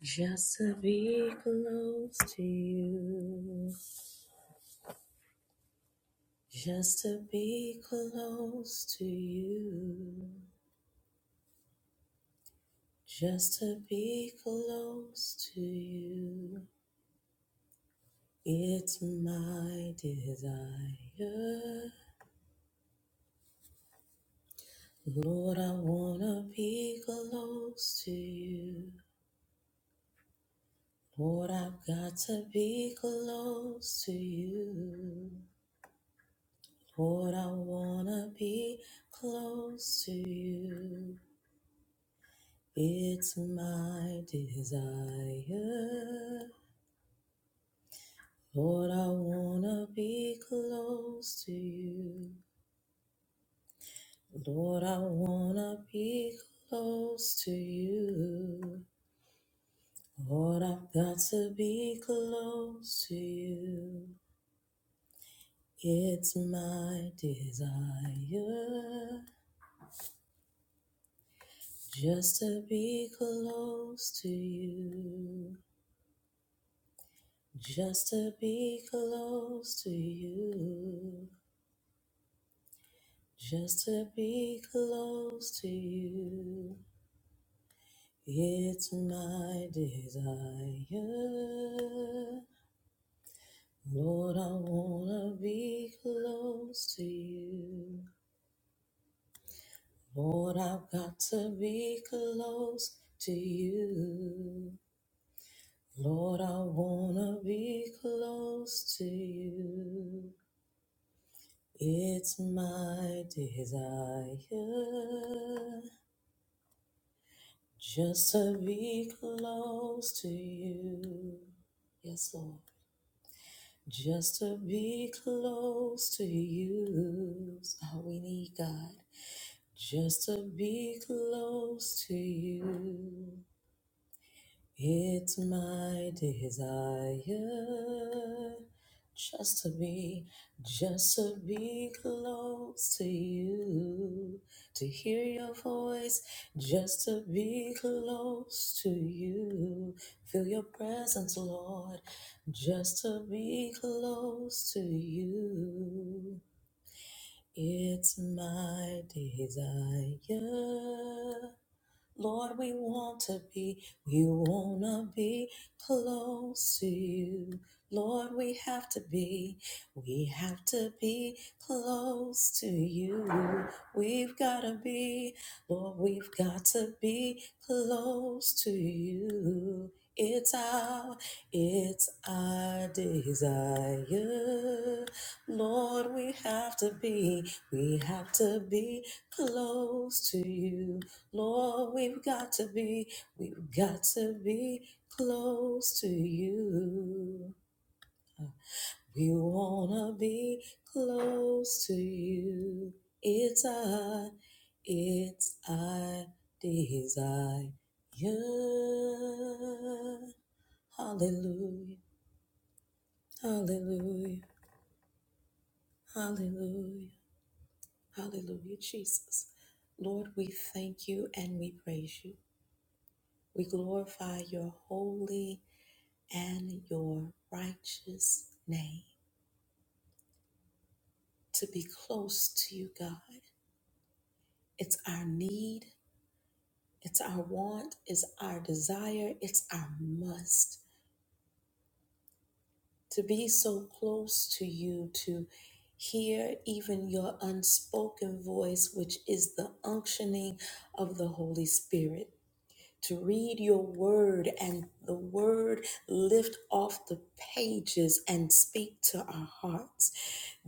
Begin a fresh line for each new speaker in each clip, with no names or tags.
Just to be close to you. Just to be close to you. Just to be close to you. It's my desire. Lord, I wanna be close to you. Lord, I've got to be close to you. Lord, I wanna be close to you. It's my desire. Lord, I wanna be close to you. Lord, I wanna be close to you. Lord, I've got to be close to you. It's my desire just to be close to you. Just to be close to you. Just to be close to you, it's my desire. Lord, I wanna be close to you. Lord, I've got to be close to you. Lord, I wanna be close to you. It's my desire. Just to be close to you. Yes, Lord. Just to be close to you is all we need, God. Just to be close to you. It's my desire just to be, just to be close to you, to hear your voice, just to be close to you. Feel your presence, Lord, just to be close to you. It's my desire. Lord, we want to be, we want to be close to you. Lord, we have to be, we have to be close to you. We've got to be, Lord, we've got to be close to you. It's our, it's our desire. Lord, we have to be. We have to be close to you, Lord. We've got to be, we've got to be close to you. We wanna be close to you. It's our, it's our desire. Hallelujah, hallelujah, hallelujah. Hallelujah, Jesus. Lord, we thank you and we praise you. We glorify your holy and your righteous name. To be close to you, God, it's our need, it's our want, it's our desire, it's our must. To be so close to you, to hear even your unspoken voice, which is the unctioning of the Holy Spirit to read your word and the word lift off the pages and speak to our hearts.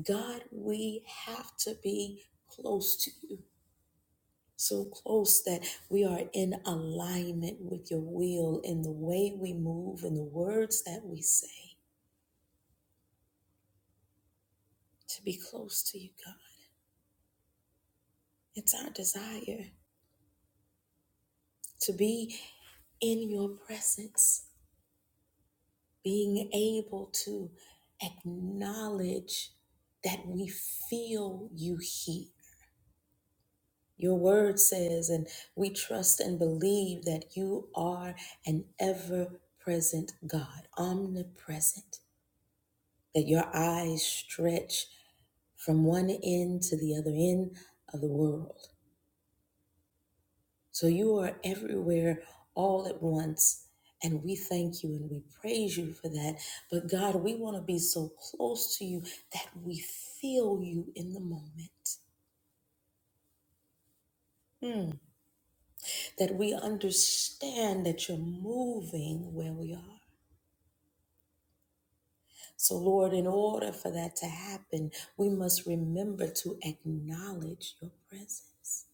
God, we have to be close to you. So close that we are in alignment with your will in the way we move and the words that we say. To be close to you, God. It's our desire to be in your presence being able to acknowledge that we feel you heat. Your word says, and we trust and believe that you are an ever present God, omnipresent, that your eyes stretch from one end to the other end of the world. So you are everywhere all at once. And we thank you and we praise you for that. But God, we want to be so close to you that we feel you in the moment, Mm. that we understand that you're moving where we are. So, Lord, in order for that to happen, we must remember to acknowledge your presence,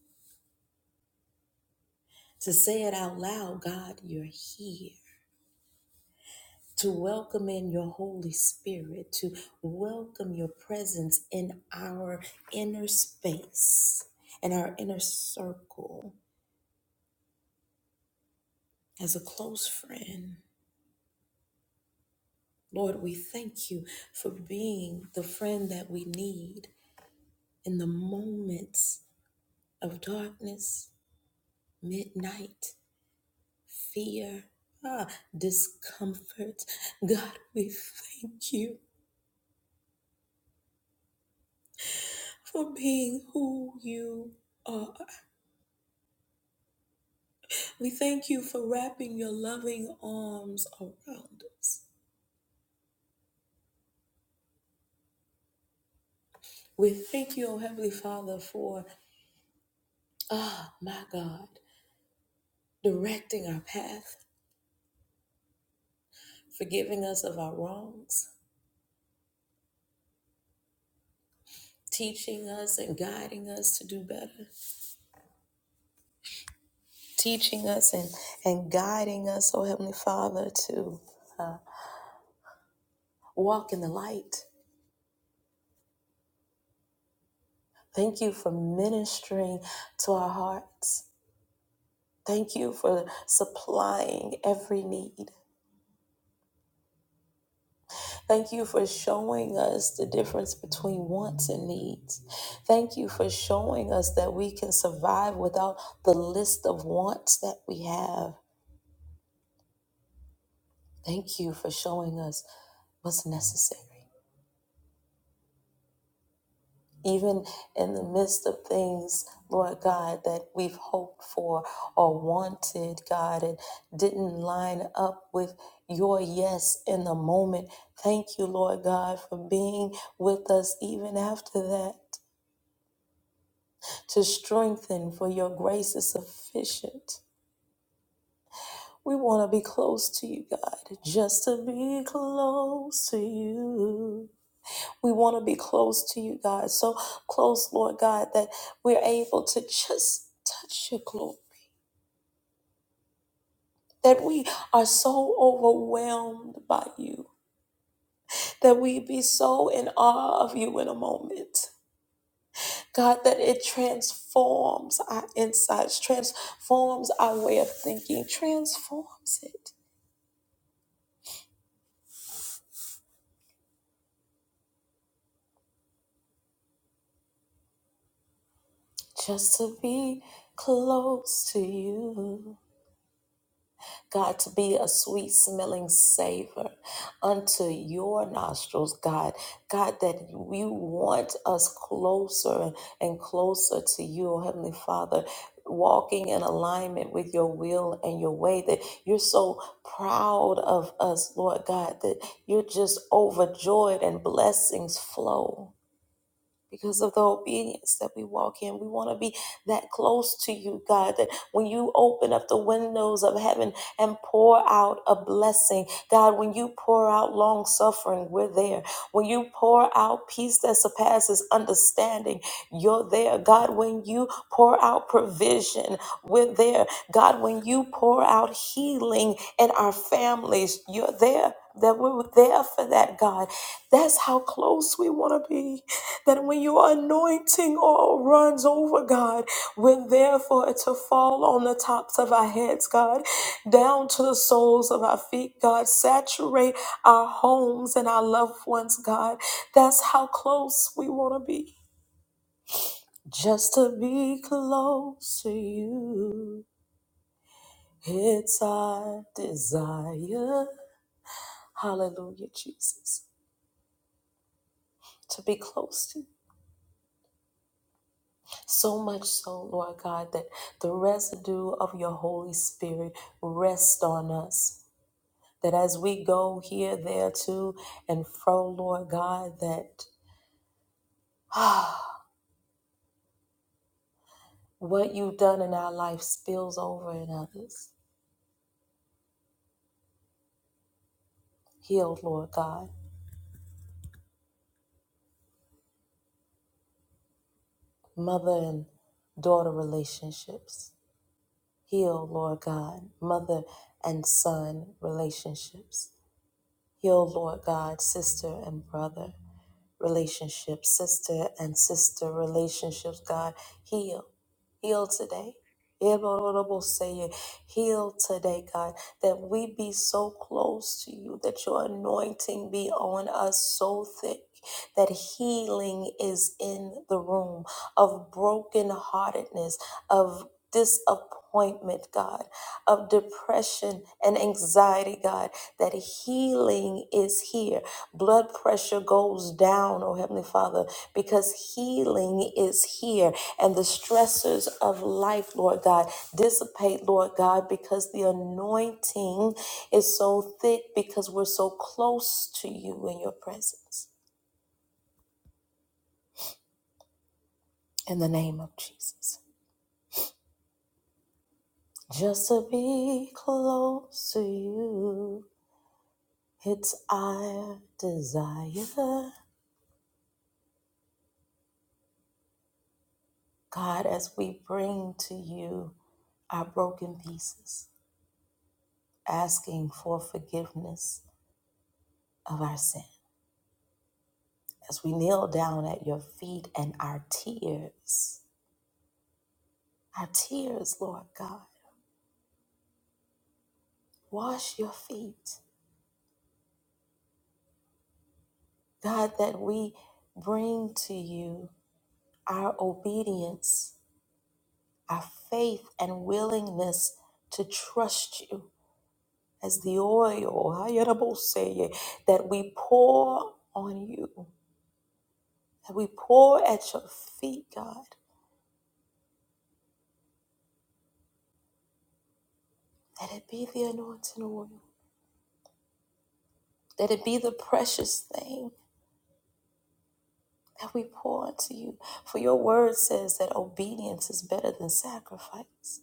to say it out loud God, you're here. to welcome in your Holy Spirit, to welcome your presence in our inner space and our inner circle as a close friend. Lord, we thank you for being the friend that we need in the moments of darkness, midnight, fear, ah, discomfort. God, we thank you for being who you are. We thank you for wrapping your loving arms around us. We thank you, O Heavenly Father, for, ah, oh, my God, directing our path, forgiving us of our wrongs, teaching us and guiding us to do better, teaching us and, and guiding us, O Heavenly Father, to uh, walk in the light. Thank you for ministering to our hearts. Thank you for supplying every need. Thank you for showing us the difference between wants and needs. Thank you for showing us that we can survive without the list of wants that we have. Thank you for showing us what's necessary. Even in the midst of things, Lord God, that we've hoped for or wanted, God, and didn't line up with your yes in the moment. Thank you, Lord God, for being with us even after that. to strengthen, for your grace is sufficient. We want to be close to you, God, just to be close to you. We want to be close to you, God, so close, Lord God, that we're able to just touch your glory, that we are so overwhelmed by you, that we be so in awe of you in a moment. God, that it transforms our insights, transforms our way of thinking, transforms it. just to be close to you. God, to be a sweet smelling savor unto your nostrils, God. God, that you want us closer and closer to you, oh Heavenly Father. Walking in alignment with your will and your way, that you're so proud of us, Lord God, that you're just overjoyed and blessings flow because of the obedience that we walk in. We want to be that close to you, God, that when you open up the windows of heaven and pour out a blessing, God, when you pour out long suffering, we're there. When you pour out peace that surpasses understanding, you're there. God, when you pour out provision, we're there. God, when you pour out healing in our families, you're there. That we're there for that, God. That's how close we want to be. That when your anointing all runs over, God, we're there for it to fall on the tops of our heads, God, down to the soles of our feet, God. Saturate our homes and our loved ones, God. That's how close we want to be. Just to be close to you, it's our desire. Hallelujah, Jesus. To be close to you. So much so, Lord God, that the residue of your Holy Spirit rests on us. That as we go here, there, to, and fro, Lord God, that ah, what you've done in our life spills over in others. Heal, Lord God, mother and daughter relationships. Heal, Lord God, mother and son relationships. Heal, Lord God, sister and brother. relationships, sister and sister relationships. God, heal. Heal today. Say heal today, God, that we be so close to you, that your anointing be on us so thick that healing is in the room of brokenheartedness, of disappointment, God of depression and anxiety, God, that healing is here. Blood pressure goes down, oh Heavenly Father, because healing is here. And the stressors of life, Lord God, dissipate, Lord God, because the anointing is so thick because we're so close to you in your presence. In the name of Jesus. Just to be close to you, it's our desire. God, as we bring to you our broken pieces, asking for forgiveness of our sin, as we kneel down at your feet and our tears, our tears, Lord God, wash your feet. God, that we bring to you our obedience, our faith, and willingness to trust you as the oil that we pour on you that we pour at your feet, God. Let it be the anointing oil. Let it be the precious thing that we pour unto you. For your word says that obedience is better than sacrifice.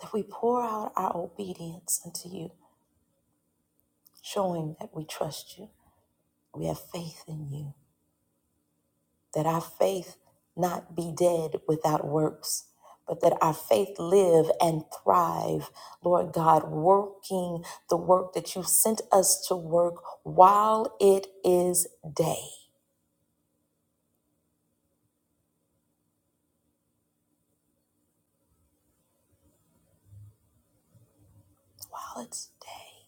That we pour out our obedience unto you, showing that we trust you. We have faith in you. that our faith not be dead without works, but that our faith live and thrive, Lord God, working the work that you sent us to work while it is day. While it's day.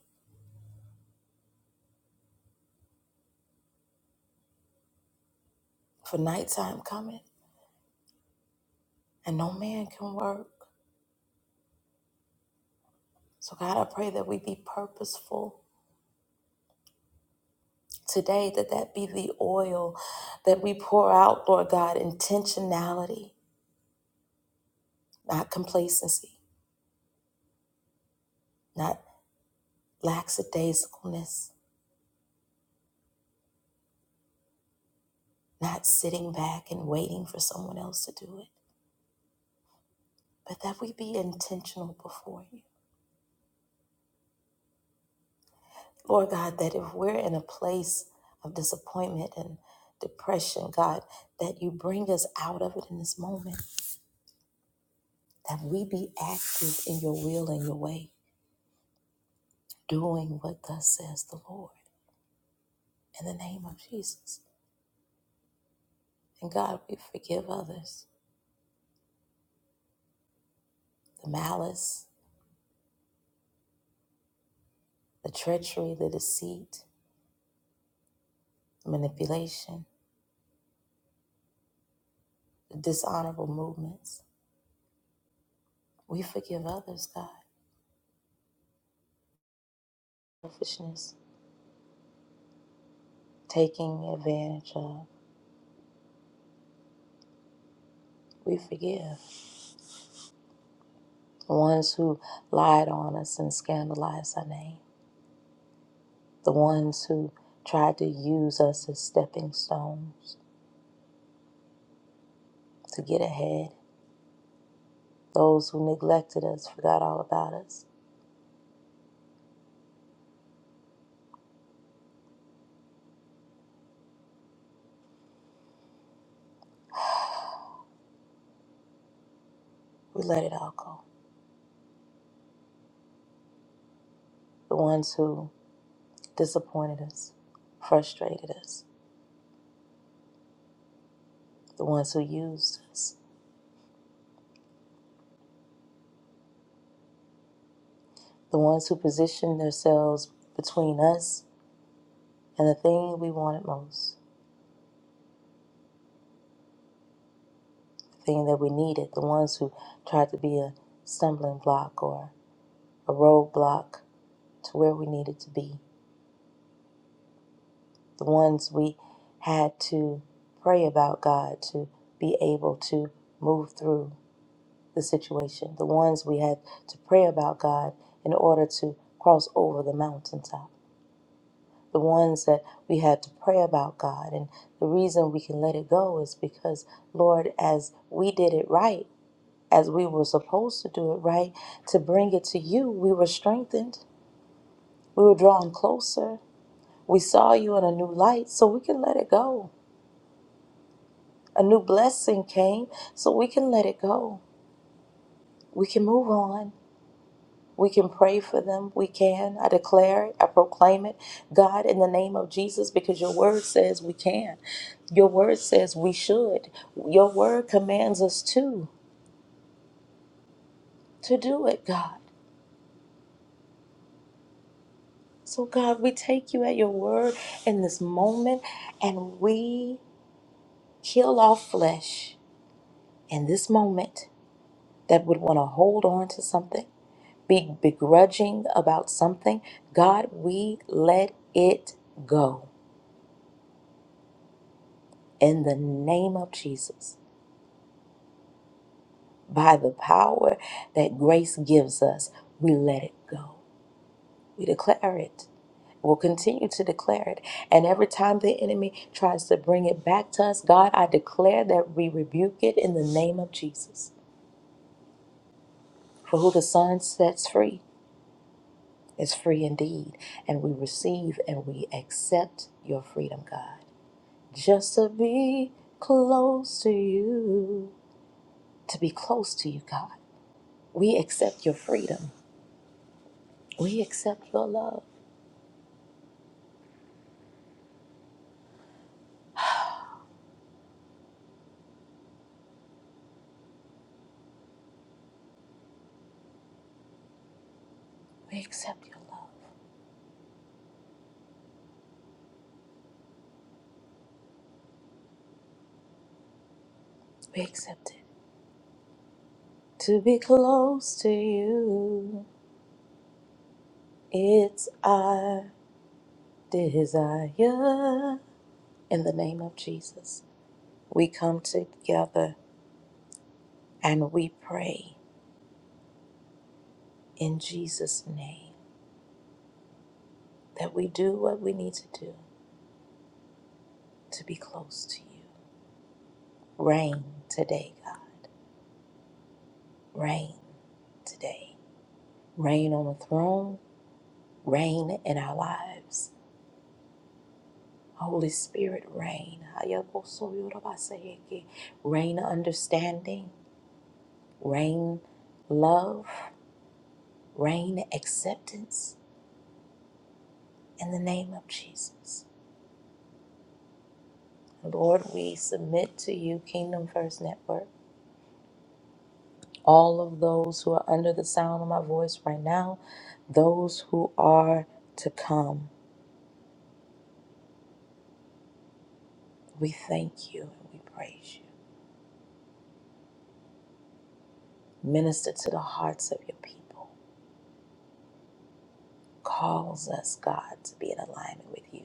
For nighttime coming, and no man can work. So, God, I pray that we be purposeful today, that that be the oil that we pour out, Lord God, intentionality, not complacency, not lackadaisicalness, not sitting back and waiting for someone else to do it, but that we be intentional before you. Lord God, that if we're in a place of disappointment and depression, God, that you bring us out of it in this moment, that we be active in your will and your way, doing what thus says the Lord in the name of Jesus. And God, we forgive others the malice, the treachery, the deceit, the manipulation dishonorable movements. We forgive others, God. Selfishness, taking advantage of. We forgive the ones who lied on us and scandalized our name, the ones who tried to use us as stepping stones to get ahead, those who neglected us, forgot all about us. We let it all go. The ones who disappointed us, frustrated us, the ones who used us, the ones who positioned themselves between us And the thing we wanted most, the thing that we needed, the ones who tried to be a stumbling block or a roadblock to where we needed to be, the ones we had to pray about God to be able to move through the situation, the ones we had to pray about God in order to cross over the mountaintop, the ones that we had to pray about God. And the reason we can let it go is because, Lord, as we did it right, as we were supposed to do it, right? To bring it to you, we were strengthened. We were drawn closer. We saw you in a new light, so we can let it go. A new blessing came, so we can let it go. We can move on. We can pray for them. We can. I declare it. I proclaim it. God, in the name of Jesus, because your word says we can. Your word says we should. Your word commands us to, to do it, God. So, God, we take you at your word in this moment and we kill off flesh in this moment that would want to hold on to something, be begrudging about something. God, we let it go in the name of Jesus. By the power that grace gives us, we let it go. We declare it. We'll continue to declare it. And every time the enemy tries to bring it back to us, God, I declare that we rebuke it in the name of Jesus. For who the Son sets free is free indeed. And we receive and we accept your freedom, God. Just to be close to you, to be close to you, God. We accept your freedom. We accept your love. We accept your love. We accept it. To be close to you, it's our desire. In the name of Jesus, we come together and we pray in Jesus' name that we do what we need to do to be close to you. Reign today, God. Reign today. Reign on the throne. Reign in our lives. Holy Spirit, reign. Reign understanding Rain love, rain acceptance in the name of Jesus. Lord, we submit to you, Kingdom First Network, all of those who are under the sound of my voice right now, those who are to come. We thank you and we praise you. Minister to the hearts of your people. Calls us, God, to be in alignment with you.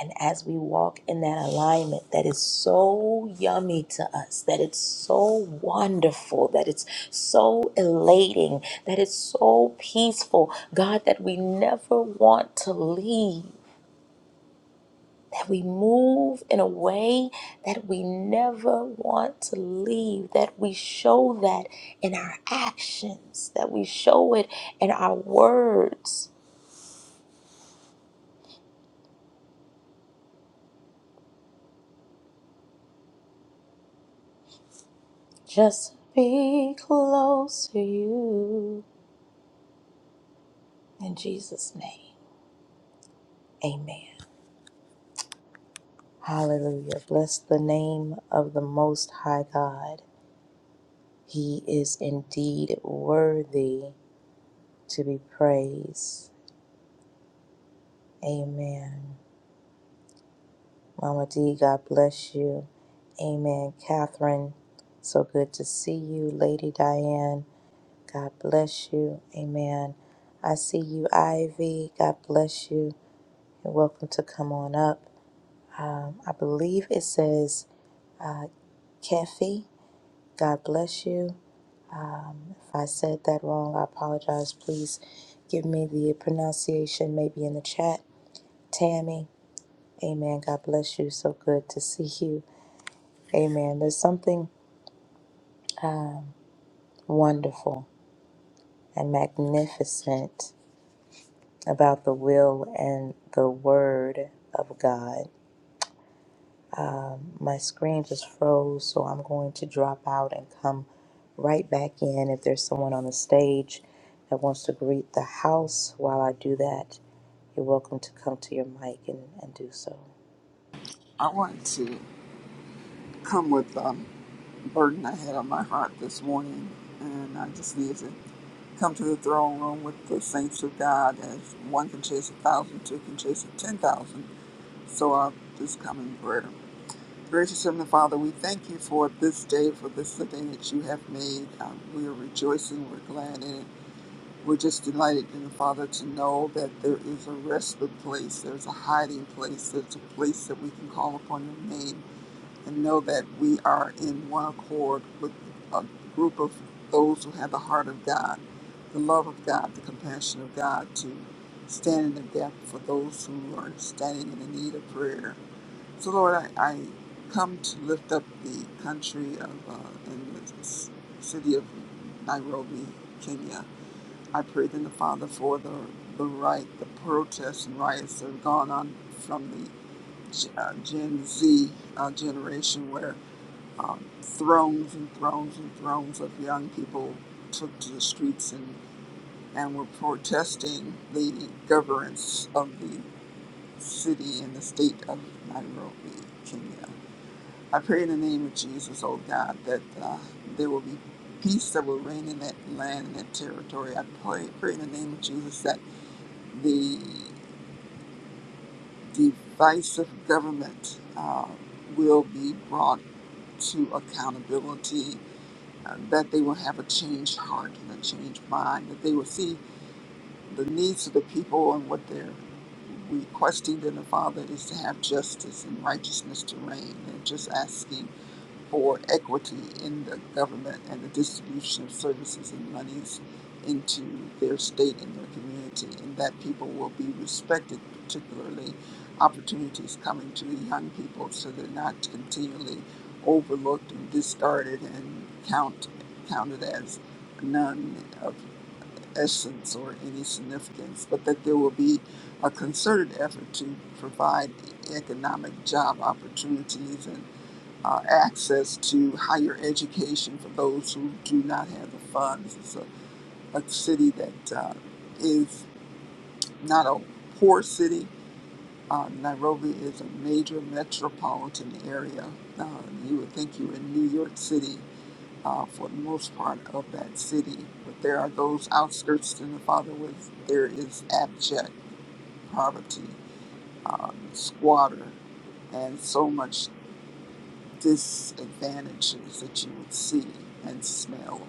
And as we walk in that alignment that is so yummy to us, that it's so wonderful, that it's so elating, that it's so peaceful, God, that we never want to leave, that we move in a way that we never want to leave, that we show that in our actions, that we show it in our words. Just be close to you in Jesus' name. Amen. Hallelujah. Bless the name of the Most High God. He is indeed worthy to be praised. Amen. Mama D, God bless you. Amen. Catherine, so good to see you. Lady Diane, God bless you. Amen. I see you, Ivy. God bless you. You're welcome to come on up. I believe it says Kefi. God bless you. If I said that wrong, I apologize. Please give me the pronunciation maybe in the chat. Tammy, amen. God bless you. So good to see you. Amen. There's something wonderful and magnificent about the will and the word of God. My screen just froze, so I'm going to drop out and come right back in. If there's someone on the stage that wants to greet the house while I do that, you're welcome to come to your mic and, and do so.
I want to come with a burden I had on my heart this morning, and I just need to come to the throne room with the saints of God as one can chase a thousand, two can chase a ten thousand. So I'll just come in prayer. Gracious Heavenly Father, we thank you for this day, for this the day that you have made. Um, we are rejoicing, we're glad in it. We're just delighted, in the Father, to know that there is a respite place, there's a hiding place, there's a place that we can call upon your name and know that we are in one accord with a group of those who have the heart of God, the love of God, the compassion of God to stand in the gap for those who are standing in the need of prayer. So, Lord, I, I come to lift up the country of uh, and the s- city of Nairobi, Kenya. I pray then the Father for the the right, the protests and riots that have gone on from the G- uh, Gen Z uh, generation, where um, thrones and thrones and thrones of young people took to the streets and, and were protesting the governance of the city and the state of Nairobi, Kenya. I pray in the name of Jesus, oh God, that uh, there will be peace that will reign in that land and that territory. I pray, pray in the name of Jesus that the divisive government uh, will be brought to accountability uh, that they will have a changed heart and a changed mind, that they will see the needs of the people and what they're requesting in the Father is to have justice and righteousness to reign. And just asking for equity in the government and the distribution of services and monies into their state and their community, and that people will be respected, particularly opportunities coming to the young people so they're not continually overlooked and discarded and count, counted as none of essence or any significance, but that there will be a concerted effort to provide economic job opportunities and uh, access to higher education for those who do not have the funds. It's a, a city that uh, is not a poor city. Uh, Nairobi is a major metropolitan area. Uh, you would think you were in New York City uh, for the most part of that city, but there are those outskirts in the father where there is abject poverty, uh, squatter, and so much disadvantages that you would see and smell.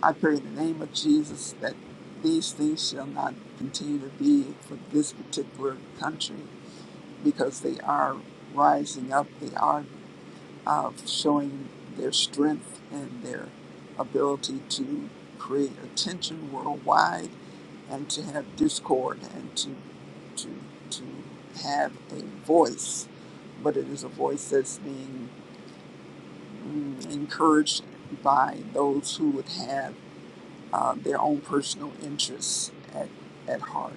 I pray in the name of Jesus that these things shall not continue to be for this particular country because they are rising up. They are uh, showing their strength and their ability to create attention worldwide and to have discord and to to to have a voice, but it is a voice that's being mm, encouraged by those who would have uh, their own personal interests at, at heart.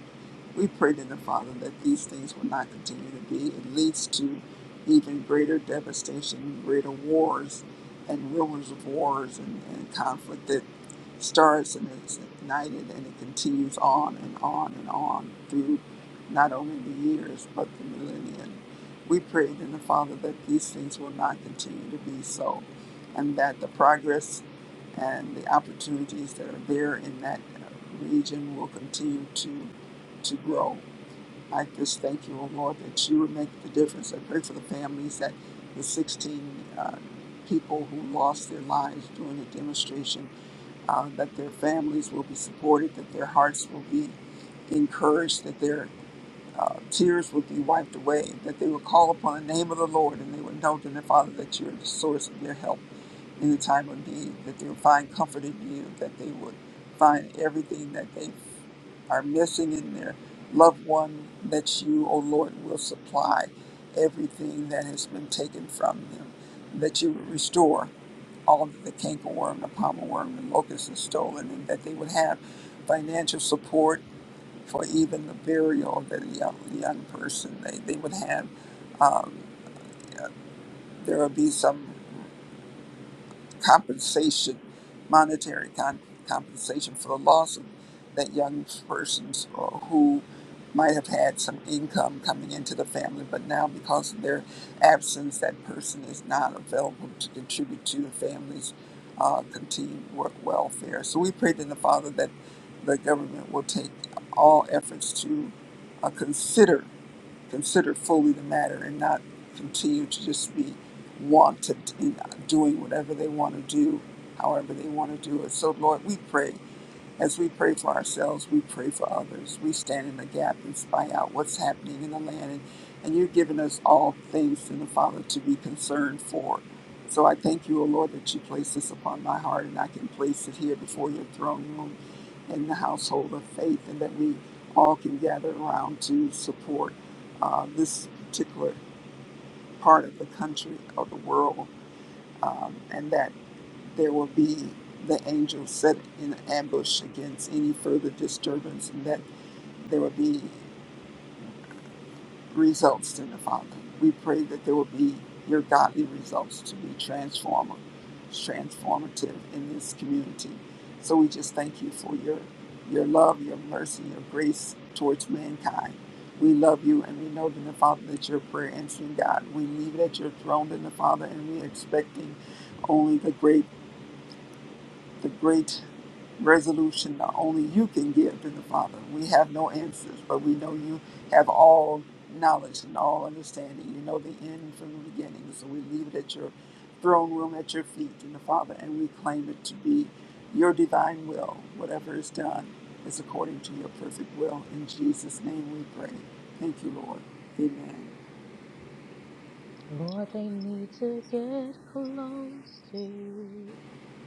We pray to the Father that these things will not continue to be. It leads to even greater devastation, greater wars, and rumors of wars and, and conflict that starts and it's ignited and it continues on and on and on through not only the years but the millennium. We pray then the Father that these things will not continue to be so and that the progress and the opportunities that are there in that uh, region will continue to to grow. I just thank you, O Lord, that you would make the difference. I pray for the families that the 16 uh, people who lost their lives during the demonstration uh, that their families will be supported, that their hearts will be encouraged, that their uh, tears will be wiped away, that they will call upon the name of the Lord and they will know to their Father that you are the source of their help in the time of need, that they will find comfort in you, that they would find everything that they are missing in their loved one, that you, O Lord, will supply everything that has been taken from them, that you will restore all of the cankerworm, the pommel worm, the locust is stolen, and that they would have financial support for even the burial of the young, young person. They, they would have, um, uh, there would be some compensation, monetary con- compensation for the loss of that young person's or who might have had some income coming into the family, but now because of their absence, that person is not available to contribute to the family's uh, continued work welfare. So we pray to the Father that the government will take all efforts to uh, consider consider fully the matter and not continue to just be wanted in doing whatever they want to do, however they want to do it. So, Lord, we pray as we pray for ourselves, we pray for others. We stand in the gap and spy out what's happening in the land. And, and you've given us all things in the Father to be concerned for. So I thank you, O Lord, that you place this upon my heart and I can place it here before your throne room in the household of faith and that we all can gather around to support uh, this particular part of the country or the world. Um, and that there will be the angels set in ambush against any further disturbance and that there will be results in the Father. We pray that there will be your godly results to be transformer, transformative in this community. So we just thank you for your your love, your mercy, your grace towards mankind. We love you and we know in the Father that you're a prayer answering God. We leave it at your throne in the Father and we're expecting only the great the great resolution that only you can give to the Father. We have no answers, but we know you have all knowledge and all understanding. You know the end from the beginning. So we leave it at your throne room at your feet in the Father, and we claim it to be your divine will. Whatever is done is according to your perfect will. In Jesus' name we pray. Thank you, Lord. Amen.
Lord, they need to get close to you.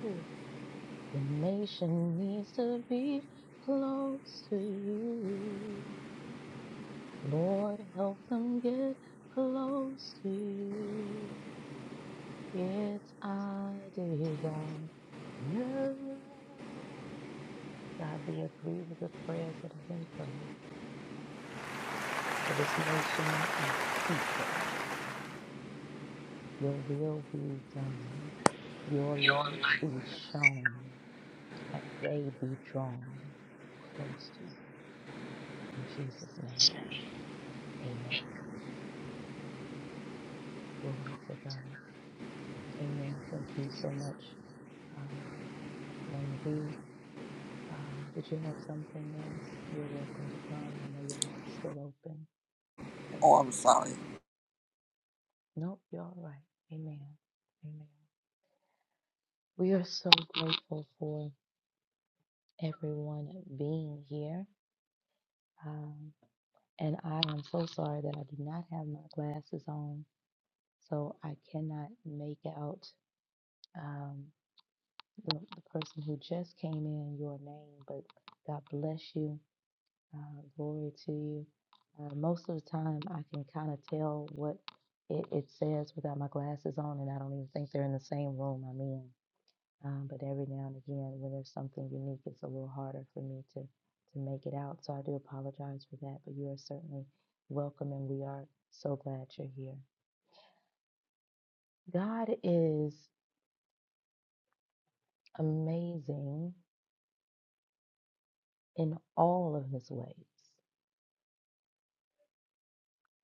Ooh. The nation needs to be close to you. Lord, help them get close to you. It's our desire. you. God, we agree with the prayers that have been prayed for this nation of people. Your will be done, your
Your
light be
life.
shown, and they be drawn close to you. In Jesus' name, amen. Glory to God. Amen. Thank you so much, um, Mama D. Uh, did you have something else? You're welcome to come. I know your mic's still open.
Oh,
Amen.
I'm sorry.
Nope, you're all right. Amen. Amen. We are so grateful for everyone being here. Um, and I am so sorry that I do not have my glasses on, so I cannot make out um, the, the person who just came in, your name, but God bless you. Uh, glory to you. Uh, most of the time, I can kind of tell what it, it says without my glasses on, and I don't even think they're in the same room I'm in. Um, but every now and again, when there's something unique, it's a little harder for me to to make it out. So I do apologize for that. But you are certainly welcome, and we are so glad you're here. God is amazing in all of His ways,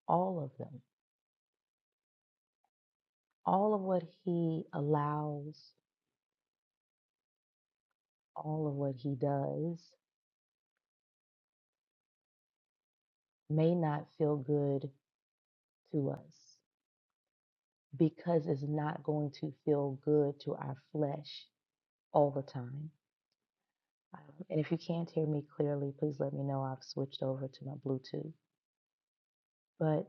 all of them, all of what He allows all of what he does may not feel good to us because it's not going to feel good to our flesh all the time. Um, and if you can't hear me clearly, please let me know. I've switched over to my Bluetooth. But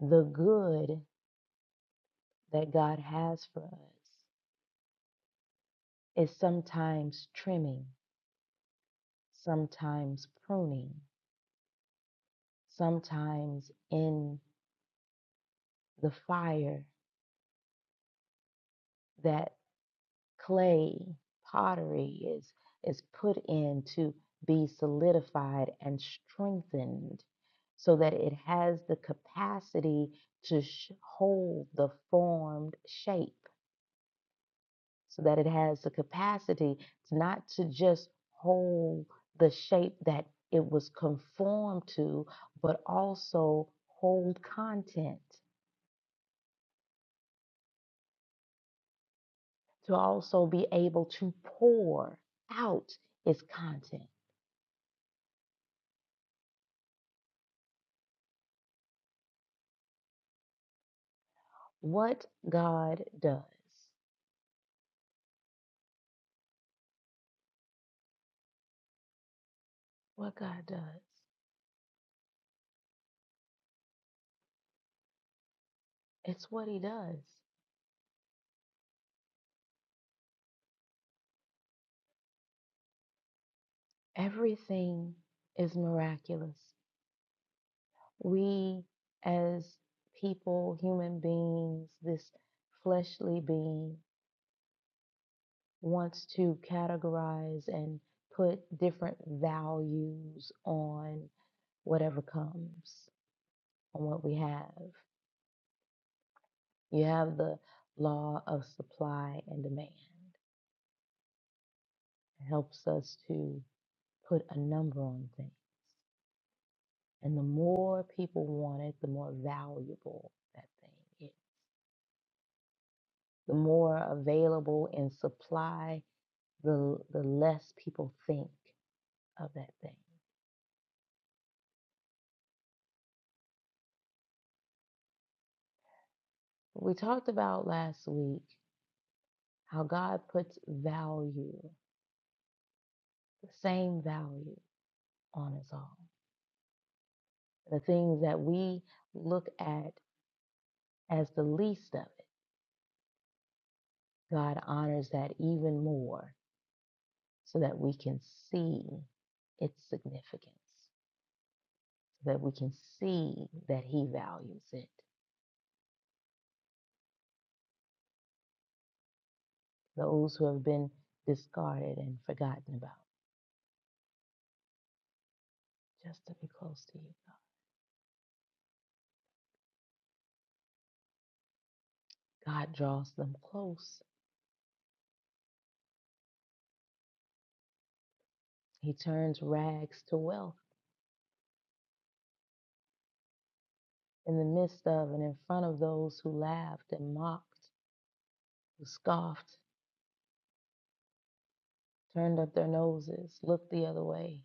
the good that God has for us is sometimes trimming, sometimes pruning, sometimes in the fire that. clay, pottery is is put in to be solidified and strengthened so that it has the capacity to sh- hold the formed shape so that it has the capacity not to just hold the shape that it was conformed to but also hold content to also be able to pour out its content what God does, what God does, it's what He does. Everything is miraculous. We, as people, human beings, this fleshly being wants to categorize and put different values on whatever comes, on what we have. You have the law of supply and demand, it helps us to put a number on things And the more people want it, the more valuable that thing is. The more available in supply, the, the less people think of that thing. We talked about last week how God puts value, the same value, on us all. The things that we look at as the least of it, God honors that even more so that we can see its significance. that we can see that He values it. Those who have been discarded and forgotten about, just to be close to you. God draws them close. He turns rags to wealth in the midst of and in front of those who laughed and mocked, who scoffed, turned up their noses, looked the other way.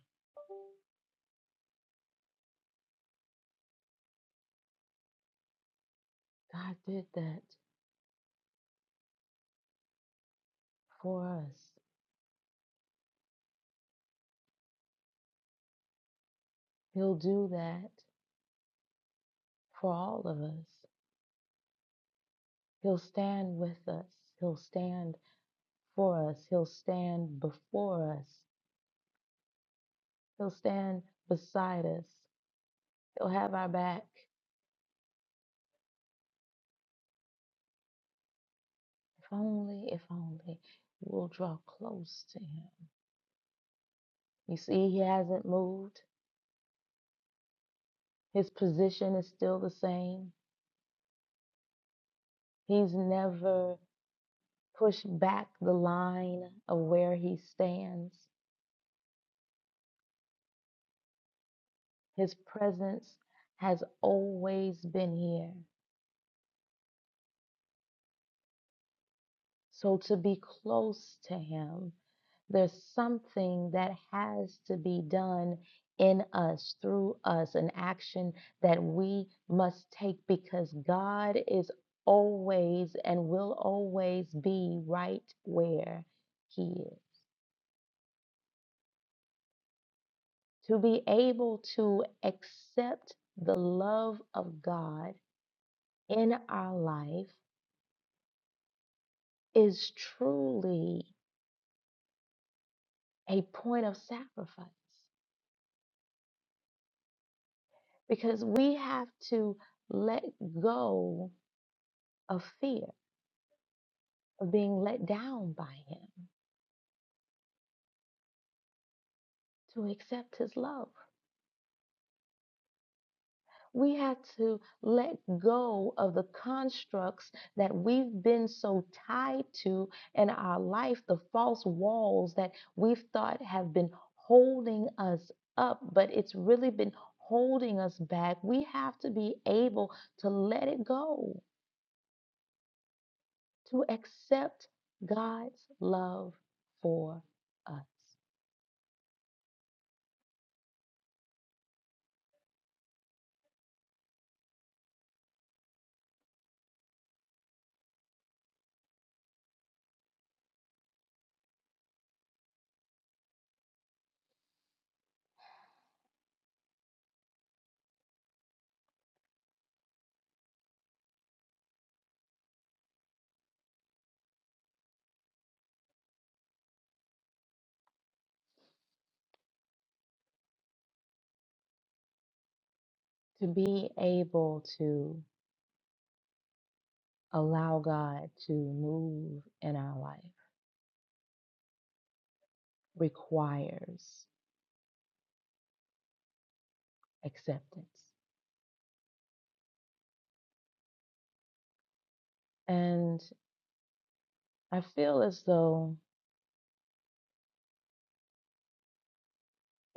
God did that for us. He'll do that for all of us. He'll stand with us. He'll stand for us. He'll stand before us. He'll stand beside us. He'll have our back. If only, if only we'll draw close to him. You see, he hasn't moved. His position is still the same. He's never pushed back the line of where he stands. His presence has always been here. So to be close to Him, there's something that has to be done in us, through us, an action that we must take because God is always and will always be right where He is. To be able to accept the love of God in our life is truly a point of sacrifice. because we have to let go of fear of being let down by him to accept his love. We have to let go of the constructs that we've been so tied to in our life, the false walls that we've thought have been holding us up, but it's really been holding us back. We have to be able to let it go to accept God's love for us, to be able to allow God to move in our life requires acceptance. And I feel as though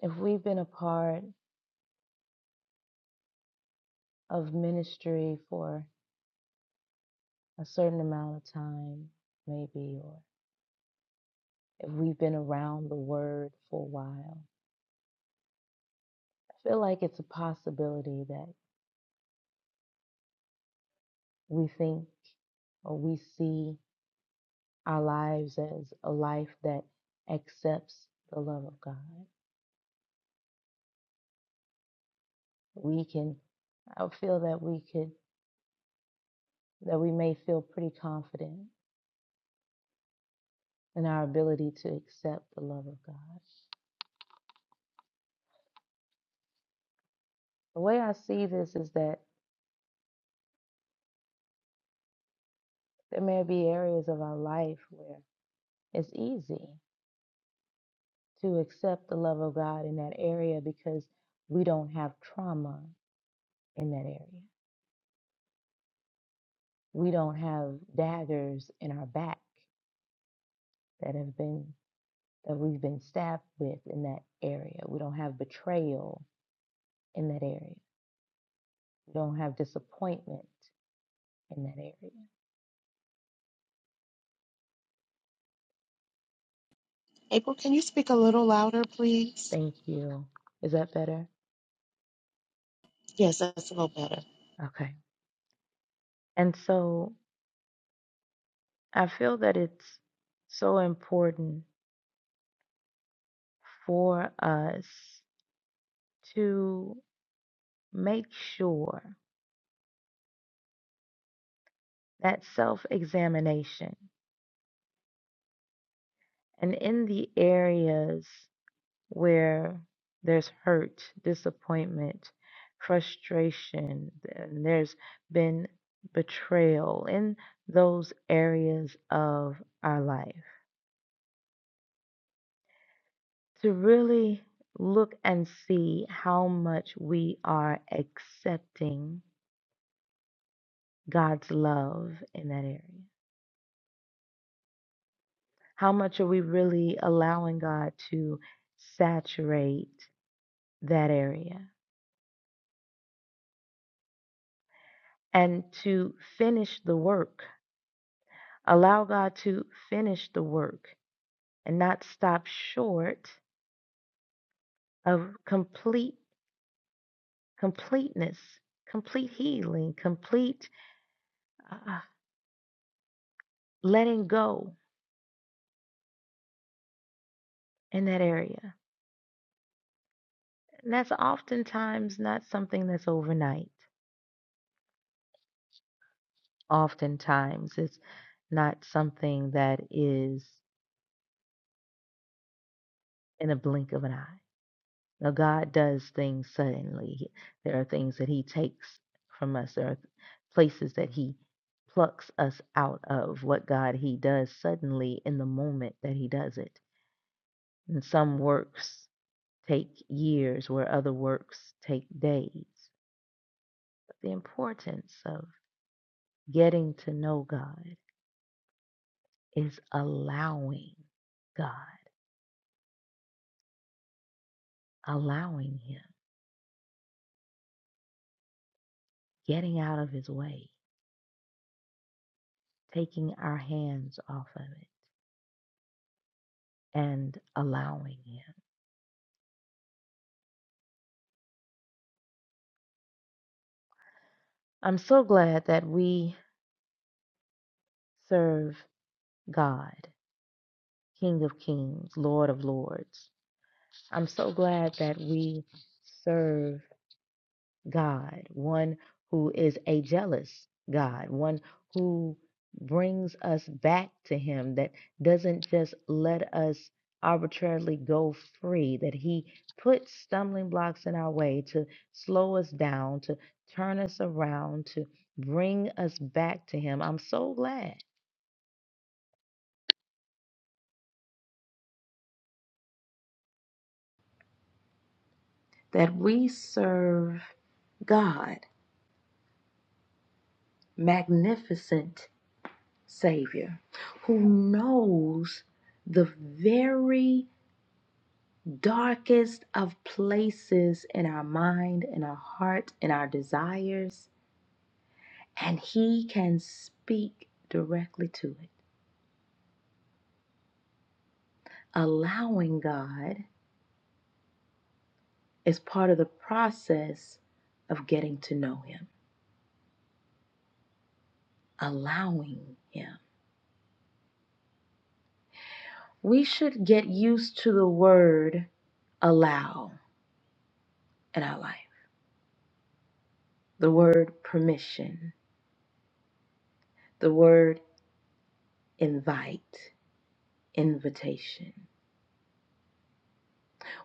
if we've been a part of ministry for a certain amount of time, maybe, or if we've been around the word for a while, I feel like it's a possibility that we think or we see our lives as a life that accepts the love of God. We can, I feel that we could, that we may feel pretty confident in our ability to accept the love of God. The way I see this is that there may be areas of our life where it's easy to accept the love of God in that area because we don't have trauma in that area. We don't have daggers in our back that have been that we've been staffed with in that area. We don't have betrayal in that area. We don't have disappointment in that area.
April, can you speak a little louder, please?
Thank you. Is that better?
Yes, that's a little better.
Okay. And so I feel that it's so important for us to make sure that self examination and in the areas where there's hurt, disappointment, frustration, and there's been betrayal in those areas of our life. To really look and see how much we are accepting God's love in that area. How much are we really allowing God to saturate that area? And to finish the work Allow God to finish the work and not stop short of complete completeness, complete healing, complete uh, letting go in that area. And that's oftentimes not something that's overnight. Oftentimes it's not something that is in a blink of an eye. Now, God does things suddenly. There are things that He takes from us. There are places that He plucks us out of. What God He does suddenly in the moment that He does it. And some works take years, where other works take days. But the importance of getting to know God is allowing God, allowing Him, getting out of His way, taking our hands off of it, and allowing Him. I'm so glad that we serve God, King of Kings, Lord of Lords. I'm so glad that we serve God, one who is a jealous God, one who brings us back to Him, that doesn't just let us arbitrarily go free, that He puts stumbling blocks in our way to slow us down, to turn us around, to bring us back to Him. I'm so glad. that we serve God, magnificent Savior, who knows the very darkest of places in our mind, in our heart, in our desires, and He can speak directly to it. Allowing God is part of the process of getting to know Him, allowing Him. We should get used to the word allow in our life. The word permission, the word invite, invitation.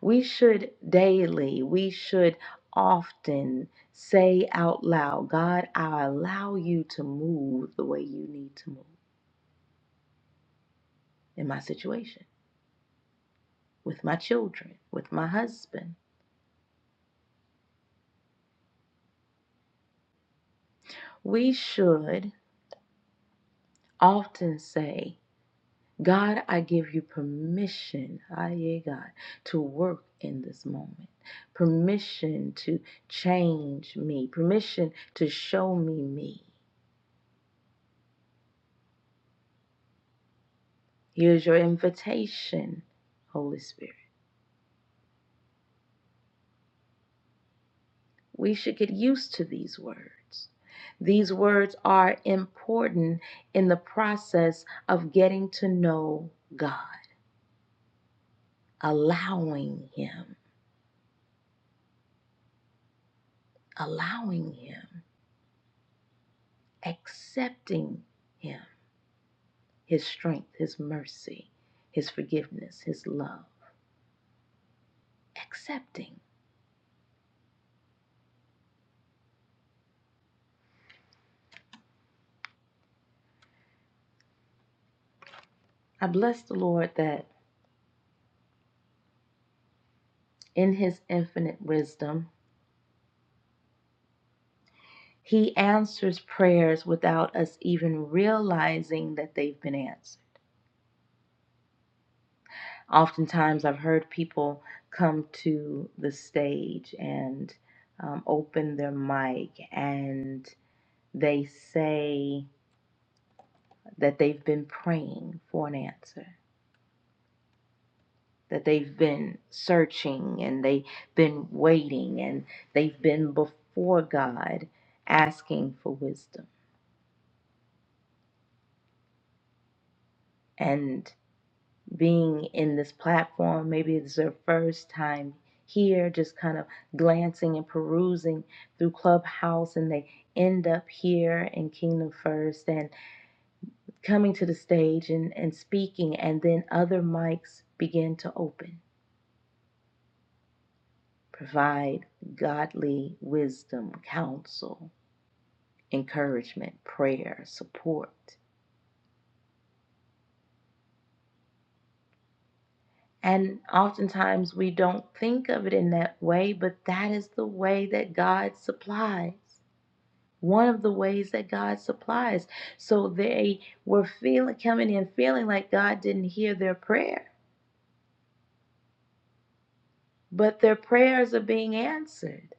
We should daily, we should often say out loud, God, I allow you to move the way you need to move in my situation, with my children, with my husband. We should often say, God, I give you permission, aye, God, to work in this moment. Permission to change me. Permission to show me me. Here's your invitation, Holy Spirit. We should get used to these words. These words are important in the process of getting to know God, allowing Him, allowing Him, accepting Him. His strength, His mercy, His forgiveness, His love. Accepting. I bless the Lord that in His infinite wisdom, He answers prayers without us even realizing that they've been answered. Oftentimes, I've heard people come to the stage and um, open their mic and they say that they've been praying for an answer. that they've been searching and they've been waiting and they've been before God asking for wisdom. And being in this platform, maybe it's their first time here, just kind of glancing and perusing through Clubhouse, and they end up here in Kingdom First and coming to the stage and, and speaking, and then other mics begin to open. Provide godly wisdom, counsel, encouragement, prayer, support. And oftentimes we don't think of it in that way, but that is the way that God supplies. One of the ways that God supplies. So they were feeling coming in feeling like God didn't hear their prayer, but their prayers are being answered,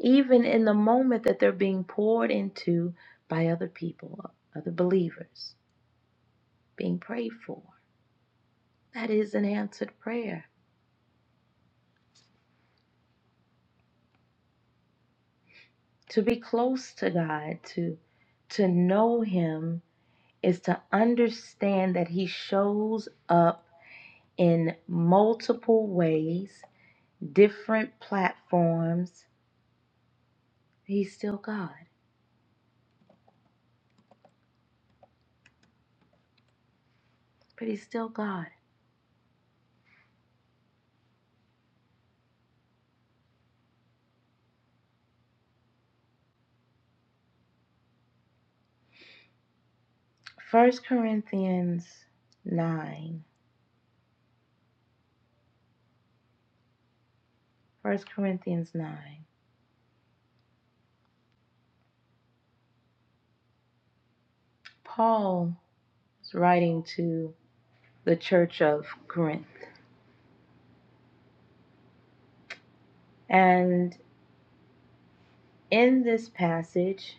even in the moment that they're being poured into by other people, other believers, being prayed for. That is an answered prayer. to be close to God, to to know him is to understand that he shows up in multiple ways, different platforms. He's still God, but he's still God. First Corinthians 9. First Corinthians 9. Paul is writing to the church of Corinth. And in this passage,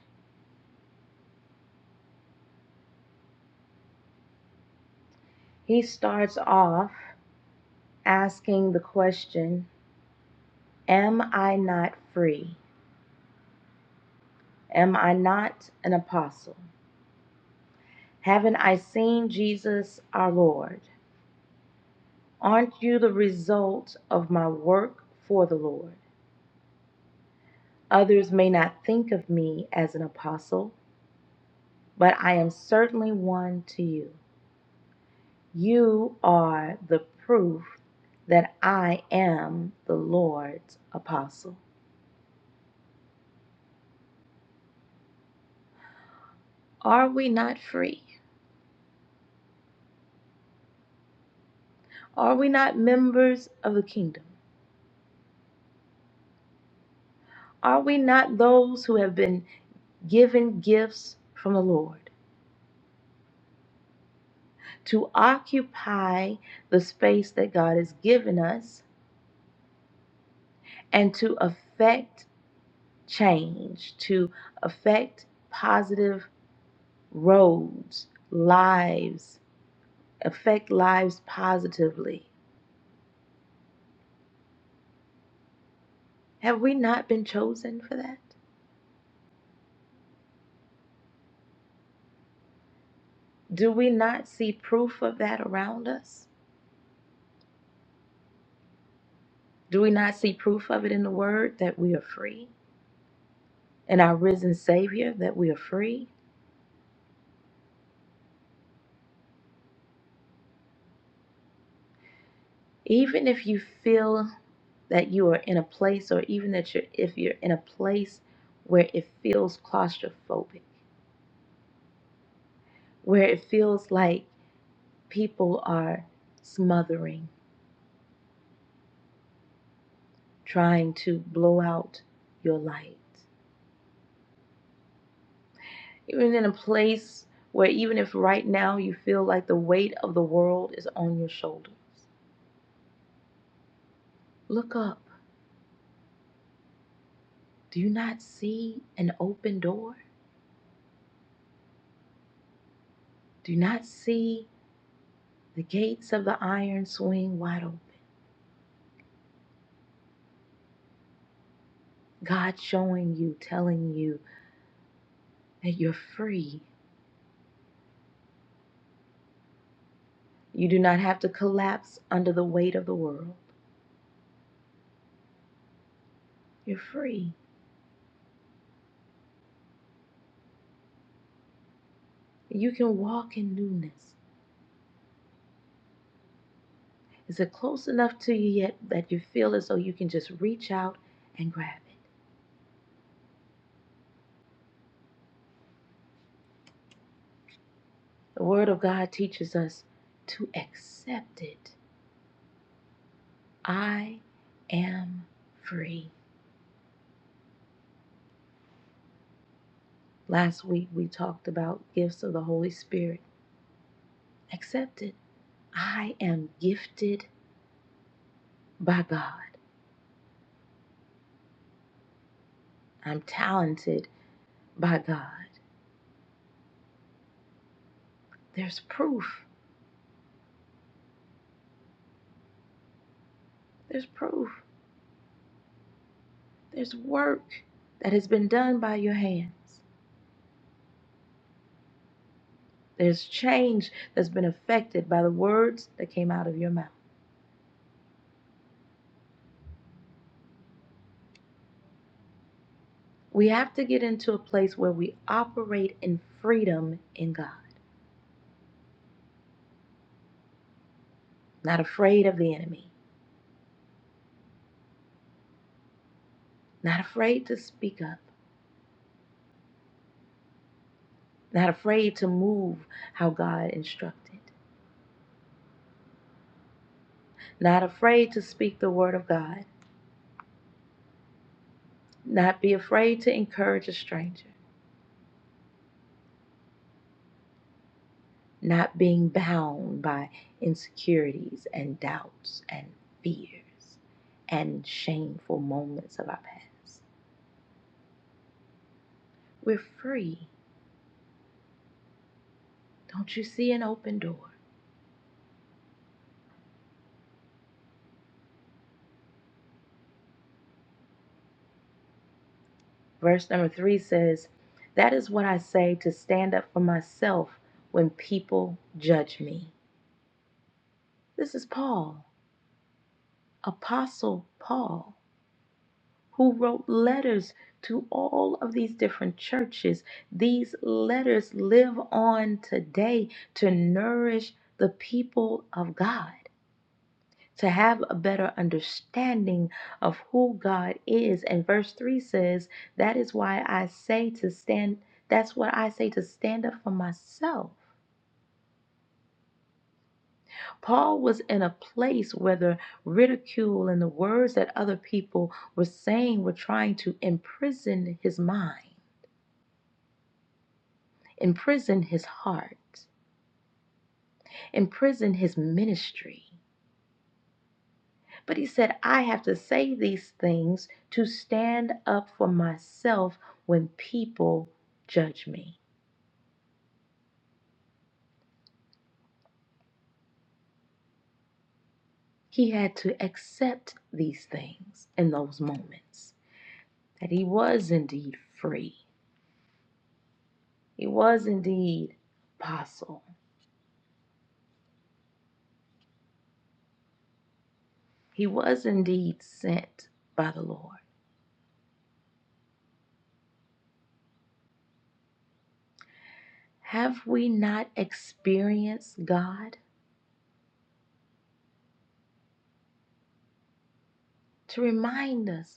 he starts off asking the question, Am I not free? Am I not an apostle? Haven't I seen Jesus our Lord? Aren't you the result of my work for the Lord? Others may not think of me as an apostle, but I am certainly one to you. You are the proof that I am the Lord's apostle. Are we not free? Are we not members of the kingdom? Are we not those who have been given gifts from the Lord to occupy the space that God has given us and to affect change, to affect positive roads, lives, affect lives positively. Have we not been chosen for that? Do we not see proof of that around us? Do we not see proof of it in the Word that we are free? In our risen Savior that we are free. Even if you feel that you are in a place, or even that you're, if you're in a place where it feels claustrophobic, where it feels like people are smothering, trying to blow out your light, even in a place where even if right now you feel like the weight of the world is on your shoulders, look up. Do you not see an open door? Do you not see The gates of the iron swing wide open. God showing you, telling you that you're free. You do not have to collapse under the weight of the world. You're free. You can walk in newness. Is it close enough to you yet that you feel as though you can just reach out and grab it? The Word of God teaches us to accept it. I am free. Last week we talked about gifts of the Holy Spirit Accept it. I am gifted by God. I'm talented by God. There's proof. There's proof. There's work that has been done by your hands. There's change that's been affected by the words that came out of your mouth. We have to get into a place where we operate in freedom in God, not afraid of the enemy, not afraid to speak up, not afraid to move how God instructed, not afraid to speak the word of God not be afraid to encourage a stranger, not being bound by insecurities and doubts and fears and shameful moments of our past. We're free. Don't you see an open door? Verse number three says, That is what I say to stand up for myself when people judge me. This is Paul, Apostle Paul. who wrote letters to all of these different churches. These letters live on today to nourish the people of God, to have a better understanding of who God is. And verse 3 says, That is why I say to stand, that's what I say to stand up for myself. Paul was in a place where the ridicule and the words that other people were saying were trying to imprison his mind. Imprison his heart, imprison his ministry. But he said, I have to say these things to stand up for myself when people judge me. He had to accept these things in those moments that he was indeed free, he was indeed apostle, he was indeed sent by the Lord. Have we not experienced God to remind us?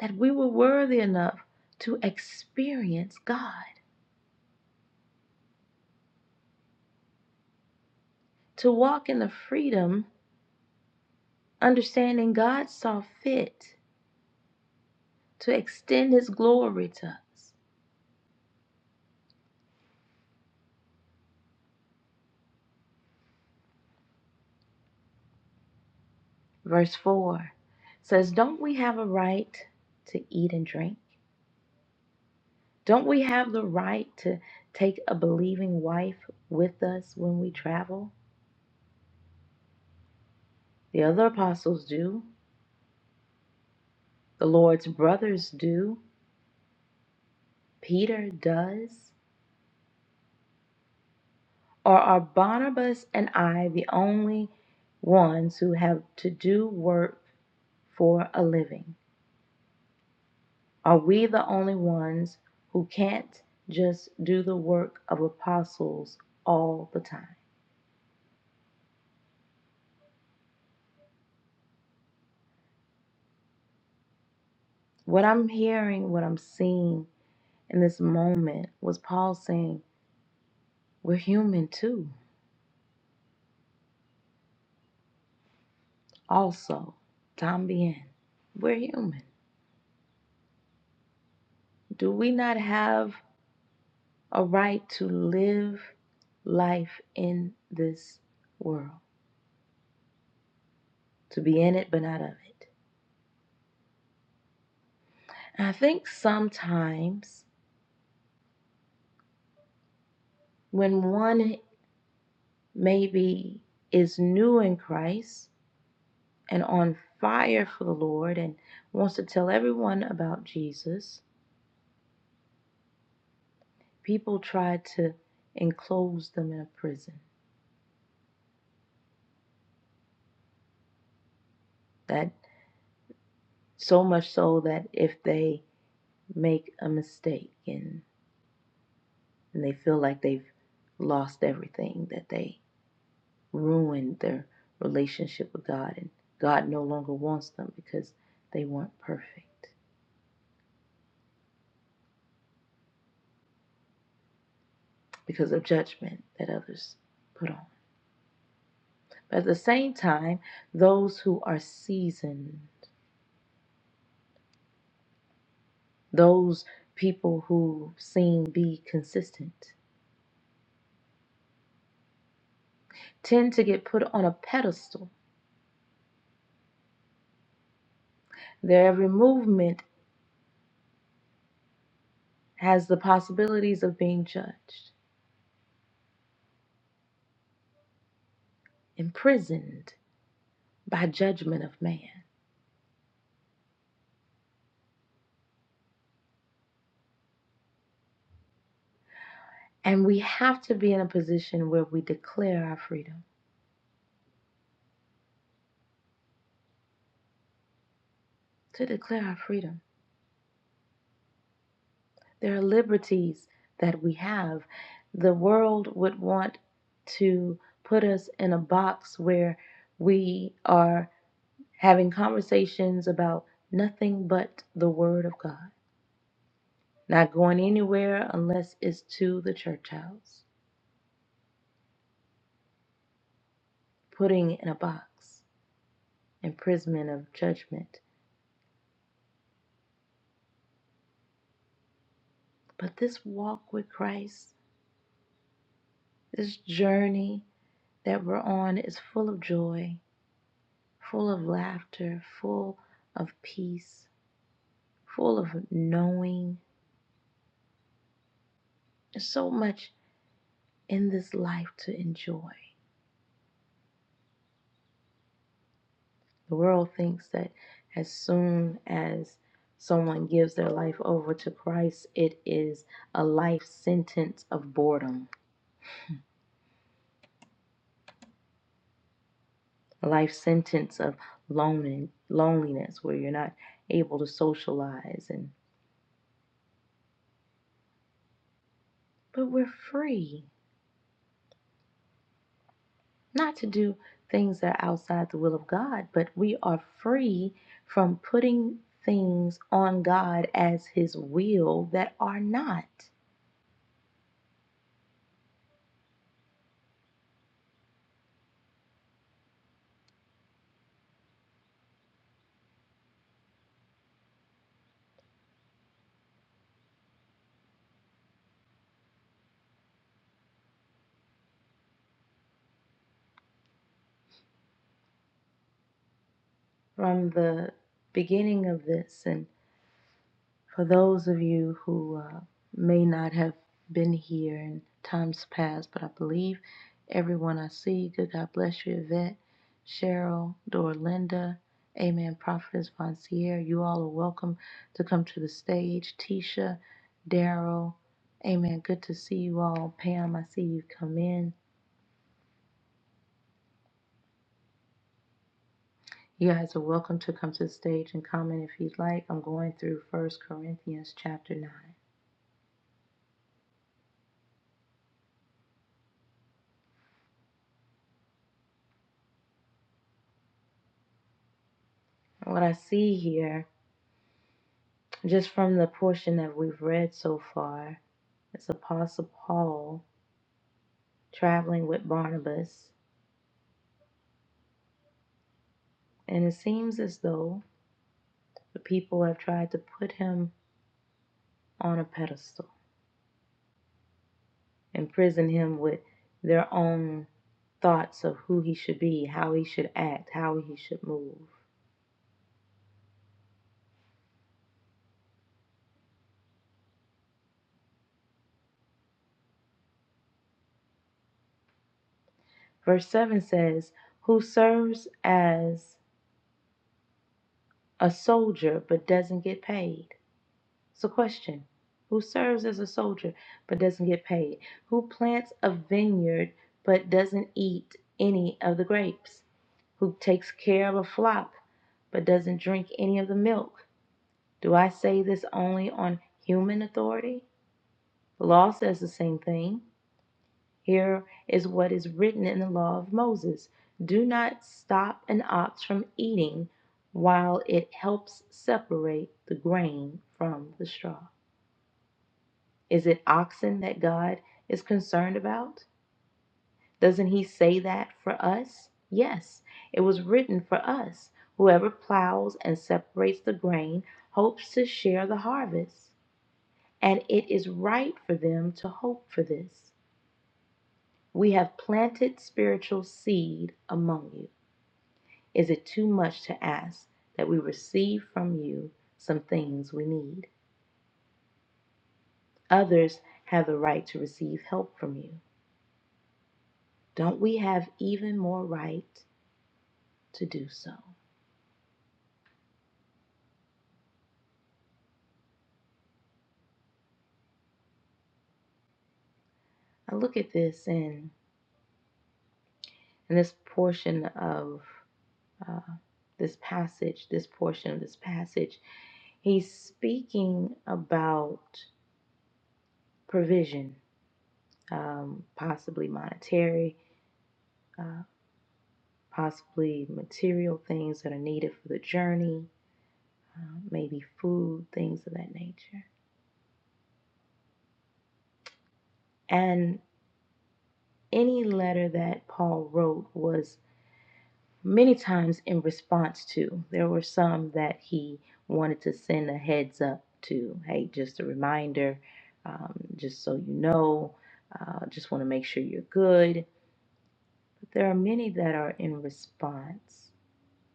that we were worthy enough to experience God, to walk in the freedom, understanding God saw fit to extend his glory to us. Verse 4 says, Don't we have a right to eat and drink? Don't we have the right to take a believing wife with us when we travel? The other apostles do, the Lord's brothers do, Peter does. Or are Barnabas and I the only ones who have to do work for a living? Are we the only ones who can't just do the work of apostles all the time? What I'm hearing, what I'm seeing in this moment was Paul saying, We're human too. Also, también. We're human. Do we not have a right to live life in this world, to be in it but not of it. And I think sometimes when one maybe is new in Christ and on fire for the Lord and wants to tell everyone about Jesus, people try to enclose them in a prison. That so much so that if they make a mistake and, and they feel like they've lost everything that they ruined their relationship with God, and God no longer wants them because they weren't perfect, because of judgment that others put on. But at the same time, those who are seasoned, those people who seem to be consistent, tend to get put on a pedestal. Their every movement has the possibilities of being judged, imprisoned by judgment of man. And we have to be in a position where we declare our freedom to declare our freedom. There are liberties that we have. The world would want to put us in a box where we are having conversations about nothing but the Word of God, not going anywhere unless it's to the church house, putting in a box, imprisonment of judgment. But this walk with Christ, this journey that we're on, is full of joy full of laughter, full of peace, full of knowing. There's so much in this life to enjoy. The world thinks that as soon as someone gives their life over to Christ, it is a life sentence of boredom, a life sentence of lon- loneliness where you're not able to socialize and but we're free. not to do things that are outside the will of God, but we are free from putting things on God as His will that are not. From the beginning of this and For those of you who uh, may not have been here in times past, but I believe everyone I see, good God bless you, Yvette, Cheryl, Dorlinda, Amen, Prophetess Von Sierra, you all are welcome to come to the stage. Tisha, Daryl, Amen, good to see you all. Pam, I see you come in. You guys are welcome to come to the stage and comment if you'd like. I'm going through First Corinthians chapter 9. What I see here Just from the portion that we've read so far, it's Apostle Paul traveling with Barnabas, and it seems as though the people have tried to put him on a pedestal, imprison him with their own thoughts of who he should be, how he should act, how he should move. Verse 7 says, Who serves as a soldier but doesn't get paid, It's question. Who serves as a soldier but doesn't get paid? Who plants a vineyard but doesn't eat any of the grapes? Who takes care of a flock but doesn't drink any of the milk? Do I say this only on human authority? The law says the same thing. Here is what is written in the law of Moses Do not stop an ox from eating while it helps separate the grain from the straw. Is it oxen that God is concerned about? Doesn't He say that for us? Yes, it was written for us. Whoever plows and separates the grain hopes to share the harvest, and it is right for them to hope for this. We have planted spiritual seed among you. Is it too much to ask that we receive from you some things we need? Others have the right to receive help from you. Don't we have even more right? to do so. I look at this in in this portion of uh, this passage, this portion of this passage, he's speaking about provision, um, possibly monetary, uh, possibly material things that are needed for the journey, uh, maybe food, things of that nature. And any letter that Paul wrote was many times in response to. There were some that he wanted to send a heads up to. Hey, just a reminder, um, just so you know, uh, just want to make sure you're good. But there are many that are in response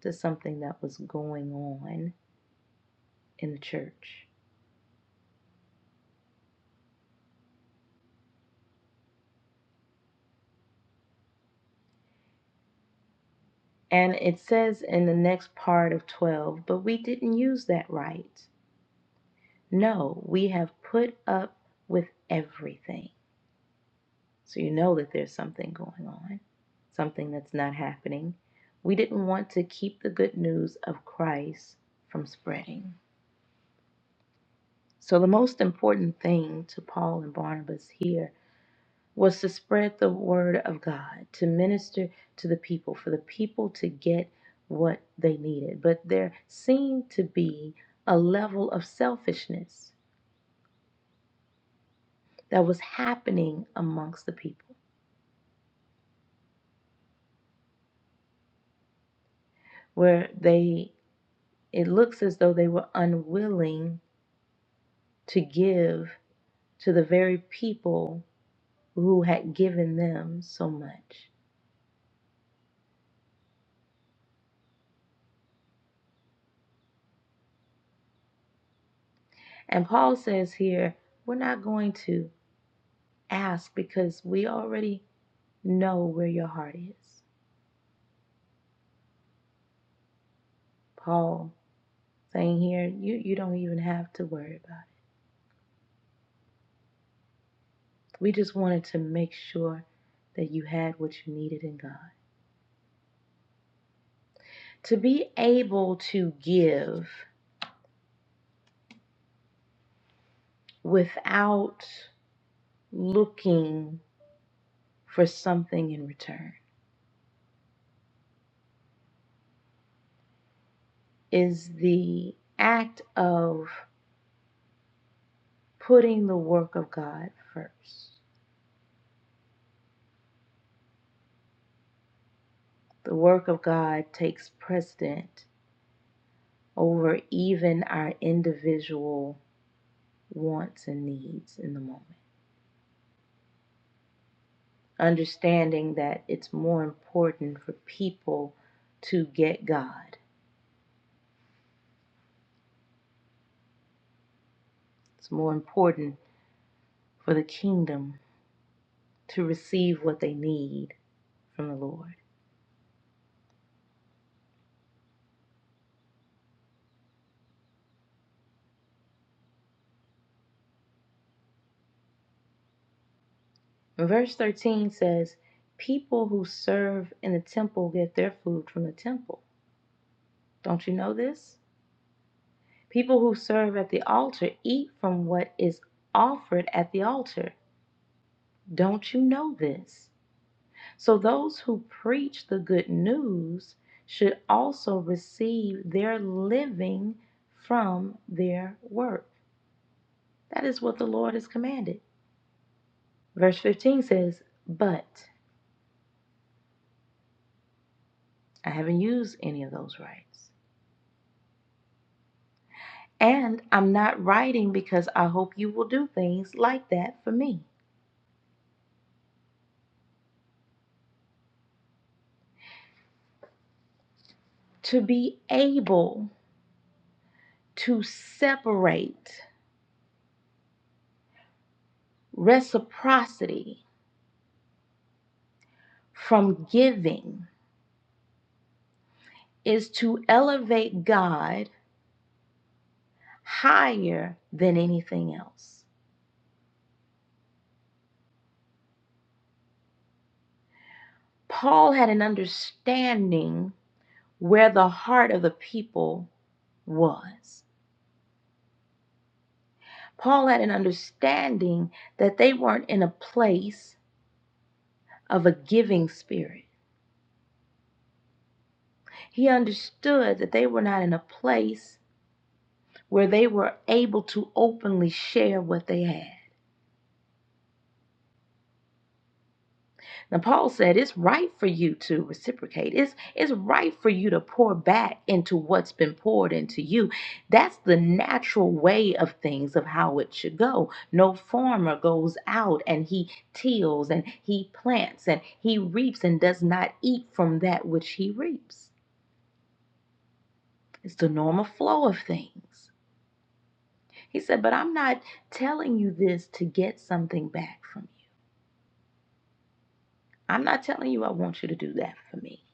to something that was going on in the church. And it says in the next part of 12, but we didn't use that right. No, we have put up with everything So you know that there's something going on, something that's not happening. We didn't want to keep the good news of Christ from spreading. So the most important thing to Paul and Barnabas here was to spread the word of God, to minister to the people, for the people to get what they needed. But there seemed to be a level of selfishness that was happening amongst the people where they it looks as though they were unwilling to give to the very people who had given them so much. And Paul says here, we're not going to ask because we already know where your heart is. Paul saying here, you, you don't even have to worry about it. We just wanted to make sure that you had what you needed in God. To be able to give without looking for something in return is the act of putting the work of God first. The work of God takes precedent over even our individual wants and needs in the moment. Understanding that it's more important for people to get God, it's more important for the kingdom to receive what they need from the Lord. Verse 13 says, People who serve in the temple get their food from the temple. Don't you know this? People who serve at the altar eat from what is offered at the altar. Don't you know this? So those who preach the good news should also receive their living from their work. That is what the Lord has commanded. Verse 15 says, But I haven't used any of those rights. And I'm not writing because I hope you will do things like that for me. To be able to separate reciprocity from giving is to elevate God higher than anything else. Paul had an understanding where the heart of the people was. Paul had an understanding that they weren't in a place of a giving spirit He understood that they were not in a place where they were able to openly share what they had. Now, Paul said it's right for you to reciprocate. It's, it's right for you to pour back into what's been poured into you. That's the natural way of things, of how it should go. No farmer goes out and he tills and he plants and he reaps and does not eat from that which he reaps. It's the normal flow of things. He said, But I'm not telling you this to get something back from you. I'm not telling you I want you to do that for me.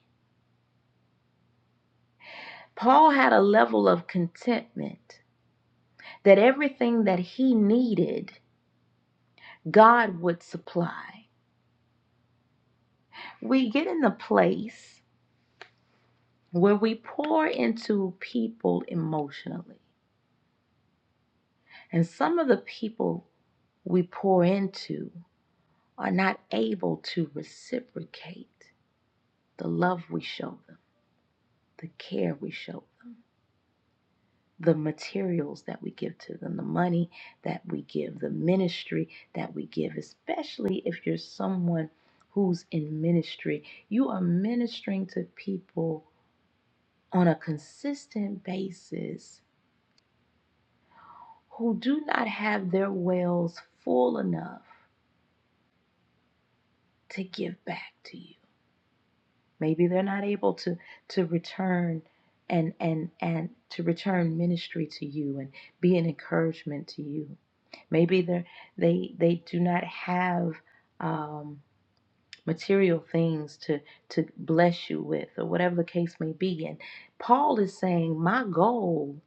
Paul had a level of contentment that everything that he needed, God would supply. We get in the place where we pour into people emotionally, and some of the people we pour into are not able to reciprocate the love we show them, the care we show them. the materials that we give to them, the money that we give, the ministry that we give, especially if you're someone who's in ministry. You are ministering to people on a consistent basis who do not have their wells full enough to give back to you. maybe they're not able to to return and and and to return ministry to you and be an encouragement to you maybe they they they do not have um material things to to bless you with or whatever the case may be and paul is saying my goal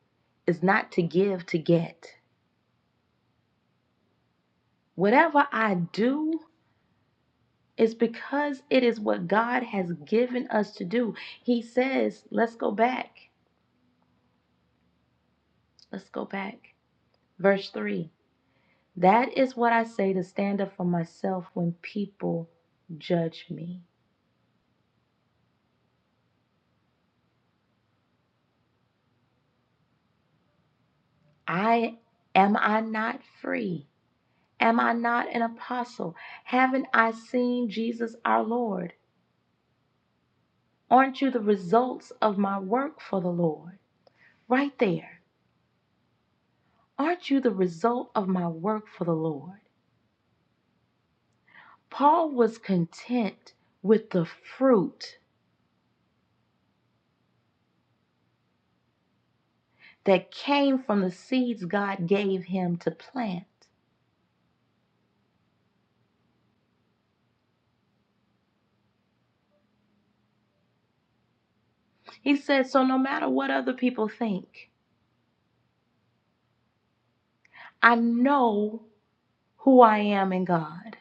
is not to give to get whatever i do is because it is what god has given us to do he says let's go back Let's go back. Verse 3 That is what I say to stand up for myself when people judge me. I am I not free? Am I not an apostle? Haven't I seen Jesus our Lord? Aren't you the results of my work for the Lord? Right there. Aren't you the result of my work for the Lord? Paul was content with the fruit that came from the seeds God gave him to plant. He said, So no matter what other people think, I know who I am in God.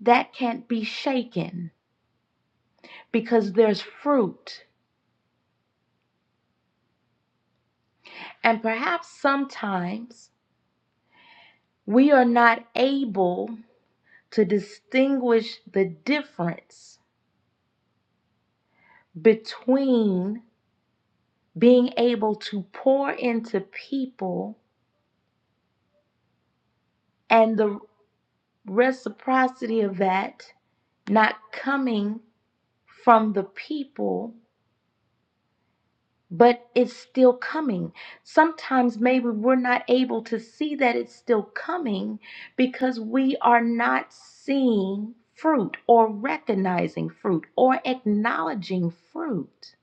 That can't be shaken because there's fruit. And perhaps sometimes we are not able to distinguish the difference between being able to pour into people and the reciprocity of that not coming from the people but it's still coming. Sometimes maybe we're not able to see that it's still coming because we are not seeing fruit or recognizing fruit or acknowledging fruit.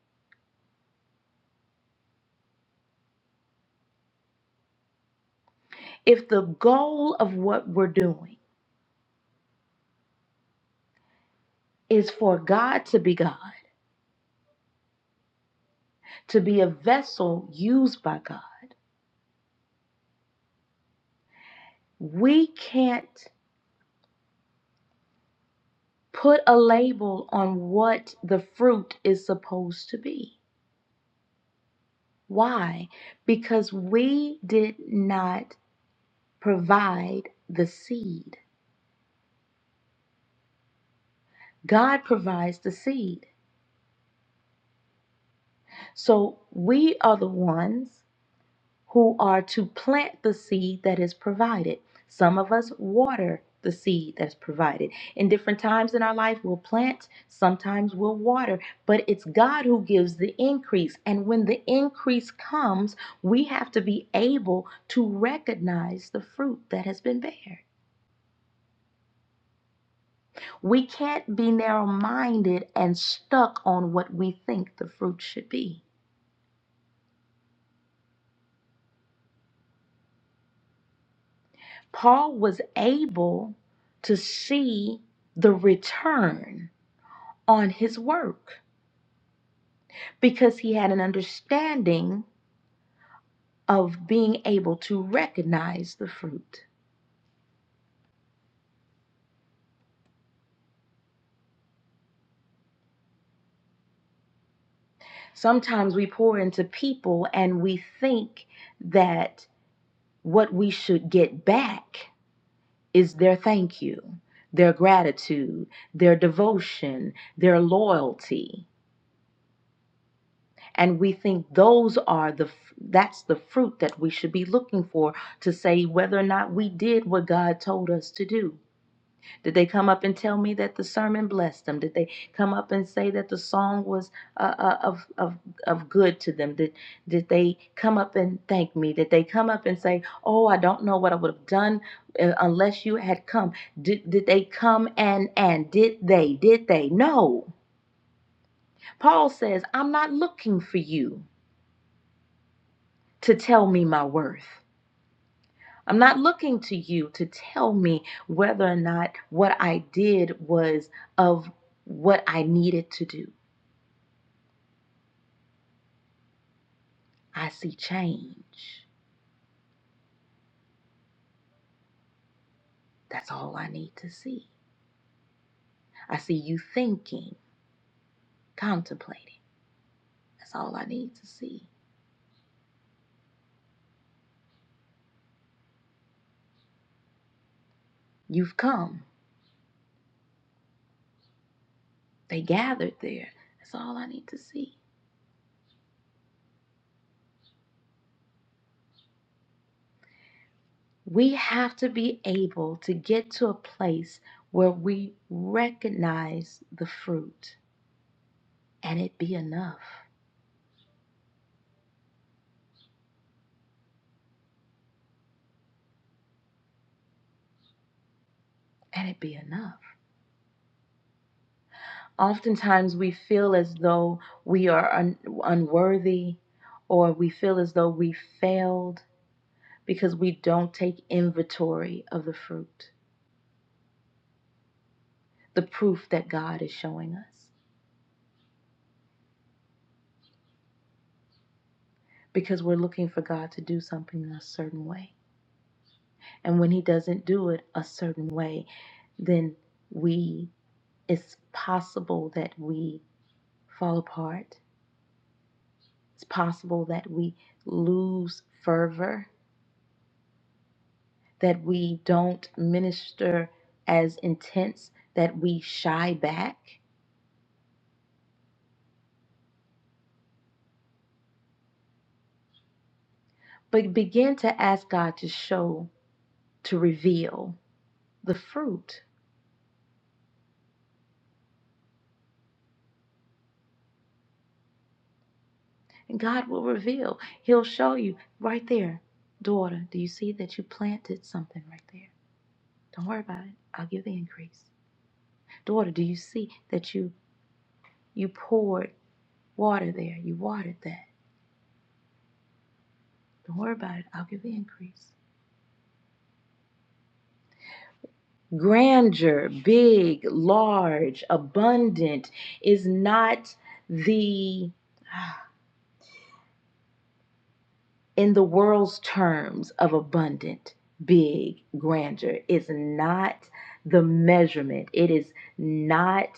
If the goal of what we're doing is for God to be God, to be a vessel used by God, we can't put a label on what the fruit is supposed to be. Why? Because we did not provide the seed. God provides the seed. So we are the ones who are to plant the seed that is provided. Some of us water the seed that's provided. In different times in our life, we'll plant, sometimes we'll water, but it's God who gives the increase. And when the increase comes, we have to be able to recognize the fruit that has been bared. We can't be narrow minded and stuck on what we think the fruit should be. Paul was able to see the return on his work because he had an understanding of being able to recognize the fruit. Sometimes we pour into people and we think that what we should get back is their thank you, their gratitude, their devotion, their loyalty. And we think those are the that's the fruit that we should be looking for to say whether or not we did what God told us to do. Did they come up and tell me that the sermon blessed them? Did they come up and say that the song was uh, uh, of of of good to them? Did did they come up and thank me? Did they come up and say, "Oh, I don't know what I would have done uh, unless you had come"? Did did they come and and did they did they? No. Paul says, "I'm not looking for you to tell me my worth. I'm not looking to you to tell me whether or not what I did was of what I needed to do. I see change. That's all I need to see. I see you thinking, contemplating. That's all I need to see. You've come. They gathered there. That's all I need to see. We have to be able to get to a place where we recognize the fruit and it be enough. And it be enough. Oftentimes we feel as though we are un- unworthy or we feel as though we failed because we don't take inventory of the fruit, the proof that God is showing us, because we're looking for God to do something in a certain way. And when He doesn't do it a certain way, then we, it's possible that we fall apart. It's possible that we lose fervor that we don't minister as intense, that we shy back, but begin to ask God to show, to reveal the fruit. And God will reveal. He'll show you right there, daughter, do you see that you planted something right there? Don't worry about it. I'll give the increase. Daughter, do you see that you you poured water there? You watered that. Don't worry about it. I'll give the increase. grandeur, big, large, abundant is not the in the world's terms of abundant, big, grandeur is not the measurement. It is not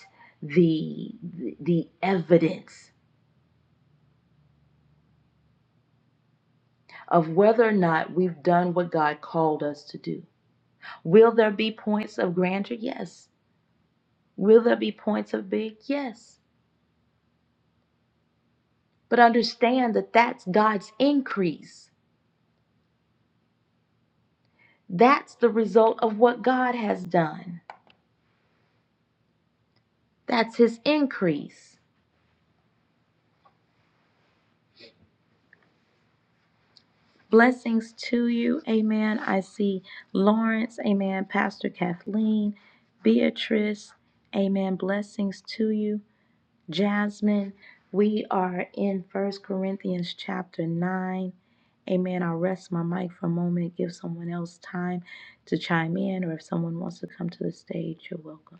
the the evidence of whether or not we've done what God called us to do. Will there be points of grandeur? Yes. Will there be points of big? Yes. But understand that that's God's increase. That's the result of what God has done. That's his increase. Blessings to you. Amen. I see Lawrence. Amen. Pastor Kathleen, Beatrice. Amen. Blessings to you. Jasmine, we are in First Corinthians chapter 9. Amen. I'll rest my mic for a moment, give someone else time to chime in, or if someone wants to come to the stage, you're welcome.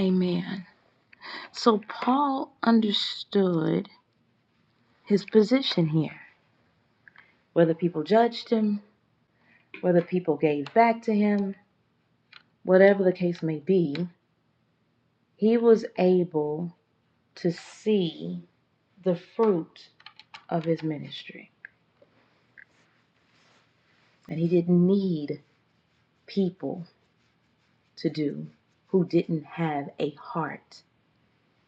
Amen. So Paul understood his position here. Whether people judged him, whether people gave back to him, whatever the case may be, he was able to see the fruit of his ministry. And he didn't need people to do who didn't have a heart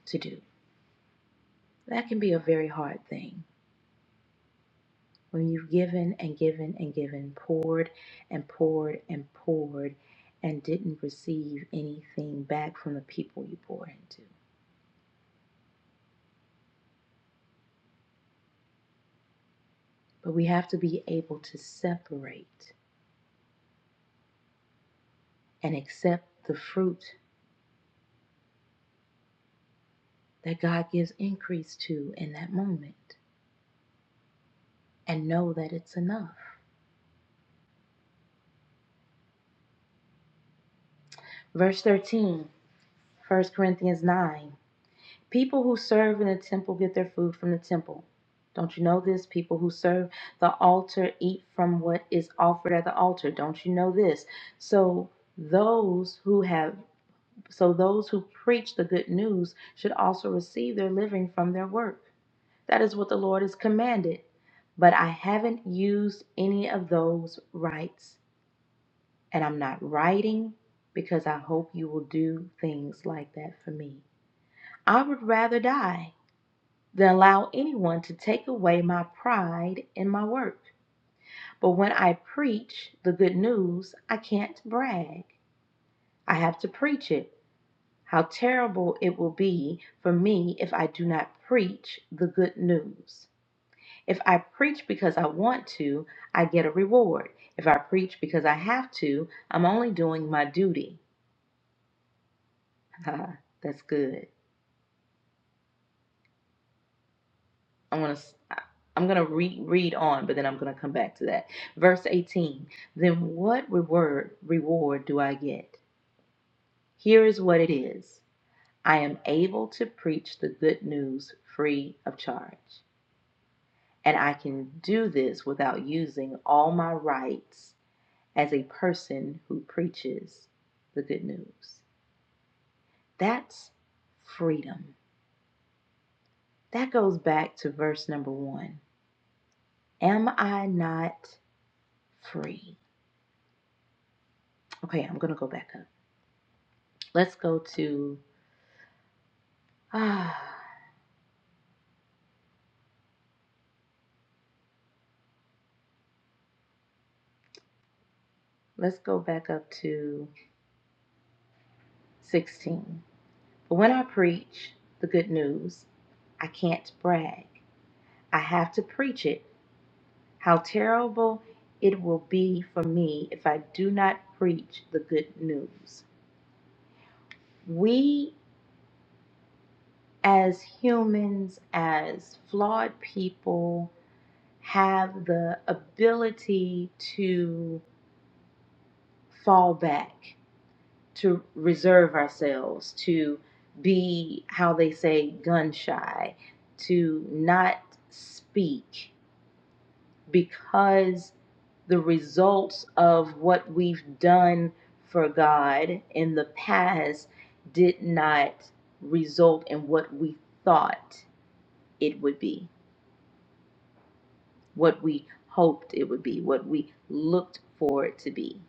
to do. That can be a very hard thing when you've given and given and given, poured and poured and poured, and didn't receive anything back from the people you poured into. But we have to be able to separate and accept the fruit that God gives increase to in that moment and know that it's enough. Verse 13, First Corinthians 9. People who serve in the temple get their food from the temple. Don't you know this? People who serve the altar eat from what is offered at the altar. Don't you know this? So those who have so those who preach the good news should also receive their living from their work. That is what the Lord has commanded. But I haven't used any of those rights, and I'm not writing because I hope you will do things like that for me. I would rather die than allow anyone to take away my pride in my work. But when I preach the good news, I can't brag. I have to preach it. How terrible it will be for me if I do not preach the good news. If I preach because I want to, I get a reward. If I preach because I have to, I'm only doing my duty. That's good. I am going to. I'm going to re- read on, but then I'm going to come back to that. Verse 18. Then what reward reward do I get? Here is what it is. I am able to preach the good news free of charge, and I can do this without using all my rights as a person who preaches the good news. That's freedom. That goes back to verse number 1. Am I not free? Okay, I'm gonna go back up. Let's go to ah, let's go back up to 16. When I preach the good news, I can't brag. I have to preach it. How terrible it will be for me if I do not preach the good news. We as humans, as flawed people, have the ability to fall back to reserve ourselves, to be how they say gun shy, to not speak because the results of what we've done for God in the past did not result in what we thought it would be, what we hoped it would be, what we looked for it to be.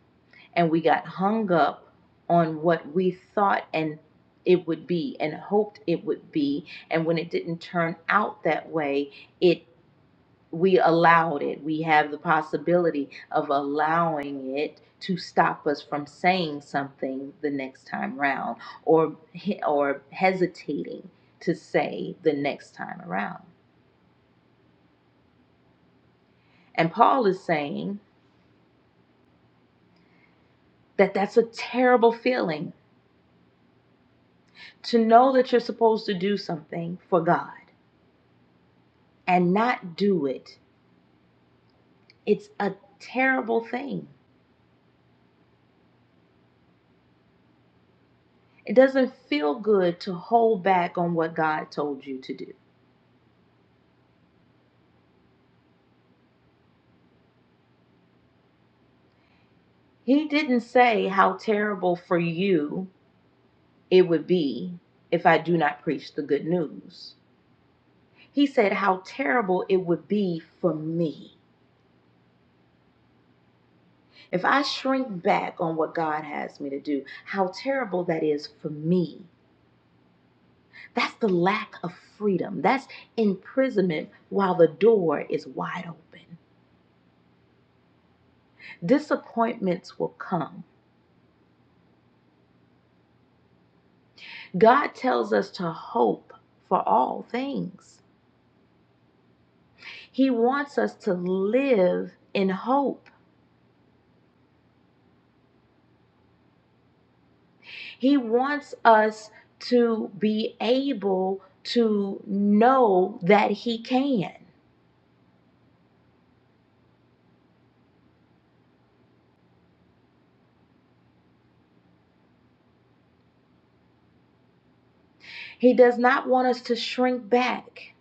and we got hung up on what we thought and it would be and hoped it would be and when it didn't turn out that way it we allowed it we have the possibility of allowing it to stop us from saying something the next time round or he- or hesitating to say the next time around and paul is saying that that's a terrible feeling to know that you're supposed to do something for god and not do it, it's a terrible thing. It doesn't feel good to hold back on what God told you to do. He didn't say how terrible for you it would be if I do not preach the good news. He said how terrible it would be for me. If I shrink back on what God has me to do, how terrible that is for me. That's the lack of freedom. That's imprisonment while the door is wide open. Disappointments will come. God tells us to hope for all things. He wants us to live in hope. He wants us to be able to know that He can. He does not want us to shrink back.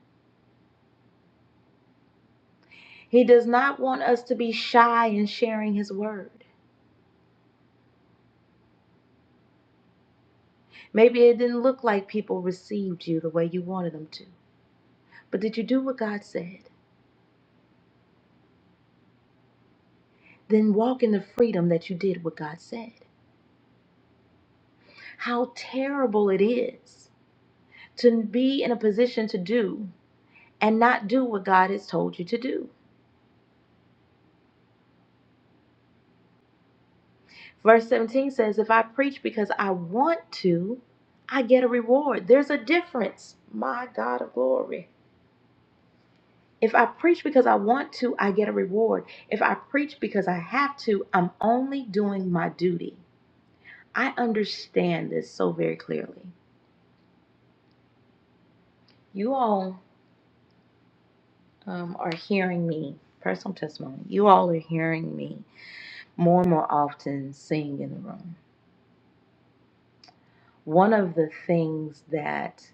He does not want us to be shy in sharing His word. Maybe it didn't look like people received you the way you wanted them to, but did you do what God said? then walk in the freedom that you did what God said. How terrible it is to be in a position to do and not do what God has told you to do. Verse 17 says, If I preach because I want to, I get a reward. There's a difference. My God of glory. If I preach because I want to, I get a reward. If I preach because I have to, I'm only doing my duty. I understand this so very clearly. You all um, are hearing me, personal testimony, you all are hearing me more and more often sing in the room. One of the things that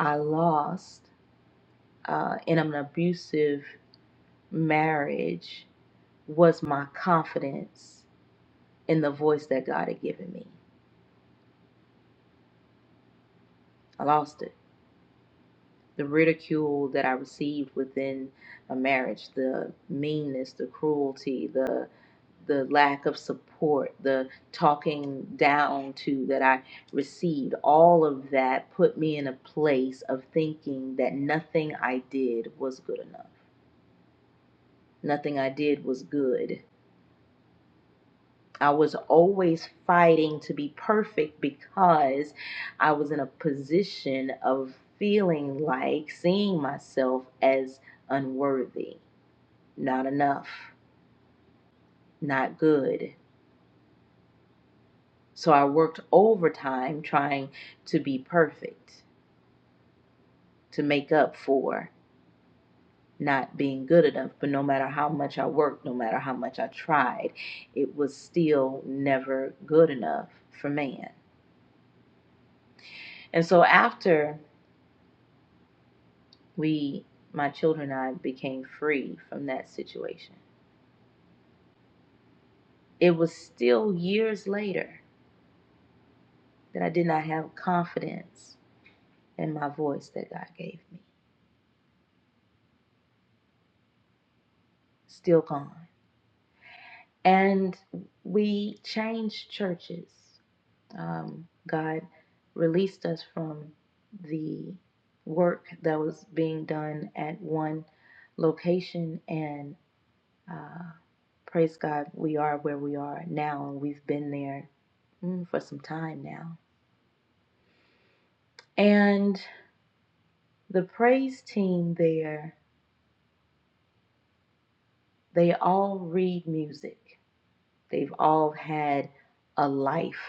I lost uh, in an abusive marriage was my confidence in the voice that God had given me. I lost it The ridicule that I received within a marriage, the meanness, the cruelty, the the lack of support, the talking down to that I received, all of that put me in a place of thinking that nothing I did was good enough. Nothing I did was good. I was always fighting to be perfect because I was in a position of feeling like seeing myself as unworthy, not enough, not good. So I worked overtime trying to be perfect, to make up for not being good enough. But no matter how much I worked, no matter how much I tried, it was still never good enough for man. And so after We, my children and I, became free from that situation. It was still years later that I did not have confidence in my voice that God gave me. Still gone. And we changed churches. Um, God released us from the work that was being done at one location and Uh, praise God, we are where we are now, and we've been there mm, for some time now. And the praise team there, they all read music. They've all had a life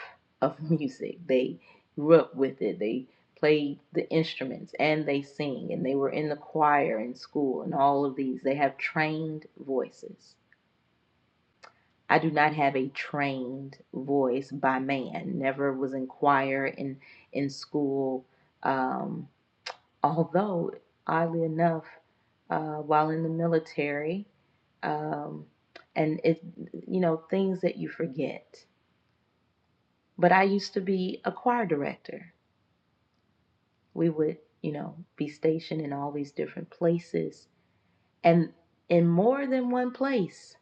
of music. They grew up with it. They played the instruments and they sing and they were in the choir in school and all of these. They have trained voices. I do not have a trained voice by man. Never was in choir in in school. Um, although, oddly enough, uh, while in the military, um, and it, you know, things that you forget. But I used to be a choir director. We would, you know, be stationed in all these different places, and in more than one place,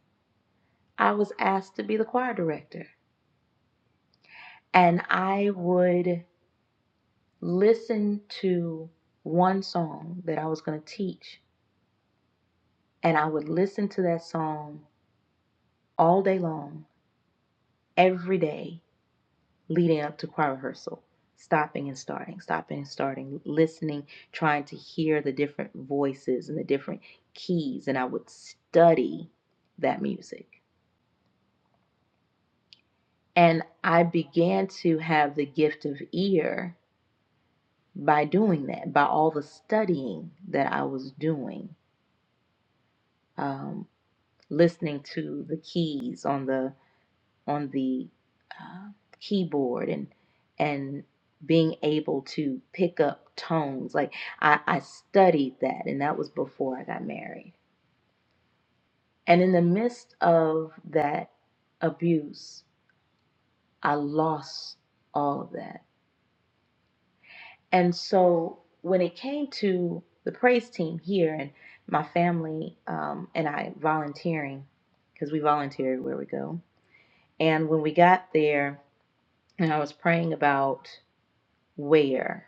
I was asked to be the choir director, and I would listen to one song that I was going to teach, and I would listen to that song all day long, every day, leading up to choir rehearsal, stopping and starting, stopping and starting, listening, trying to hear the different voices and the different keys, and I would study that music. And I began to have the gift of ear by doing that, by all the studying that I was doing. Um, listening to the keys on the on the uh, keyboard and and being able to pick up tones like I, I studied that and that was before i got married and in the midst of that abuse i lost all of that and so when it came to the praise team here and my family um, and i volunteering because we volunteered where we go and when we got there and I was praying about where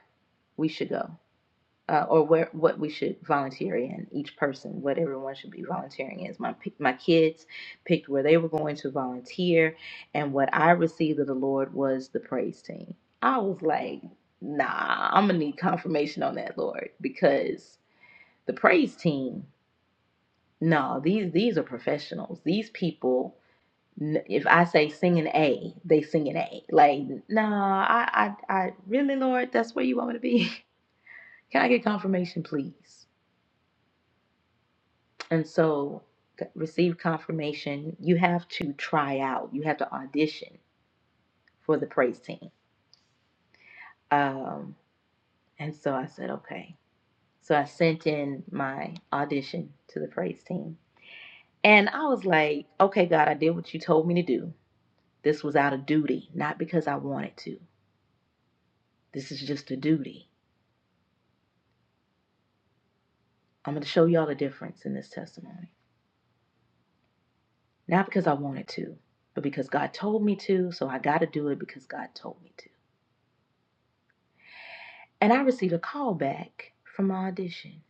we should go uh, or where what we should volunteer in each person what everyone should be volunteering in my p- my kids picked where they were going to volunteer and what I received of the Lord was the praise team I was like nah I'm gonna need confirmation on that Lord because the praise team no these these are professionals these people N- If I say sing an A, they sing an A. Like, no, I, I, I really, Lord, that's where you want me to be. Can I get confirmation, please? And so, c- receive confirmation. You have to try out. You have to audition for the praise team. Um, and so I said, okay. So I sent in my audition to the praise team. And I was like, okay, God, I did what you told me to do. This was out of duty, not because I wanted to. This is just a duty. I'm going to show y'all the difference in this testimony. Not because I wanted to, but because God told me to. So I got to do it because God told me to. And I received a call back from my audition,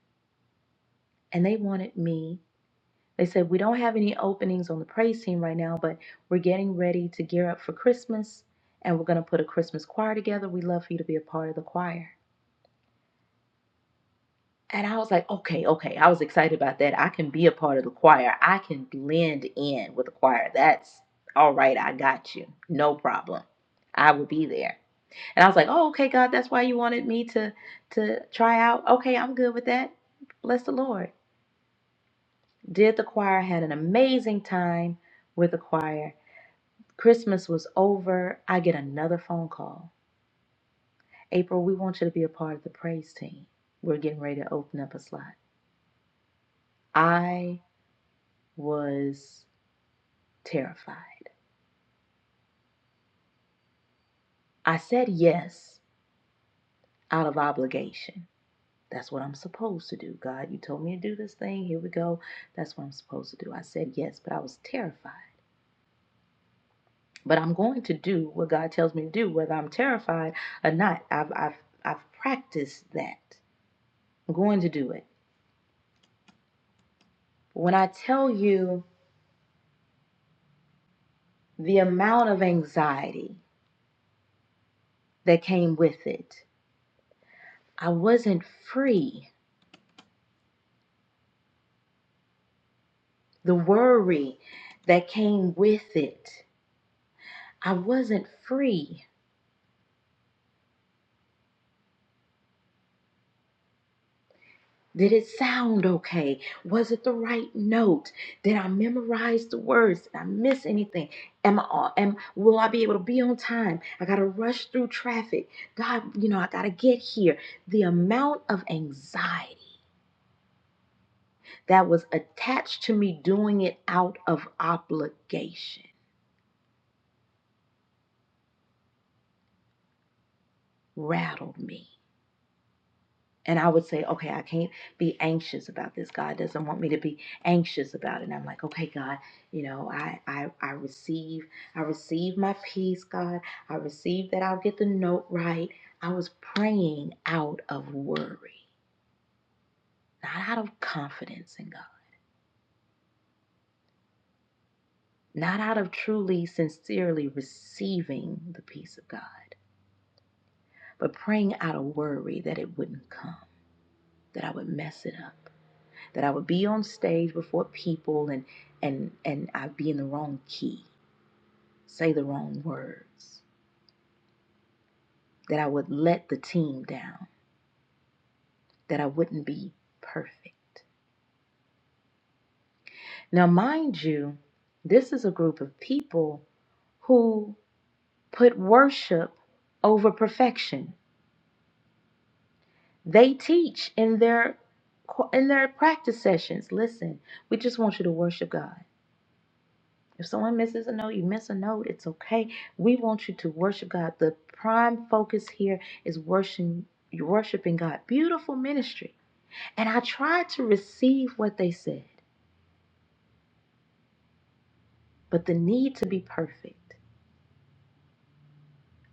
and they wanted me. They said, We don't have any openings on the praise team right now, but we're getting ready to gear up for Christmas, and we're going to put a Christmas choir together. We'd love for you to be a part of the choir. And I was like, okay, okay. I was excited about that. I can be a part of the choir. I can blend in with the choir. That's all right. I got you. No problem. I will be there. And I was like, oh, okay, God, that's why you wanted me to to try out. Okay, I'm good with that. Bless the Lord. Did the choir, had an amazing time with the choir. Christmas was over. I get another phone call. April, we want you to be a part of the praise team. We're getting ready to open up a slot. I was terrified. I said yes out of obligation. That's what I'm supposed to do. God, you told me to do this thing. Here we go. That's what I'm supposed to do. I said yes, but I was terrified. But I'm going to do what God tells me to do, whether I'm terrified or not. I've, I've, I've practiced that. I'm going to do it. When I tell you the amount of anxiety that came with it, I wasn't free. The worry that came with it, I wasn't free Did it sound okay? Was it the right note? Did I memorize the words? Did I miss anything? Am I am will I be able to be on time? I gotta rush through traffic. God, you know, I gotta get here. The amount of anxiety that was attached to me doing it out of obligation rattled me. And I would say, okay, I can't be anxious about this. God doesn't want me to be anxious about it. And I'm like, okay, God, you know, I, I, I receive, I receive my peace, God. I receive that I'll get the note right. I was praying out of worry, not out of confidence in God, not out of truly, sincerely receiving the peace of God, but praying out of worry that it wouldn't come, that I would mess it up. that I would be on stage before people and and and I'd be in the wrong key, say the wrong words, that I would let the team down, that I wouldn't be perfect. Now, mind you, this is a group of people who put worship over perfection. They teach in their in their practice sessions. Listen, we just want you to worship God. If someone misses a note, you miss a note, it's okay. We want you to worship God. The prime focus here is worshiping worshiping God. Beautiful ministry. And I tried to receive what they said, but the need to be perfect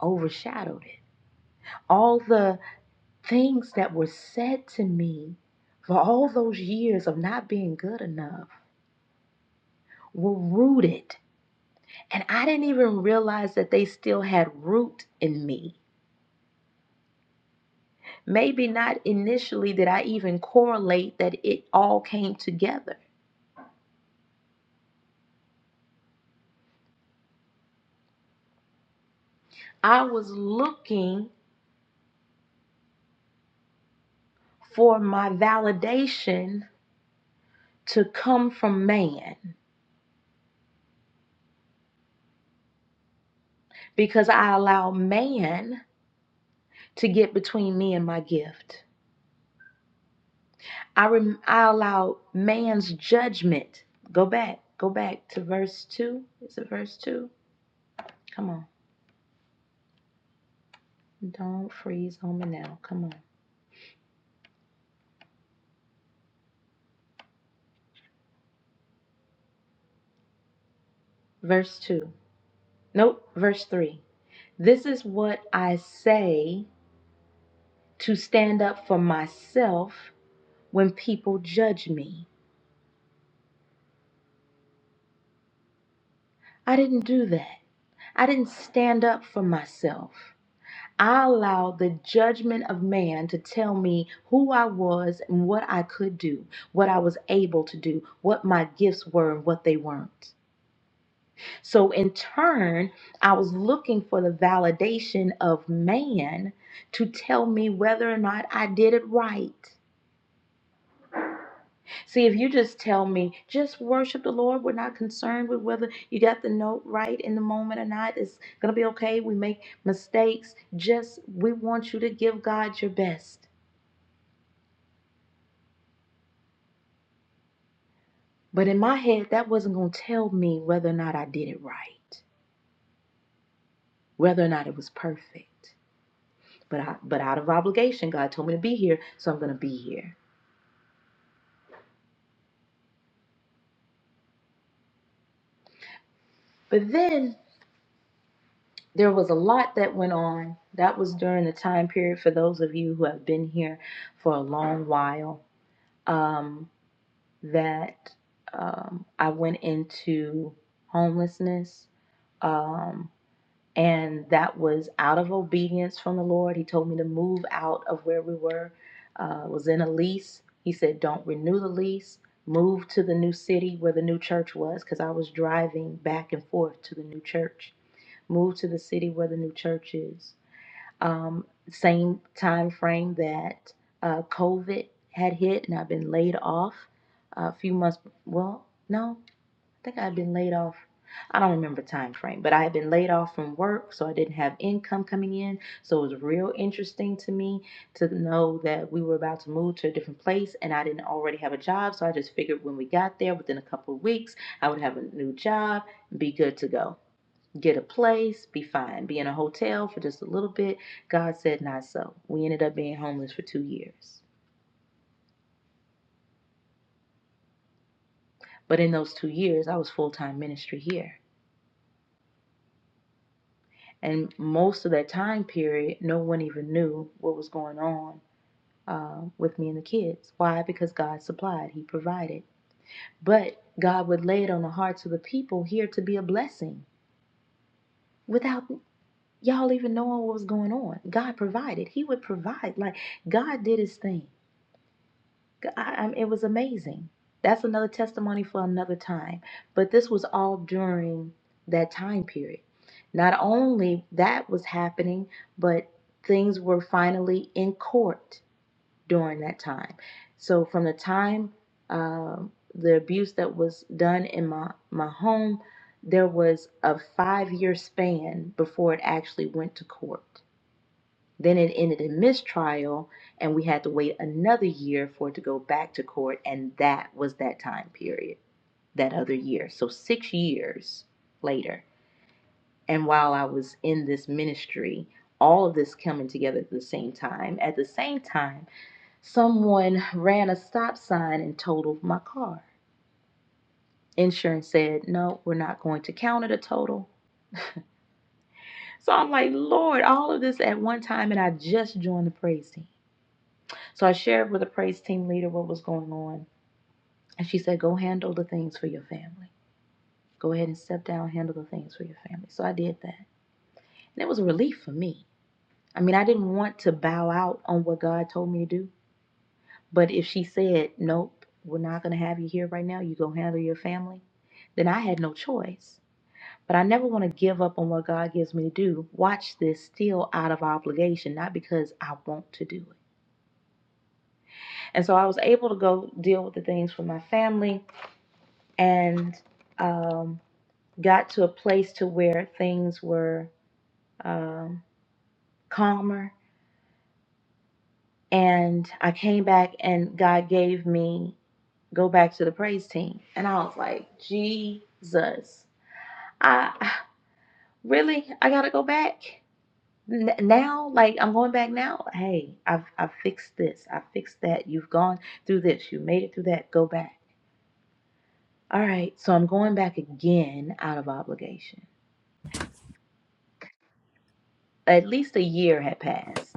overshadowed it. All the things that were said to me for all those years of not being good enough were rooted. And I didn't even realize that they still had root in me Maybe not initially did I even correlate that it all came together. I was looking for my validation to come from man because I allowed man to get between me and my gift. I, rem- I allowed man's judgment. Go back, go back to verse 2. Is it verse 2? Come on. Don't freeze on me now. Come on. Verse 2. Nope, verse 3. This is what I say. to stand up for myself when people judge me. I didn't do that. I didn't stand up for myself. I allowed the judgment of man to tell me who I was and what I could do, what I was able to do, what my gifts were and what they weren't. So, in turn, I was looking for the validation of man to tell me whether or not I did it right. See, if you just tell me, just worship the Lord, we're not concerned with whether you got the note right in the moment or not. It's going to be okay. We make mistakes. Just, we want you to give God your best. But in my head, that wasn't going to tell me whether or not I did it right, whether or not it was perfect. But, I, but out of obligation, God told me to be here, so I'm going to be here. But then there was a lot that went on. That was during the time period for those of you who have been here for a long while. Um, that um, I went into homelessness. Um, and that was out of obedience from the Lord. He told me to move out of where we were, uh, was in a lease. He said, Don't renew the lease, move to the new city where the new church was, because I was driving back and forth to the new church. Move to the city where the new church is um, same time frame that uh, COVID had hit, and I've been laid off a few months. Well, no, I think I've been laid off. I don't remember time frame, but I had been laid off from work, so I didn't have income coming in. So it was real interesting to me to know that we were about to move to a different place, and I didn't already have a job. So I just figured when we got there, within a couple of weeks, I would have a new job, and be good to go get a place, be fine, be in a hotel for just a little bit. God said, not so. We ended up being homeless for two years. But in those two years, I was full time ministry here. And most of that time period, no one even knew what was going on uh, with me and the kids. Why? Because God supplied, He provided. But God would lay it on the hearts of the people here to be a blessing without y'all even knowing what was going on. God provided, He would provide. Like God did His thing. I, I, it was amazing. That's another testimony for another time. But this was all during that time period. Not only that was happening, but things were finally in court during that time. So from the time um the abuse that was done in my my home, there was a five year span before it actually went to court. Then it ended in mistrial, and we had to wait another year for it to go back to court, and that was that time period, that other year. So six years later. And while I was in this ministry, all of this coming together at the same time, at the same time, someone ran a stop sign and totaled my car. Insurance said, no, we're not going to count it a total. So I'm like, Lord, all of this at one time, and I just joined the praise team. So I shared with the praise team leader what was going on. And she said, Go handle the things for your family. Go ahead and step down, handle the things for your family. So I did that. And it was a relief for me. I mean, I didn't want to bow out on what God told me to do. But if she said, Nope, we're not going to have you here right now, you go handle your family, then I had no choice. But I never want to give up on what God gives me to do. Watch this still out of obligation, not because I want to do it. And so I was able to go deal with the things for my family and um, got to a place to where things were um, calmer. And I came back and God gave me go back to the praise team, and I was like, Jesus, I really I gotta go back N- now. Like I'm going back now. Hey, I've I've fixed this. I fixed that. You've gone through this. You made it through that. Go back. All right, so I'm going back again out of obligation. At least a year had passed.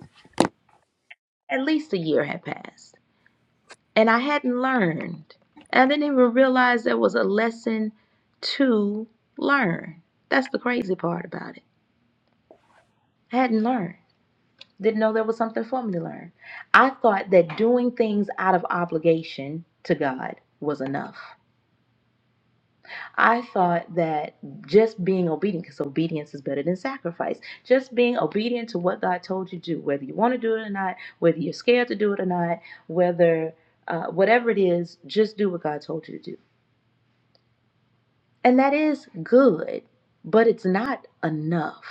At least a year had passed, and I hadn't learned. I didn't even realize there was a lesson to learn. That's the crazy part about it. I hadn't learned. Didn't know there was something for me to learn. I thought that doing things out of obligation to God was enough. I thought that just being obedient, because obedience is better than sacrifice, just being obedient to what God told you to do, whether you want to do it or not, whether you're scared to do it or not, whether uh, whatever it is, just do what God told you to do. And that is good, but it's not enough.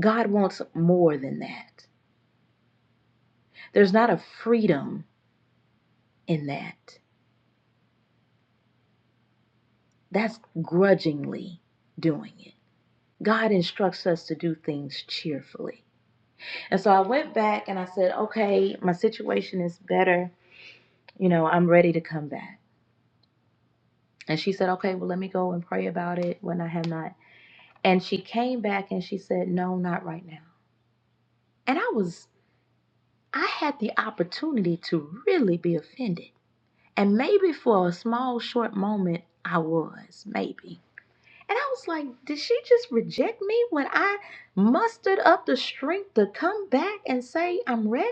God wants more than that. There's not a freedom in that. That's grudgingly doing it. God instructs us to do things cheerfully. And so I went back and I said, okay, my situation is better. You know, I'm ready to come back. And she said, okay, well, let me go and pray about it when I have not. And she came back and she said, no, not right now. And I was, I had the opportunity to really be offended. And maybe for a small, short moment, I was, maybe. And I was like, did she just reject me when I mustered up the strength to come back and say, I'm ready?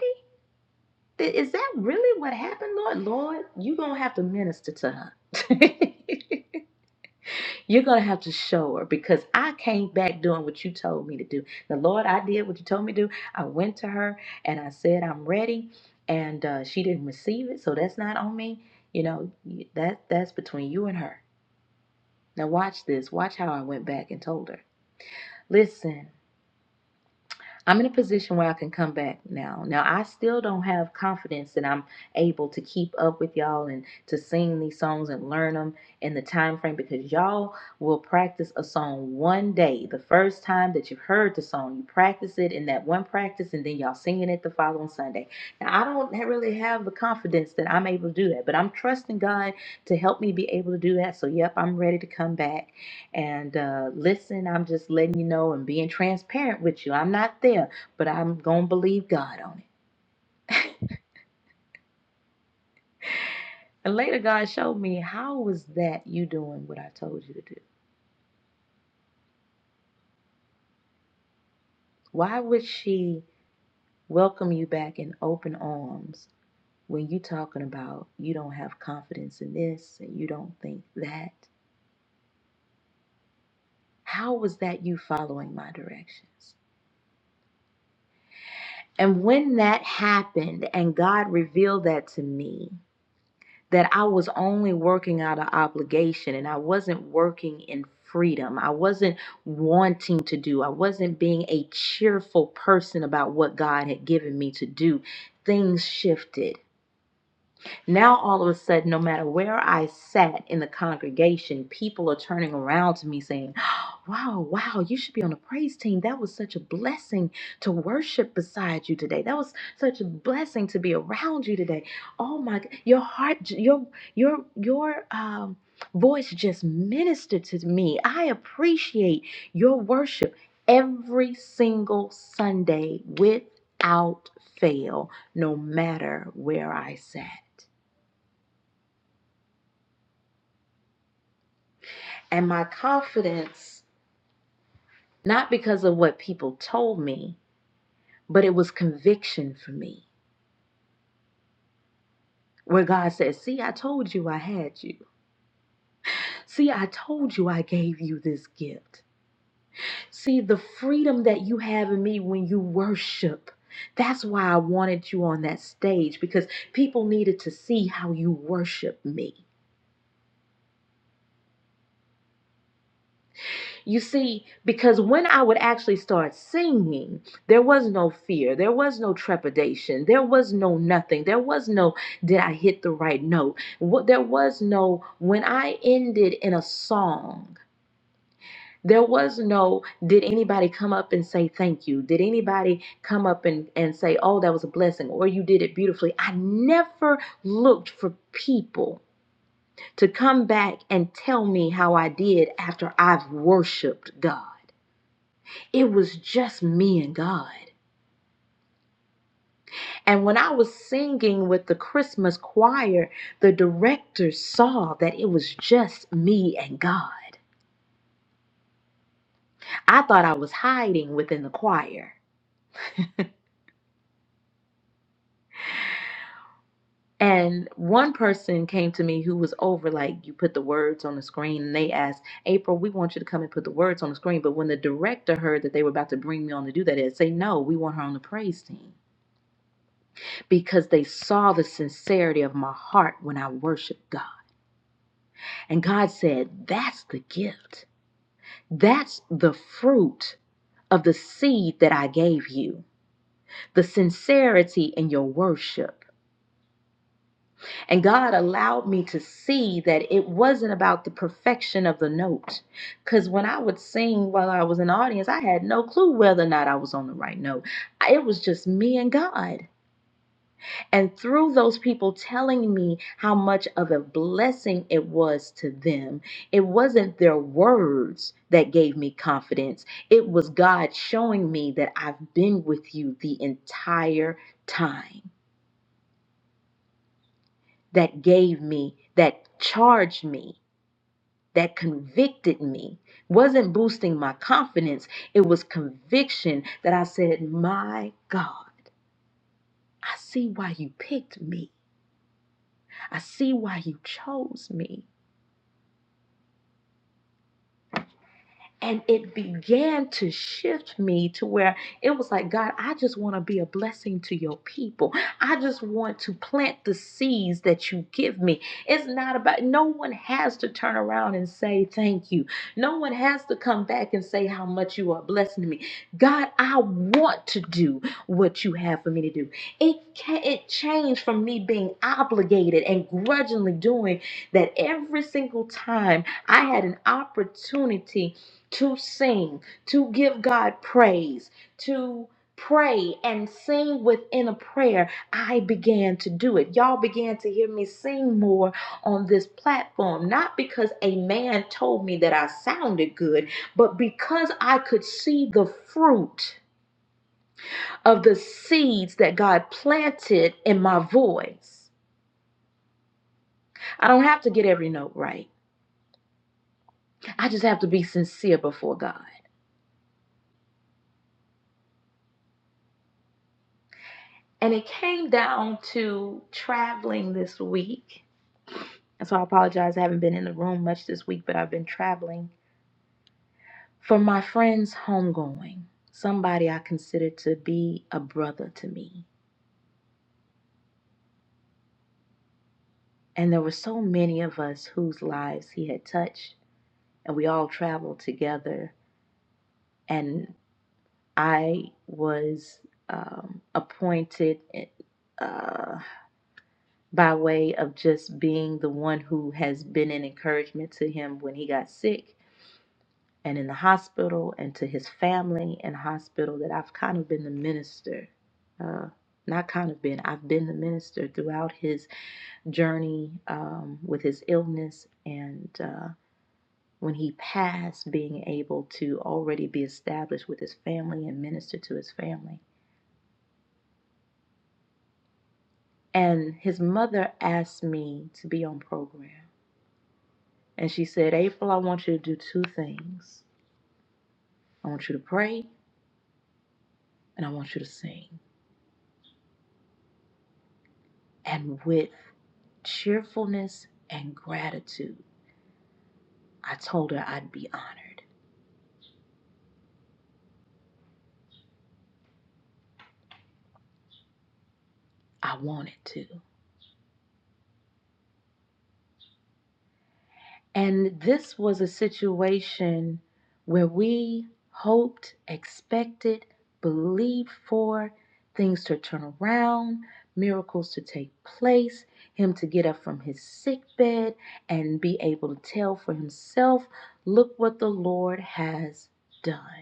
Th- Is that really what happened, Lord? Lord, you're going to have to minister to her. you're going to have to show her because I came back doing what you told me to do. The Lord, I did what you told me to do. I went to her and I said, I'm ready. And uh, she didn't receive it. So that's not on me. You know, that that's between you and her. Now, watch this. Watch how I went back and told her. Listen. I'm in a position where I can come back now. Now I still don't have confidence that I'm able to keep up with y'all and to sing these songs and learn them in the time frame because y'all will practice a song one day. The first time that you've heard the song, you practice it in that one practice and then y'all singing it the following Sunday. Now I don't really have the confidence that I'm able to do that, but I'm trusting God to help me be able to do that. So yep, I'm ready to come back and uh, listen, I'm just letting you know and being transparent with you. I'm not there, but I'm going to believe God on it. And later, God showed me how was that you doing what I told you to do? Why would she welcome you back in open arms when you talking about you don't have confidence in this and you don't think that? How was that you following my directions? And when that happened and God revealed that to me, that I was only working out of obligation and I wasn't working in freedom. I wasn't wanting to do. I wasn't being a cheerful person about what God had given me to do. Things shifted. Now, all of a sudden, no matter where I sat in the congregation, people are turning around to me saying, Wow, wow, you should be on the praise team. That was such a blessing to worship beside you today. That was such a blessing to be around you today. Oh my, g- your heart, j- your, your, your, um, voice just ministered to me. I appreciate your worship every single Sunday without fail, no matter where I sat. and my confidence, not because of what people told me, but it was conviction for me. Where God says, See, I told you I had you. See, I told you I gave you this gift. See, the freedom that you have in me when you worship. That's why I wanted you on that stage because people needed to see how you worship me. You see, because when I would actually start singing, there was no fear, there was no trepidation, there was no nothing, there was no did I hit the right note? What there was no when I ended in a song. There was no, did anybody come up and say thank you? Did anybody come up and, and say, oh, that was a blessing, or you did it beautifully? I never looked for people to come back and tell me how I did after I've worshiped God it was just me and God. And when I was singing with the Christmas choir, the director saw that it was just me and God. I thought I was hiding within the choir. And one person came to me who was over, like, you put the words on the screen. And they asked, April, we want you to come and put the words on the screen. But when the director heard that they were about to bring me on to do that, they say, no, we want her on the praise team because they saw the sincerity of my heart when I worshiped God. And God said, That's the gift. That's the fruit of the seed that I gave you, the sincerity in your worship. And God allowed me to see that it wasn't about the perfection of the note. Because when I would sing while I was in the audience, I had no clue whether or not I was on the right note. It was just me and God. And through those people telling me how much of a blessing it was to them, it wasn't their words that gave me confidence. It was God showing me that I've been with you the entire time, that gave me, that charged me, that convicted me. Wasn't boosting my confidence, it was conviction that I said, My God, I see why you picked me. I see why you chose me. And it began to shift me to where it was like, God, I just want to be a blessing to your people. I just want to plant the seeds that you give me. It's not about, no one has to turn around and say thank you. No one has to come back and say how much you are blessing me. God, I want to do what you have for me to do. It, ca- it changed from me being obligated and grudgingly doing that every single time I had an opportunity to sing, to give God praise, to pray and sing within a prayer, I began to do it. Y'all began to hear me sing more on this platform, not because a man told me that I sounded good, but because I could see the fruit of the seeds that God planted in my voice. I don't have to get every note right. I just have to be sincere before God. And it came down to traveling this week And so I apologize. I haven't been in the room much this week, but I've been traveling. For my friend's homegoing, somebody I considered to be a brother to me. And there were so many of us whose lives he had touched, and we all traveled together. And I was um, appointed uh, by way of just being the one who has been an encouragement to him when he got sick and in the hospital and to his family in hospital that I've kind of been the minister. Uh, not kind of been, I've been the minister throughout his journey um, with his illness and uh, when he passed, being able to already be established with his family and minister to his family. And his mother asked me to be on program. And she said, April, I want you to do two things I want you to pray and I want you to sing. And with cheerfulness and gratitude, I told her I'd be honored. I wanted to. And this was a situation where we hoped, expected, believed for things to turn around, miracles to take place, him to get up from his sick bed and be able to tell for himself, look what the Lord has done.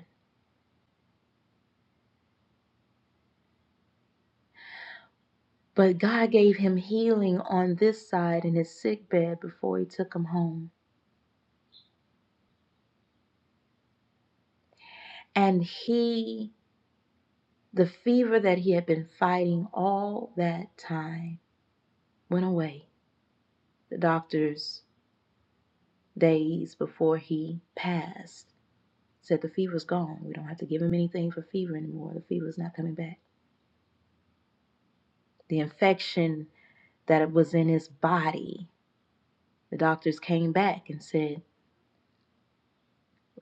But God gave him healing on this side in his sick bed before he took him home. And he, the fever that he had been fighting all that time, went away. The doctors, days before he passed, said the fever's gone. We don't have to give him anything for fever anymore. The fever's not coming back. The infection that was in his body, the doctors came back and said,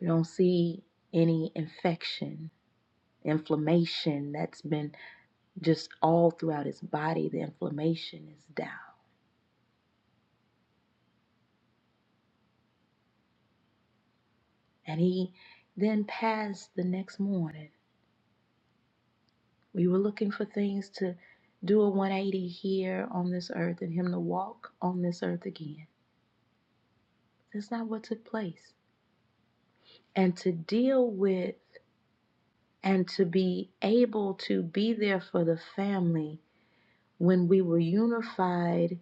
We don't see any infection, inflammation that's been just all throughout his body. The inflammation is down. And he then passed the next morning. We were looking for things to do a 180 here on this earth and him to walk on this earth again. That's not what took place. And to deal with and to be able to be there for the family when we were unified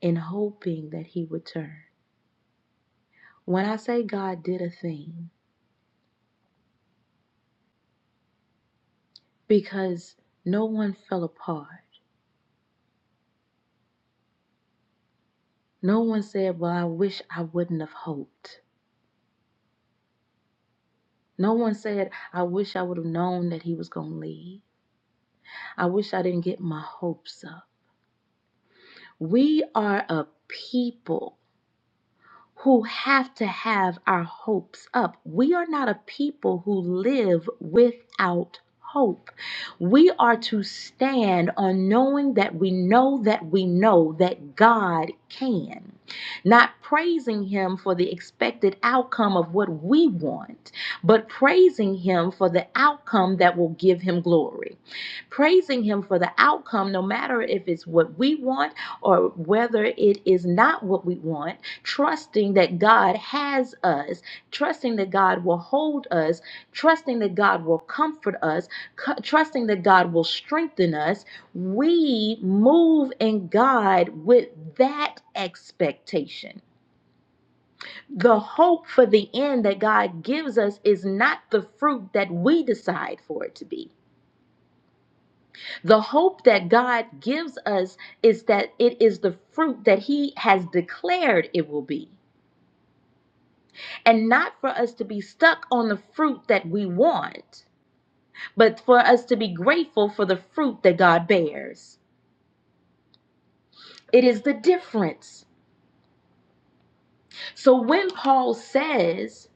in hoping that he would turn. When I say God did a thing, because no one fell apart. No one said, Well, I wish I wouldn't have hoped. No one said, I wish I would have known that he was going to leave. I wish I didn't get my hopes up. We are a people who have to have our hopes up. We are not a people who live without hope. We are to stand on knowing that we know that we know that God can, not praising Him for the expected outcome of what we want, but praising Him for the outcome that will give Him glory. Praising Him for the outcome, no matter if it's what we want or whether it is not what we want trusting that God has us, trusting that God will hold us, trusting that God will comfort us, cu- trusting that God will strengthen us, we move in God with that expectation. The hope for the end that God gives us is not the fruit that we decide for it to be. The hope that God gives us is that it is the fruit that He has declared it will be. and not for us to be stuck on the fruit that we want, but for us to be grateful for the fruit that God bears. It is the difference. So when Paul says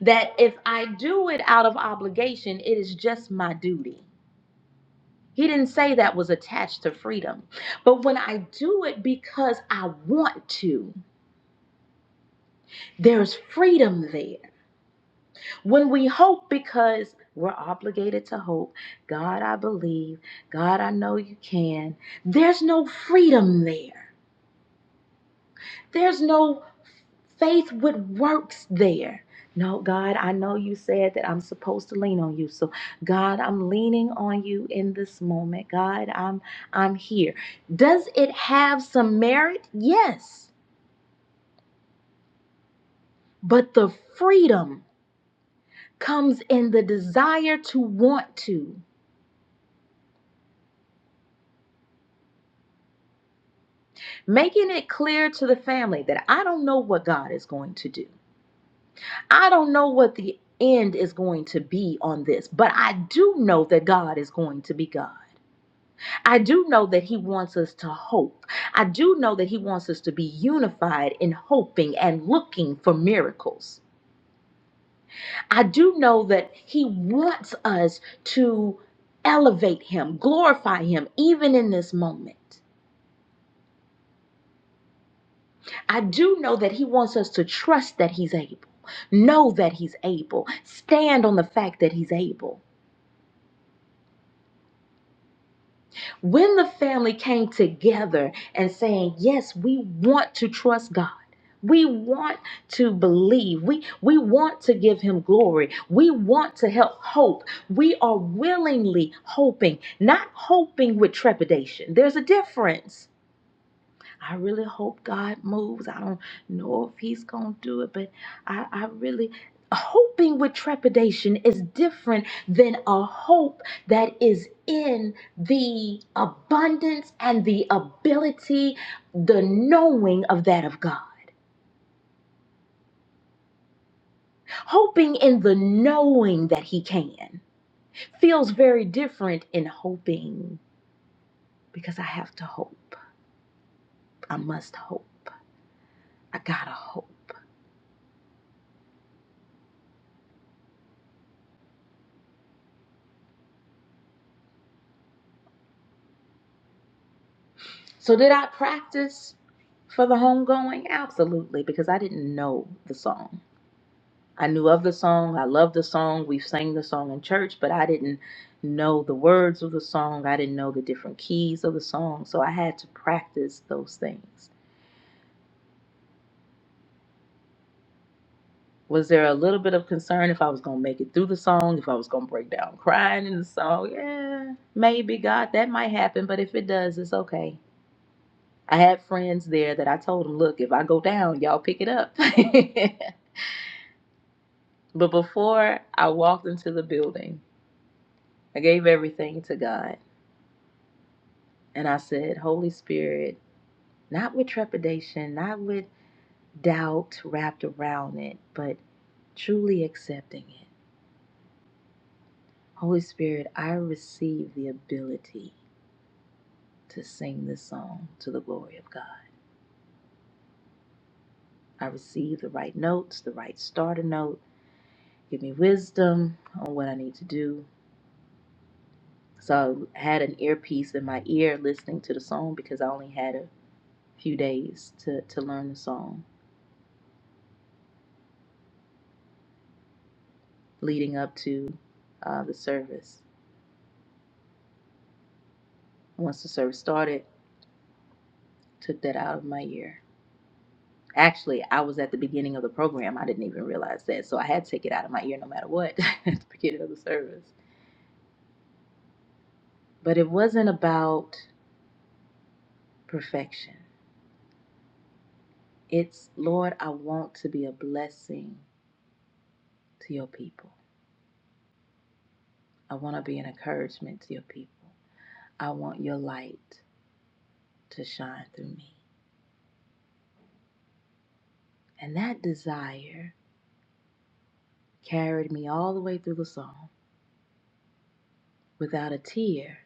that if I do it out of obligation, it is just my duty. He didn't say that was attached to freedom. But when I do it because I want to, there's freedom there. When we hope because we're obligated to hope, God, I believe, God, I know you can, there's no freedom there. There's no faith with works there. No, God, I know you said that I'm supposed to lean on you. So, God, I'm leaning on you in this moment. God, I'm I'm here. Does it have some merit? Yes. But the freedom comes in the desire to want to. making it clear to the family that I don't know what God is going to do. I don't know what the end is going to be on this, but I do know that God is going to be God. I do know that He wants us to hope. I do know that He wants us to be unified in hoping and looking for miracles. I do know that He wants us to elevate Him, glorify Him, even in this moment. I do know that He wants us to trust that He's able, know that He's able, stand on the fact that He's able. When the family came together and saying, Yes, we want to trust God. We want to believe. We, we want to give him glory. We want to help hope. We are willingly hoping, not hoping with trepidation. There's a difference I really hope God moves. I don't know if He's going to do it, but I, I really. Hoping with trepidation is different than a hope that is in the abundance and the ability, the knowing of that of God. Hoping in the knowing that He can feels very different in hoping because I have to hope. I must hope. I gotta hope. So did I practice for the homegoing? Absolutely, because I didn't know the song. I knew of the song. I loved the song. We've sang the song in church, but I didn't know the words of the song. I didn't know the different keys of the song. So I had to practice those things. Was there a little bit of concern if I was going to make it through the song, if I was going to break down crying in the song? Yeah, maybe, God, that might happen, but if it does, it's okay. I had friends there that I told them, look, if I go down, y'all pick it up. But before I walked into the building, I gave everything to God. And I said, Holy Spirit, not with trepidation, not with doubt wrapped around it, but truly accepting it. Holy Spirit, I receive the ability to sing this song to the glory of God. I receive the right notes, the right starter note. Give me wisdom on what I need to do. So I had an earpiece in my ear listening to the song because I only had a few days to, to learn the song leading up to uh, the service. Once the service started, took that out of my ear. Actually, I was at the beginning of the program. I didn't even realize that. So I had to take it out of my ear no matter what at the beginning of the service. But it wasn't about perfection. It's, Lord, I want to be a blessing to your people. I want to be an encouragement to your people. I want your light to shine through me. And that desire carried me all the way through the song. Without a tear,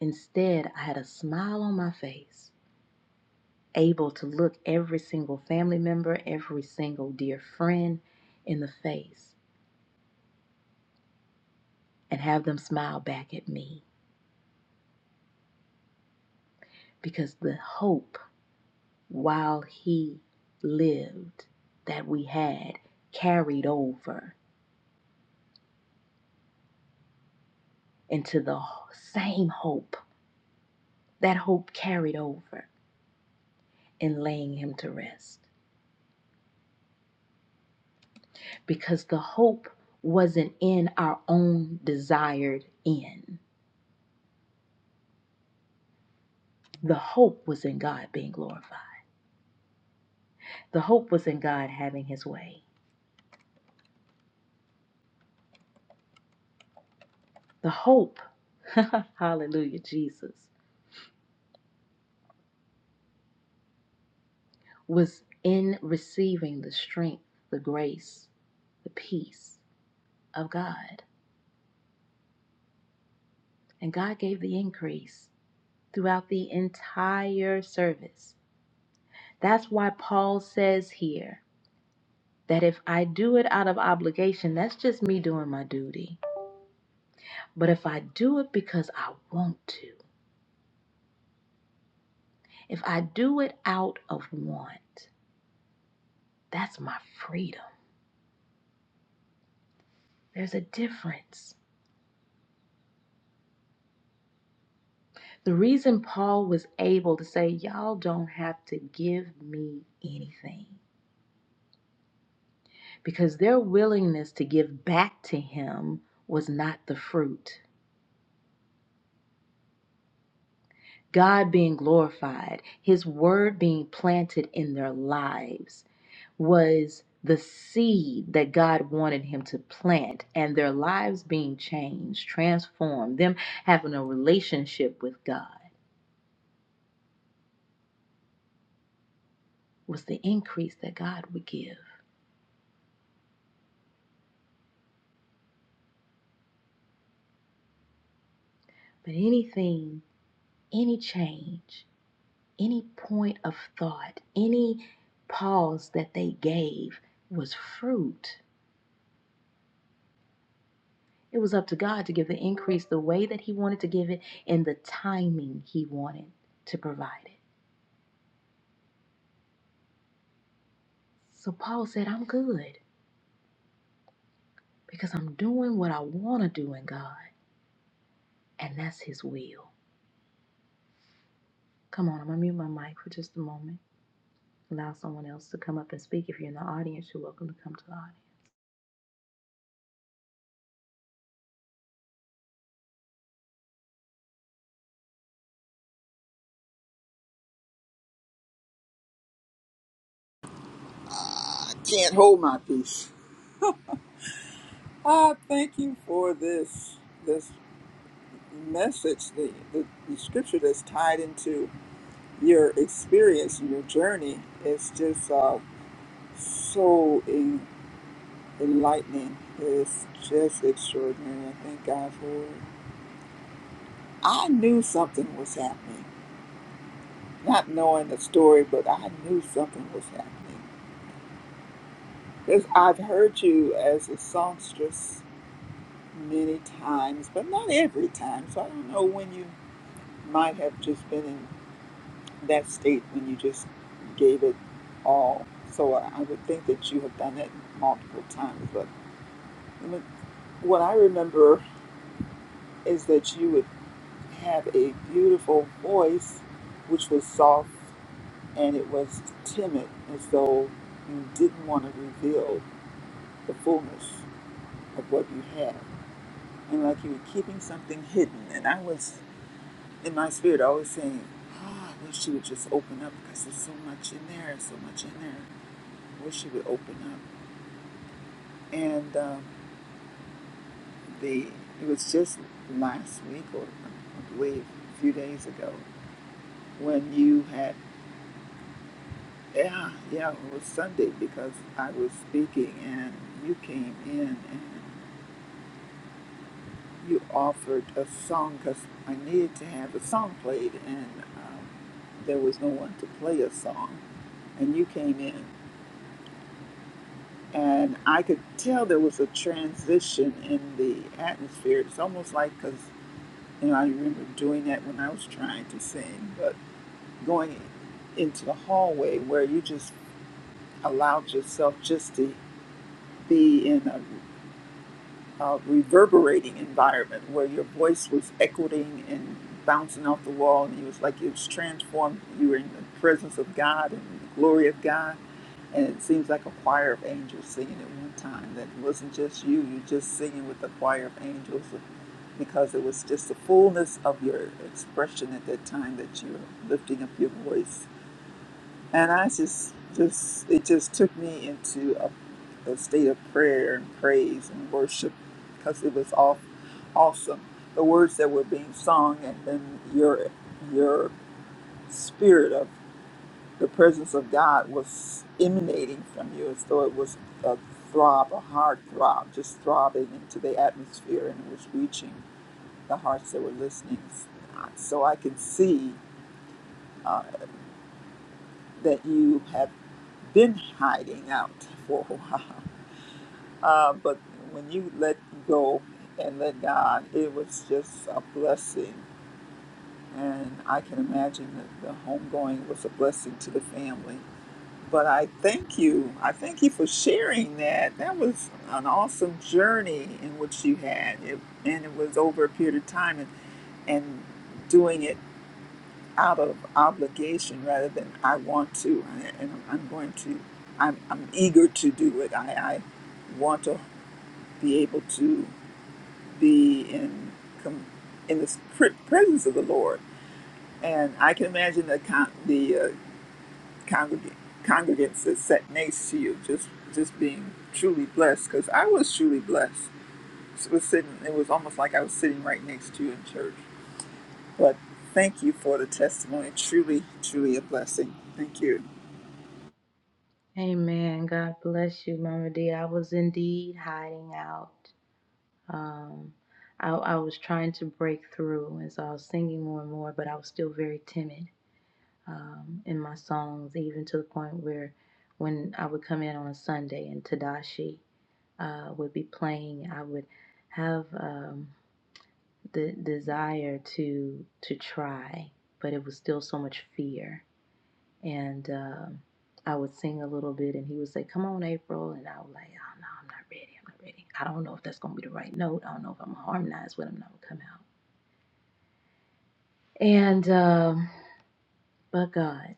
instead, I had a smile on my face, able to look every single family member, every single dear friend in the face, and have them smile back at me. Because the hope, while he lived, that we had carried over into the same hope. That hope carried over in laying him to rest. because the hope wasn't in our own desired end. The hope was in God being glorified. The hope was in God having his way. The hope, hallelujah, Jesus, was in receiving the strength, the grace, the peace of God. And God gave the increase throughout the entire service. That's why Paul says here that if I do it out of obligation, that's just me doing my duty. But if I do it because I want to, if I do it out of want, that's my freedom. There's a difference. The reason Paul was able to say, Y'all don't have to give me anything, because their willingness to give back to him was not the fruit. God being glorified, his word being planted in their lives, was the seed that God wanted him to plant and their lives being changed, transformed, them having a relationship with God was the increase that God would give. But anything, any change, any point of thought, any pause that they gave was fruit. It was up to God to give the increase the way that He wanted to give it and the timing He wanted to provide it. So Paul said, I'm good. because I'm doing what I want to do in God, and that's His will. Come on, I'm gonna mute my mic for just a moment. Allow someone else to come up and speak. If you're in the audience, you're welcome to come to the audience.
Can't hold my peace. Ah, thank you for this. this message, the, the, the scripture that's tied into your experience and your journey is just uh, so en- enlightening. It's just extraordinary. I thank God for it. I knew something was happening, not knowing the story, but I knew something was happening. Because I've heard you as a songstress many times, but not every time. So I don't know when you might have just been that statement you just gave it all. So I I would think that you have done it multiple times. But m- what I remember is that you would have a beautiful voice, which was soft and it was timid, as though you didn't want to reveal the fullness of what you had. And like you were keeping something hidden. And I was, in my spirit, always saying, "Ah, I wish she would just open up because there's so much in there, so much in there. I wish she would open up. and um, the it was just last week or I believe a few days ago when you had yeah yeah it was Sunday because I was speaking and you came in and you offered a song because I needed to have a song played and um, there was no one to play a song and you came in and I could tell there was a transition in the atmosphere it's almost like because. And I remember doing that when I was trying to sing, but going into the hallway where you just allowed yourself just to be in a, a reverberating environment where your voice was echoing and bouncing off the wall, and it was like it was transformed. You were in the presence of God and the glory of God And it seems like a choir of angels singing at one time. That wasn't just you, you just singing with a choir of angels because it was just the fullness of your expression at that time that you were lifting up your voice. And I just, just, it just took me into a, a state of prayer and praise and worship because it was all awesome. The words that were being sung and then your, your spirit of the presence of God was emanating from you as though it was a throb, a hard throb, just throbbing into the atmosphere and it was reaching the hearts that were listening. So I can see uh, that you have been hiding out for a while. Uh, but when you let go and let God, it was just a blessing. And I can imagine that the homegoing was a blessing to the family But I thank you. I thank you for sharing that. That was an awesome journey in which you had, it, and it was over a period of time, and, and doing it out of obligation rather than I want to, and and I'm going to. I'm, I'm eager to do it. I, I want to be able to be in com- in the pr- presence of the Lord, and I can imagine the con- the uh, congregant, congregants that sat next to you, just just being truly blessed. Because I was truly blessed. So it was sitting, it was almost like I was sitting right next to you in church. But thank you for the testimony. Truly, truly a blessing. Thank you.
Amen. God bless you, Mama D. I was indeed hiding out. Um, I, I was trying to break through, and so I was singing more and more, but I was still very timid um, in my songs, even to the point where when I would come in on a Sunday and Tadashi. uh, would be playing, I would have um, the desire to to try, but it was still so much fear. And um, I would sing a little bit, and he would say, "Come on, April," and I was like, "Oh no, I'm not ready. I'm not ready. I don't know if that's gonna be the right note. I don't know if I'm gonna harmonize with him. That would come out." And um, but God,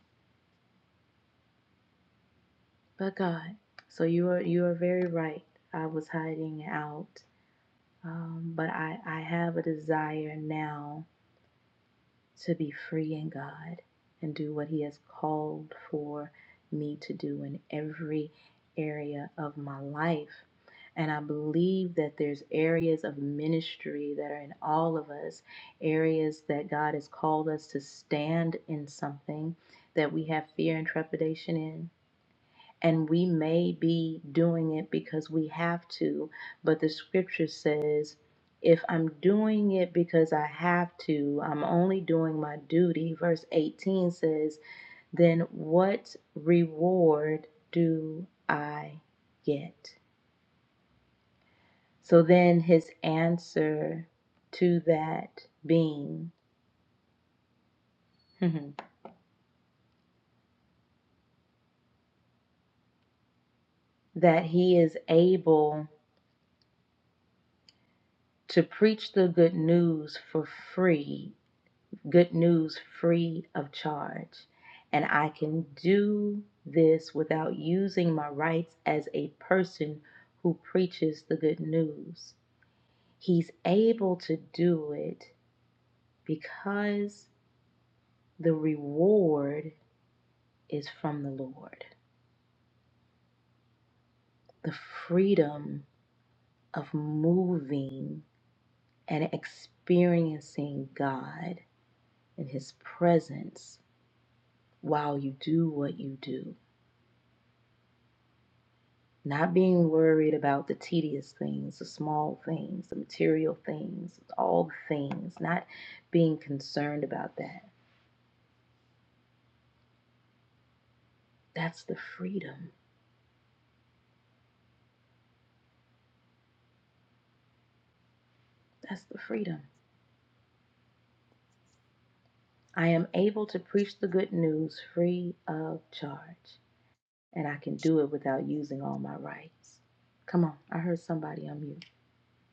but God. So you are you are very right. I was hiding out, um, but I I have a desire now to be free in God and do what He has called for me to do in every area of my life. And I believe that there's areas of ministry that are in all of us, areas that God has called us to stand in something that we have fear and trepidation in and we may be doing it because we have to, but the scripture says, if I'm doing it because I have to, I'm only doing my duty. Verse 18 says, then what reward do I get? So then his answer to that being that he is able to preach the good news for free good news free of charge. And I can do this without using my rights as a person who preaches the good news. He's able to do it because the reward is from the Lord. The freedom of moving and experiencing God in His presence while you do what you do. Not being worried about the tedious things, the small things, the material things, all the things, not being concerned about that. That's the freedom. That's the freedom. I am able to preach the good news free of charge, and I can do it without using all my rights. Come on, I heard somebody on mute.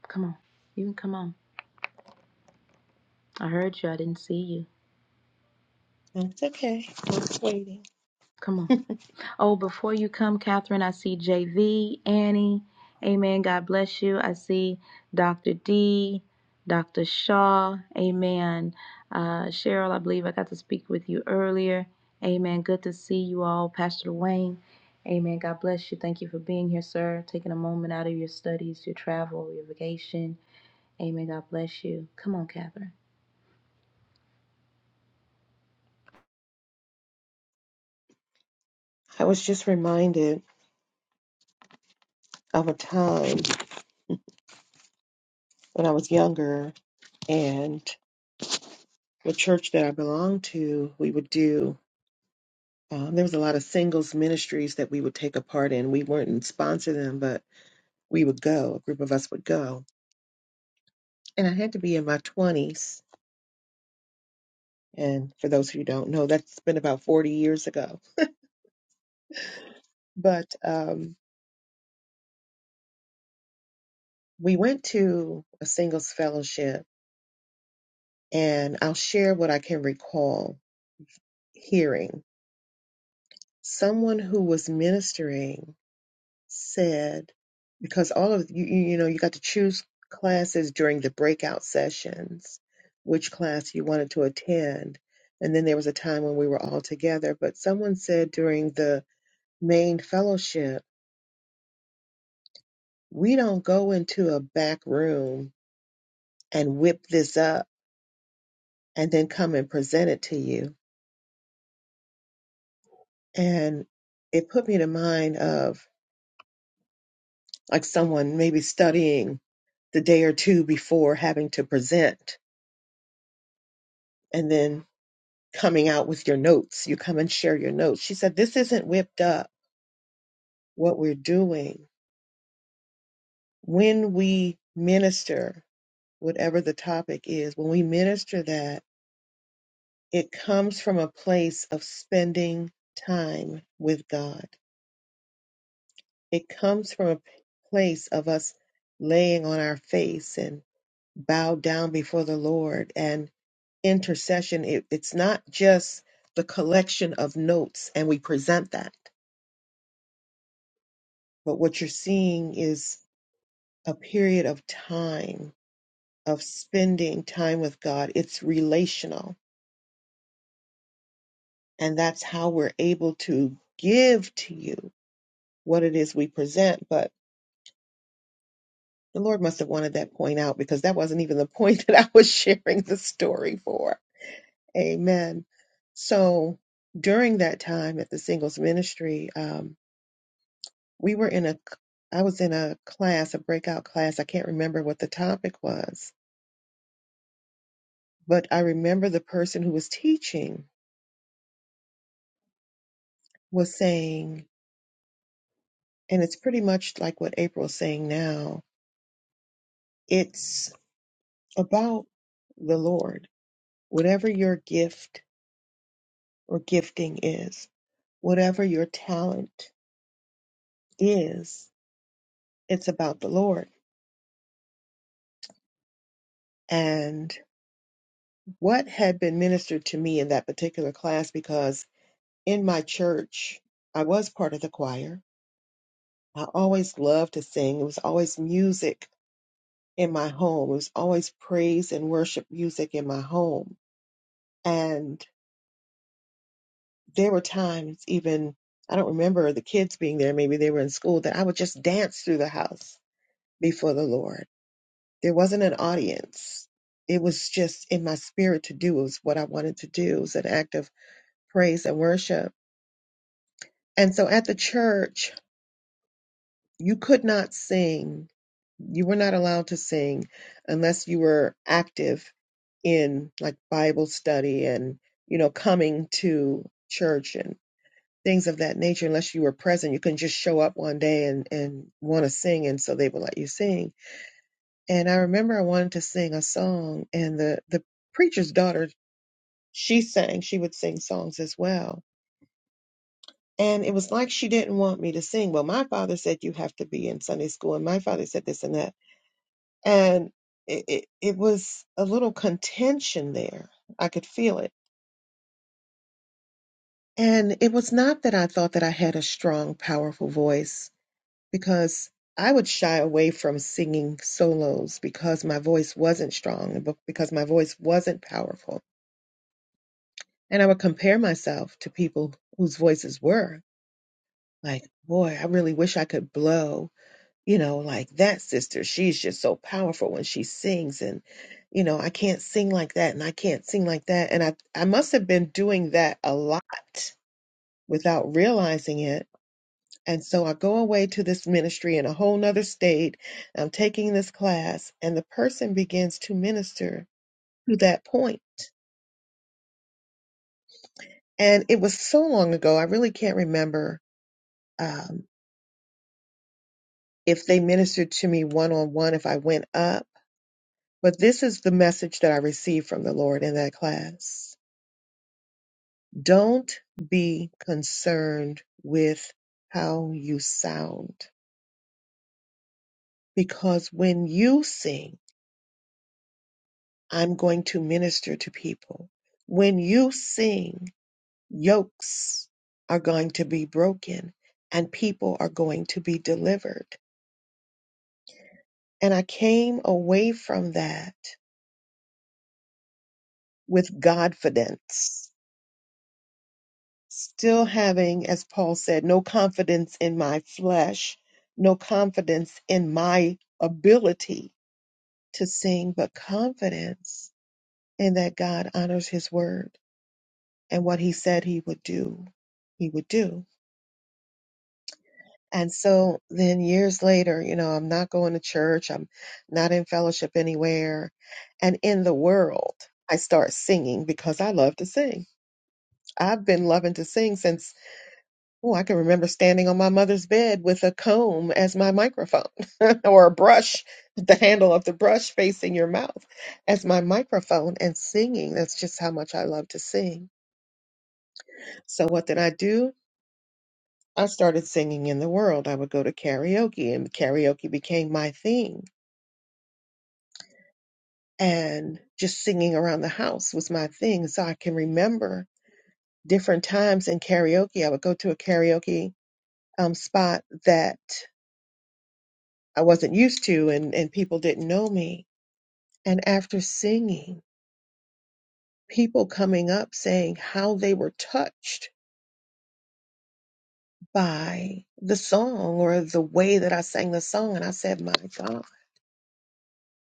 Come on, you can come on. I heard you, I didn't see you.
It's okay. I was waiting.
Come on. Oh, before you come, Catherine, I see JV, Annie. Amen. God bless you. I see Dr. D, Dr. Shaw. Amen. Uh, Cheryl, I believe I got to speak with you earlier. Amen. Good to see you all. Pastor Wayne. Amen. God bless you. Thank you for being here, sir. Taking a moment out of your studies, your travel, your vacation. Amen. God bless you. Come on, Catherine.
I was just reminded of a time when I was younger and the church that I belonged to, we would do, um, there was a lot of singles ministries that we would take a part in. We were not sponsor them, but we would go, a group of us would go. And I had to be in my 20s. And for those who don't know, that's been about 40 years ago. But um, we went to a singles fellowship and I'll share what I can recall hearing. Someone who was ministering said, because all of you, you you know, you got to choose classes during the breakout sessions, which class you wanted to attend. And then there was a time when we were all together. But someone said during the main fellowship, we don't go into a back room and whip this up and then come and present it to you. And it put me to mind of like someone maybe studying the day or two before having to present and then coming out with your notes. You come and share your notes. She said, This isn't whipped up what we're doing. When we minister, whatever the topic is, when we minister that, it comes from a place of spending time with God. It comes from a place of us laying on our face and bow down before the Lord and intercession, it, it's not just the collection of notes and we present that, but what you're seeing is a period of time, of spending time with God. It's relational. And that's how we're able to give to you what it is we present. But the Lord must have wanted that point out because that wasn't even the point that I was sharing the story for. Amen. So during that time at the singles ministry, um, we were in a, I was in a class a breakout class i can't remember what the topic was but i remember the person who was teaching was saying and it's pretty much like what april's saying now it's about the lord whatever your gift or gifting is whatever your talent is it's about the lord and what had been ministered to me in that particular class because in my church i was part of the choir I always loved to sing. It was always music in my home. It was always praise and worship music in my home. And there were times, even I don't remember the kids being there, maybe they were in school, that I would just dance through the house before the Lord. There wasn't an audience. It was just in my spirit to do. It was what I wanted to do. It was an act of praise and worship. And so at the church, you could not sing You were not allowed to sing unless you were active in like Bible study and, you know, coming to church and things of that nature. Unless you were present, you couldn't just show up one day and, and want to sing. And so they would let you sing. And I remember I wanted to sing a song and the, the preacher's daughter, she sang, she would sing songs as well. And it was like she didn't want me to sing. Well, my father said you have to be in Sunday school, and my father said this and that. and it, it, it was a little contention there. I could feel it. And it was not that I thought that I had a strong, powerful voice because I would shy away from singing solos because my voice wasn't strong, and be- because my voice wasn't powerful. And I would compare myself to people whose voices were like, boy, I really wish I could blow you know, like that sister, she's just so powerful when she sings and you know, I can't sing like that and I can't sing like that and I I must have been doing that a lot without realizing it. And so I go away to this ministry in a whole nother state. I'm taking this class and the person begins to minister to that point. And it was so long ago, I really can't remember um, if they ministered to me one on one, if I went up. But this is the message that I received from the Lord in that class. Don't be concerned with how you sound, because when you sing, I'm going to minister to people. When you sing, yokes are going to be broken and people are going to be delivered. And I came away from that with Godfidence still having, as Paul said, no confidence in my flesh, no confidence in my ability to sing, but confidence in that God honors his word and what he said he would do, he would do. And so then years later, you know, I'm not going to church, I'm not in fellowship anywhere. And in the world, I start singing because I love to sing. I've been loving to sing since Oh, I can remember standing on my mother's bed with a comb as my microphone or a brush, the handle of the brush facing your mouth as my microphone and singing. That's just how much I love to sing. So, what did I do? I started singing in the world. I would go to karaoke, and karaoke became my thing. And just singing around the house was my thing. So, I can remember different times in karaoke. I would go to a karaoke um, spot that I wasn't used to and, and people didn't know me. And after singing, people coming up saying how they were touched by the song or the way that I sang the song. And I said, My God,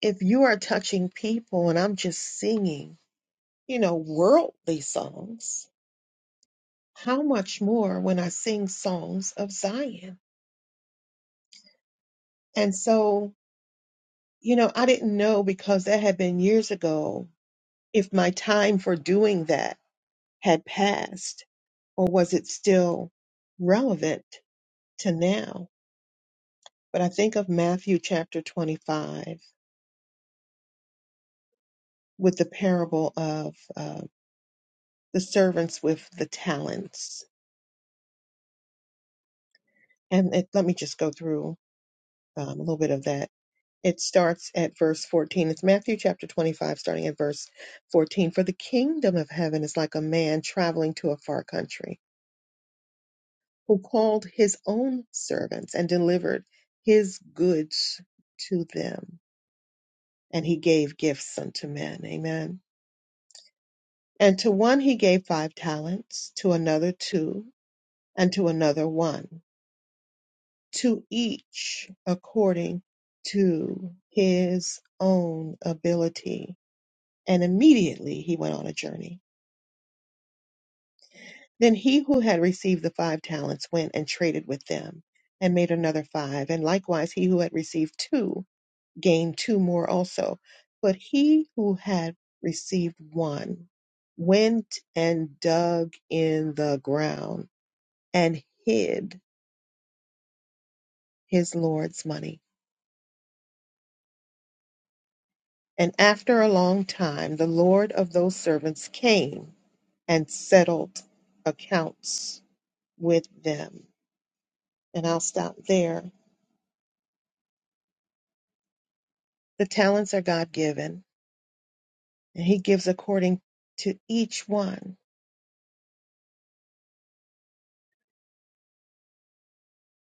if you are touching people and I'm just singing, you know, worldly songs, how much more when I sing songs of Zion? And so, you know, I didn't know because that had been years ago if my time for doing that had passed or was it still relevant to now? But I think of Matthew chapter 25 with the parable of uh, the servants with the talents. And it, let me just go through um, a little bit of that. It starts at verse 14. It's Matthew chapter 25, starting at verse 14. For the kingdom of heaven is like a man traveling to a far country who called his own servants and delivered his goods to them and he gave gifts unto men. Amen. And to one he gave five talents, to another two, and to another one, to each according to his own ability. And immediately he went on a journey. Then he who had received the five talents went and traded with them and made another five. And likewise he who had received two. gained two more also. But he who had received one went and dug in the ground and hid his Lord's money. And after a long time, the Lord of those servants came and settled accounts with them. And I'll stop there. The talents are God given, and He gives according to each one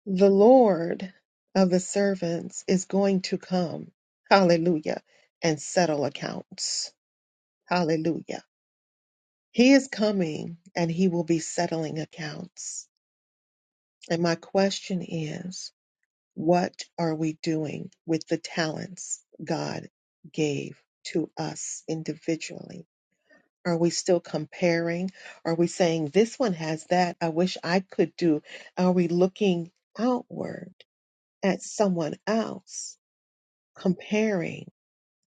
the Lord of the servants is going to come, hallelujah, and settle accounts, hallelujah. He is coming and he will be settling accounts. And my question is, what are we doing with the talents God gave to us individually? Are we still comparing? Are we saying, this one has that? I wish I could do. Are we looking outward at someone else? comparing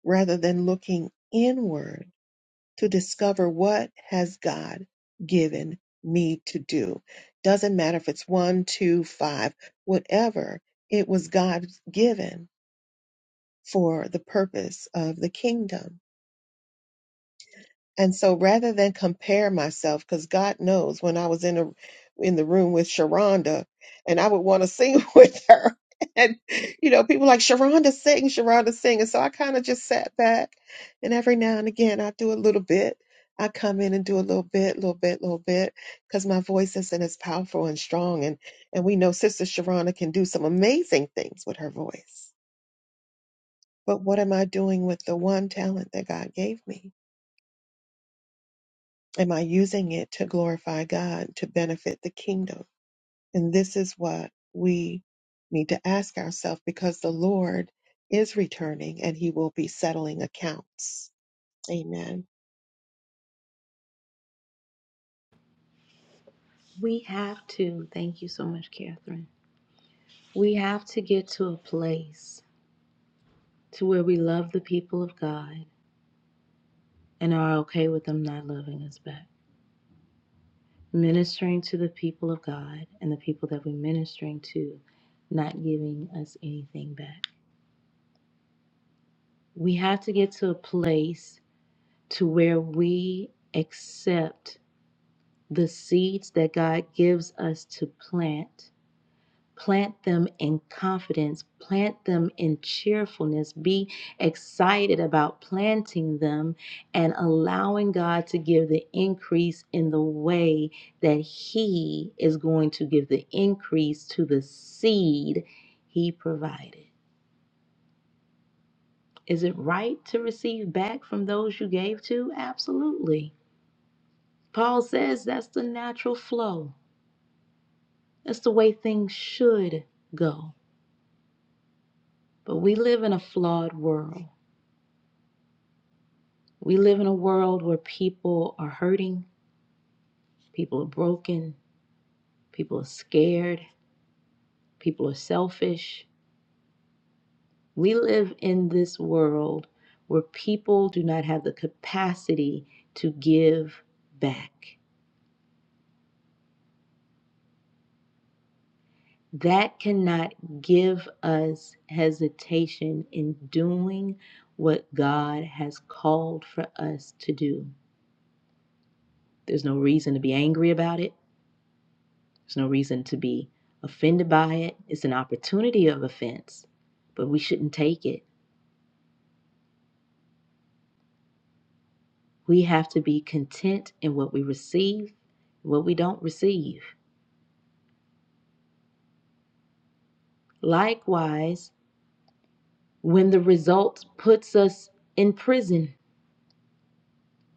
rather than looking inward to discover what has God given me to do. Doesn't matter if it's one, two, five, whatever, it was God given for the purpose of the kingdom. And so rather than compare myself, because God knows when I was in the in the room with Sharonda and I would want to sing with her. And you know, people like Sharonda sing, Sharonda sing. And so I kind of just sat back and every now and again I do a little bit. I come in and do a little bit, little bit, little bit, because my voice isn't as powerful and strong. And and we know Sister Sharonda can do some amazing things with her voice. But what am I doing with the one talent that God gave me? Am I using it to glorify God, to benefit the kingdom? And this is what we need to ask ourselves because the Lord is returning and he will be settling accounts. Amen.
We have to. Thank you so much, Catherine. We have to get to a place to where we love the people of God and are okay with them not loving us back. Ministering to the people of God and the people that we're ministering to not giving us anything back. We have to get to a place to where we accept the seeds that God gives us to plant Plant them in confidence, plant them in cheerfulness. Be excited about planting them and allowing God to give the increase in the way that He is going to give the increase to the seed He provided. Is it right to receive back from those you gave to? Absolutely. Paul says that's the natural flow, that's the way things should go. But we live in a flawed world. We live in a world where people are hurting, people are broken, people are scared, people are selfish. We live in this world where people do not have the capacity to give back. That cannot give us hesitation in doing what God has called for us to do. There's no reason to be angry about it. There's no reason to be offended by it. It's an opportunity of offense, but we shouldn't take it. We have to be content in what we receive, what we don't receive. Likewise, when the result puts us in prison,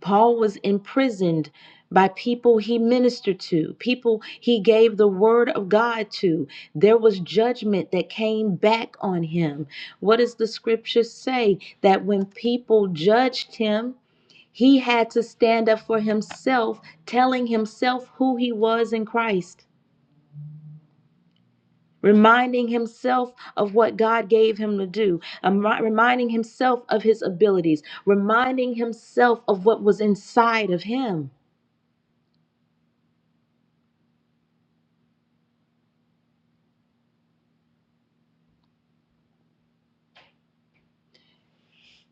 Paul was imprisoned by people he ministered to, people he gave the word of God to. There was judgment that came back on him. What does the scripture say? That when people judged him, He had to stand up for himself, telling himself who he was in Christ, reminding himself of what God gave him to do, um, reminding himself of his abilities, reminding himself of what was inside of him.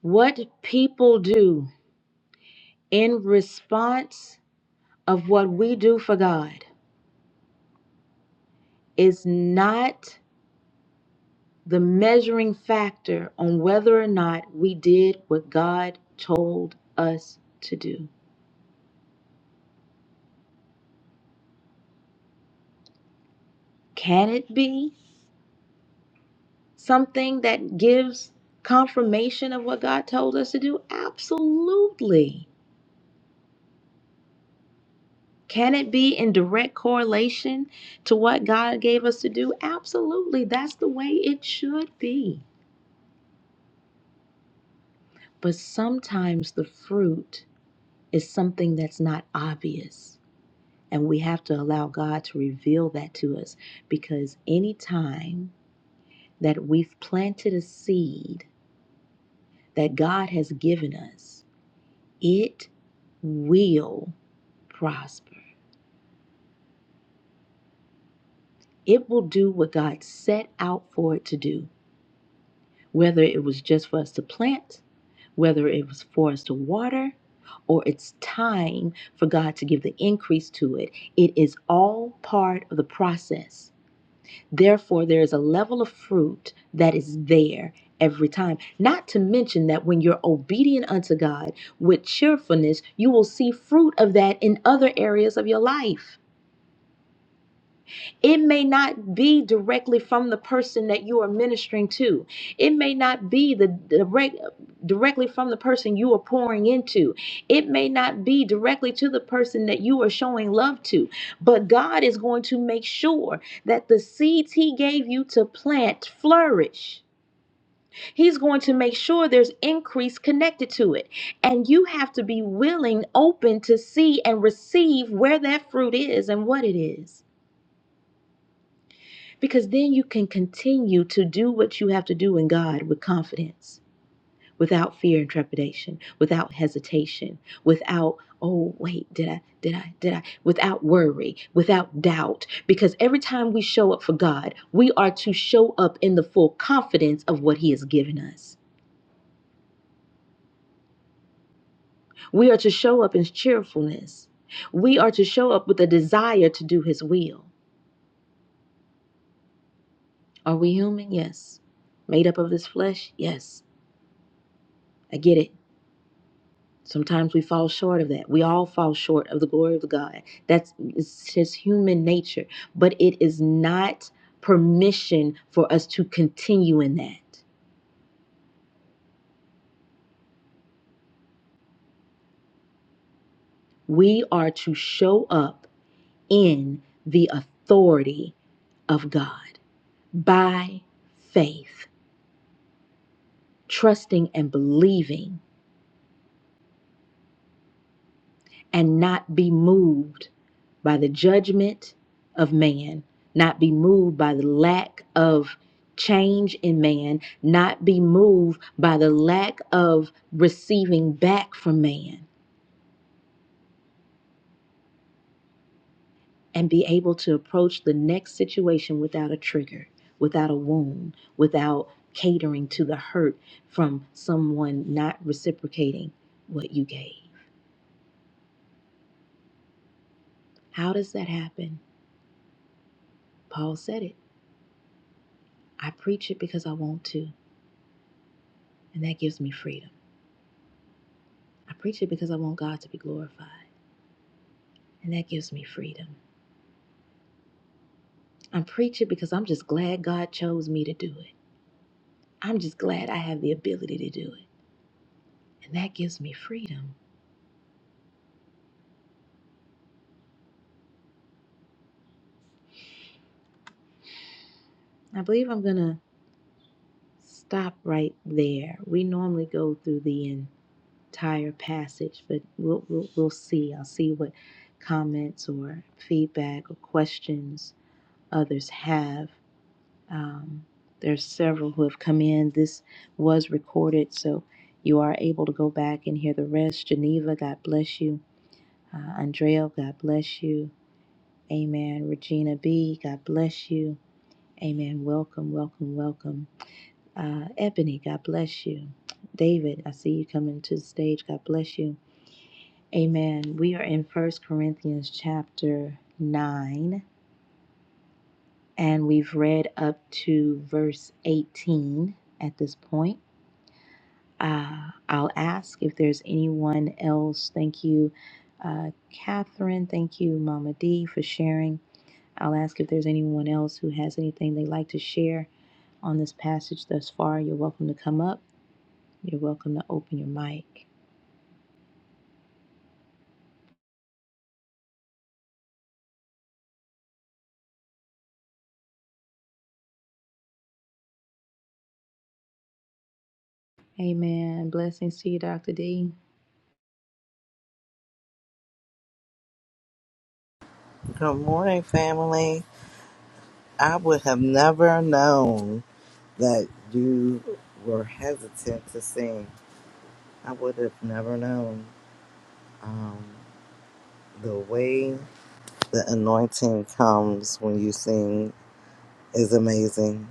What people do in response of what we do for God is not the measuring factor on whether or not we did what God told us to do. Can it be something that gives confirmation of what God told us to do? Absolutely. Can it be in direct correlation to what God gave us to do? Absolutely. That's the way it should be. But sometimes the fruit is something that's not obvious. And we have to allow God to reveal that to us because anytime that we've planted a seed that God has given us, it will prosper. It will do what God set out for it to do, whether it was just for us to plant, whether it was for us to water, or it's time for God to give the increase to it. It is all part of the process. Therefore, there is a level of fruit that is there every time. Not to mention that when you're obedient unto God with cheerfulness, you will see fruit of that in other areas of your life. It may not be directly from the person that you are ministering to. It may not be the direct directly from the person you are pouring into. It may not be directly to the person that you are showing love to. But God is going to make sure that the seeds he gave you to plant flourish. He's going to make sure there's increase connected to it. And you have to be willing, open to see and receive where that fruit is and what it is because then you can continue to do what you have to do in God with confidence, without fear and trepidation, without hesitation, without oh wait, did I did I did I without worry, without doubt, because every time we show up for God, we are to show up in the full confidence of what he has given us. We are to show up in cheerfulness. We are to show up with a desire to do his will. Are we human? Yes. Made up of this flesh? Yes. I get it. Sometimes we fall short of that. We all fall short of the glory of God. That's it's just human nature. But it is not permission for us to continue in that. We are to show up in the authority of God by faith, trusting and believing and not be moved by the judgment of man, not be moved by the lack of change in man, not be moved by the lack of receiving back from man, and be able to approach the next situation without a trigger, without a wound, without catering to the hurt from someone not reciprocating what you gave. How does that happen? Paul said it. I preach it because I want to. and that gives me freedom. I preach it because I want God to be glorified, and that gives me freedom. I preach it because I'm just glad God chose me to do it. I'm just glad I have the ability to do it, and that gives me freedom. I believe I'm going to stop right there. We normally go through the entire passage, but we'll, we'll, we'll see. I'll see what comments or feedback or questions others have Um, there's several who have come in. This was recorded, so you are able to go back and hear the rest. Geneva, God bless you. Uh, Andrea, God bless you. Amen. Regina B, God bless you. Amen. Welcome, welcome, welcome. Uh, Ebony, God bless you. David, I see you coming to the stage. God bless you. Amen. We are in First Corinthians chapter 9, and we've read up to verse 18 at this point. Uh, I'll ask if there's anyone else. Thank you, uh, Catherine. Thank you, Mama D, for sharing. I'll ask if there's anyone else who has anything they'd like to share on this passage thus far. You're welcome to come up. You're welcome to open your mic. Amen. Blessings to you, Dr. D.
Good morning, family. I would have never known that you were hesitant to sing. I would have never known. Um, the way the anointing comes when you sing is amazing.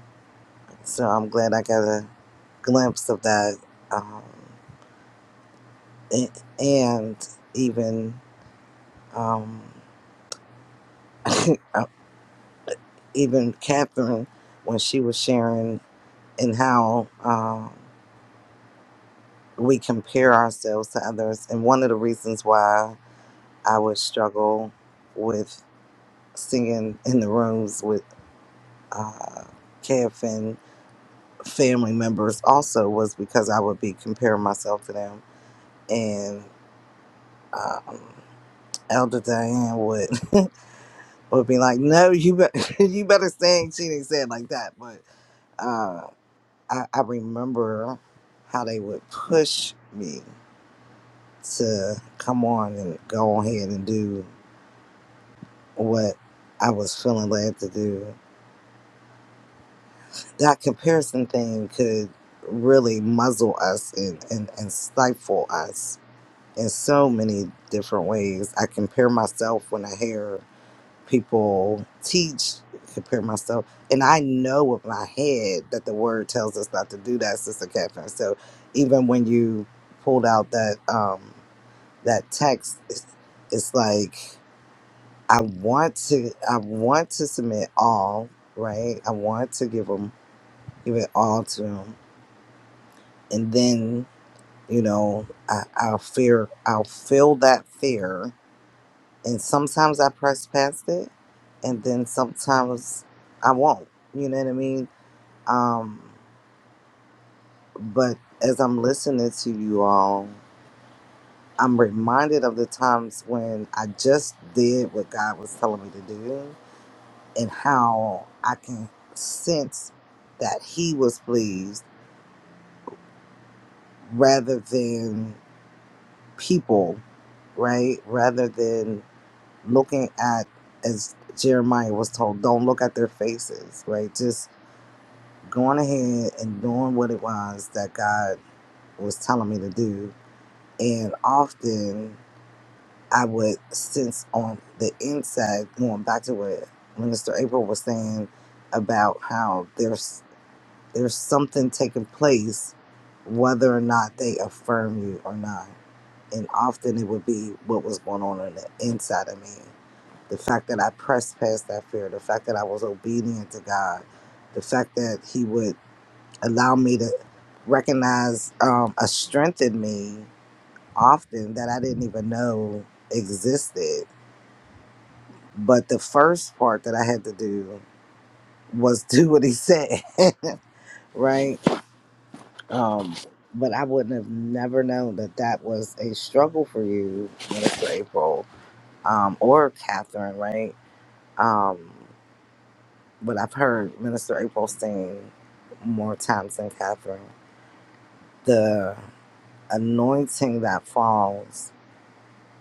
So I'm glad I got a glimpse of that. Um, a- and even um, uh, even Catherine when she was sharing and how. Um, we compare ourselves to others. And one of the reasons why I would struggle with singing in the rooms with uh, KFN family members also was because I would be comparing myself to them. And um, Elder Diane would would be like, "No, you better you better sing." She didn't say it like that, but uh, I, I remember how they would push me to come on and go ahead and do what I was feeling led to do. That comparison thing could really muzzle us and, and, and stifle us in so many different ways. I compare myself when I hear people teach, compare myself, and I know with my head that the word tells us not to do that, Sister Catherine. So even when you pulled out that um, that text, it's, it's like I want to I want to submit all, right? I want to give them give it all to them, and then you know I, I'll fear I'll feel that fear, and sometimes I press past it, and then sometimes I won't. You know what I mean? Um, but as I'm listening to you all, I'm reminded of the times when I just did what God was telling me to do and how I can sense that he was pleased rather than people, right? Rather than looking at, as Jeremiah was told, don't look at their faces, right? Just going ahead and doing what it was that God was telling me to do. And often I would sense on the inside, going back to what Minister April was saying about how there's There's something taking place, whether or not they affirm you or not. And often it would be what was going on on the inside of me. The fact that I pressed past that fear, the fact that I was obedient to God, the fact that He would allow me to recognize um, a strength in me often that I didn't even know existed. But the first part that I had to do was do what He said, right? Um, but I wouldn't have never known that that was a struggle for you, Minister April, um, or Catherine, right? Um, but I've heard Minister April sing more times than Catherine. The anointing that falls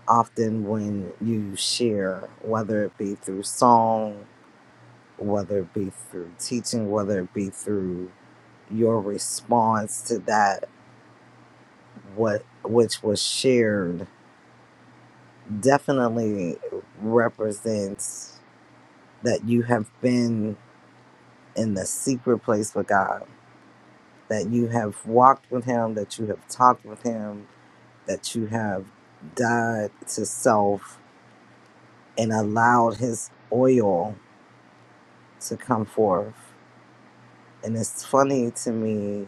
often when you share, whether it be through song, whether it be through teaching, whether it be through your response to that what which was shared definitely represents that you have been in the secret place with God, that you have walked with Him, that you have talked with Him, that you have died to self and allowed His oil to come forth. And it's funny to me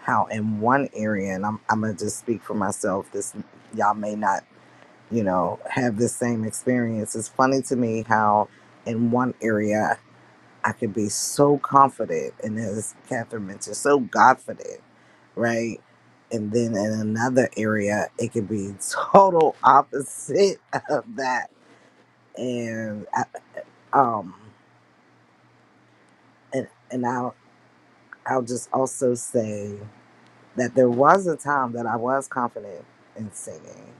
how, in one area, and I'm, I'm going to just speak for myself, this y'all may not, you know, have the same experience. It's funny to me how in one area. I could be so confident, and as Catherine mentioned, so confident, right? And then in another area, it could be total opposite of that. And I- um, and and I'll I'll just also say that there was a time that I was confident in singing.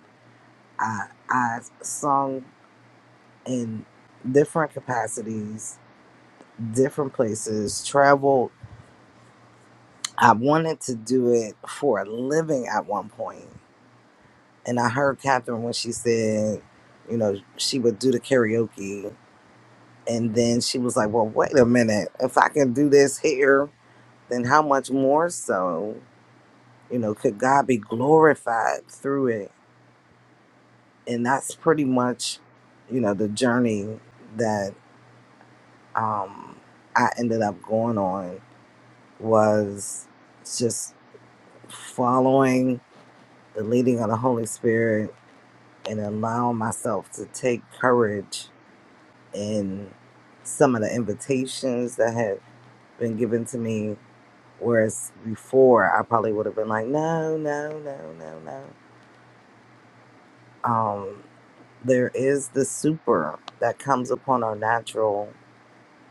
I I sung in different capacities, different places, traveled I wanted to do it for a living at one point, and I heard Catherine when she said, you know, she would do the karaoke, and then she was like, "Well, wait a minute. If I can do this here, then how much more so, you know, could God be glorified through it?" And that's pretty much, you know, the journey that um, I ended up going on was just following the leading of the Holy Spirit and allow myself to take courage in some of the invitations that had been given to me. Whereas before, I probably would have been like, no, no, no, no, no. Um, there is the super that comes upon our natural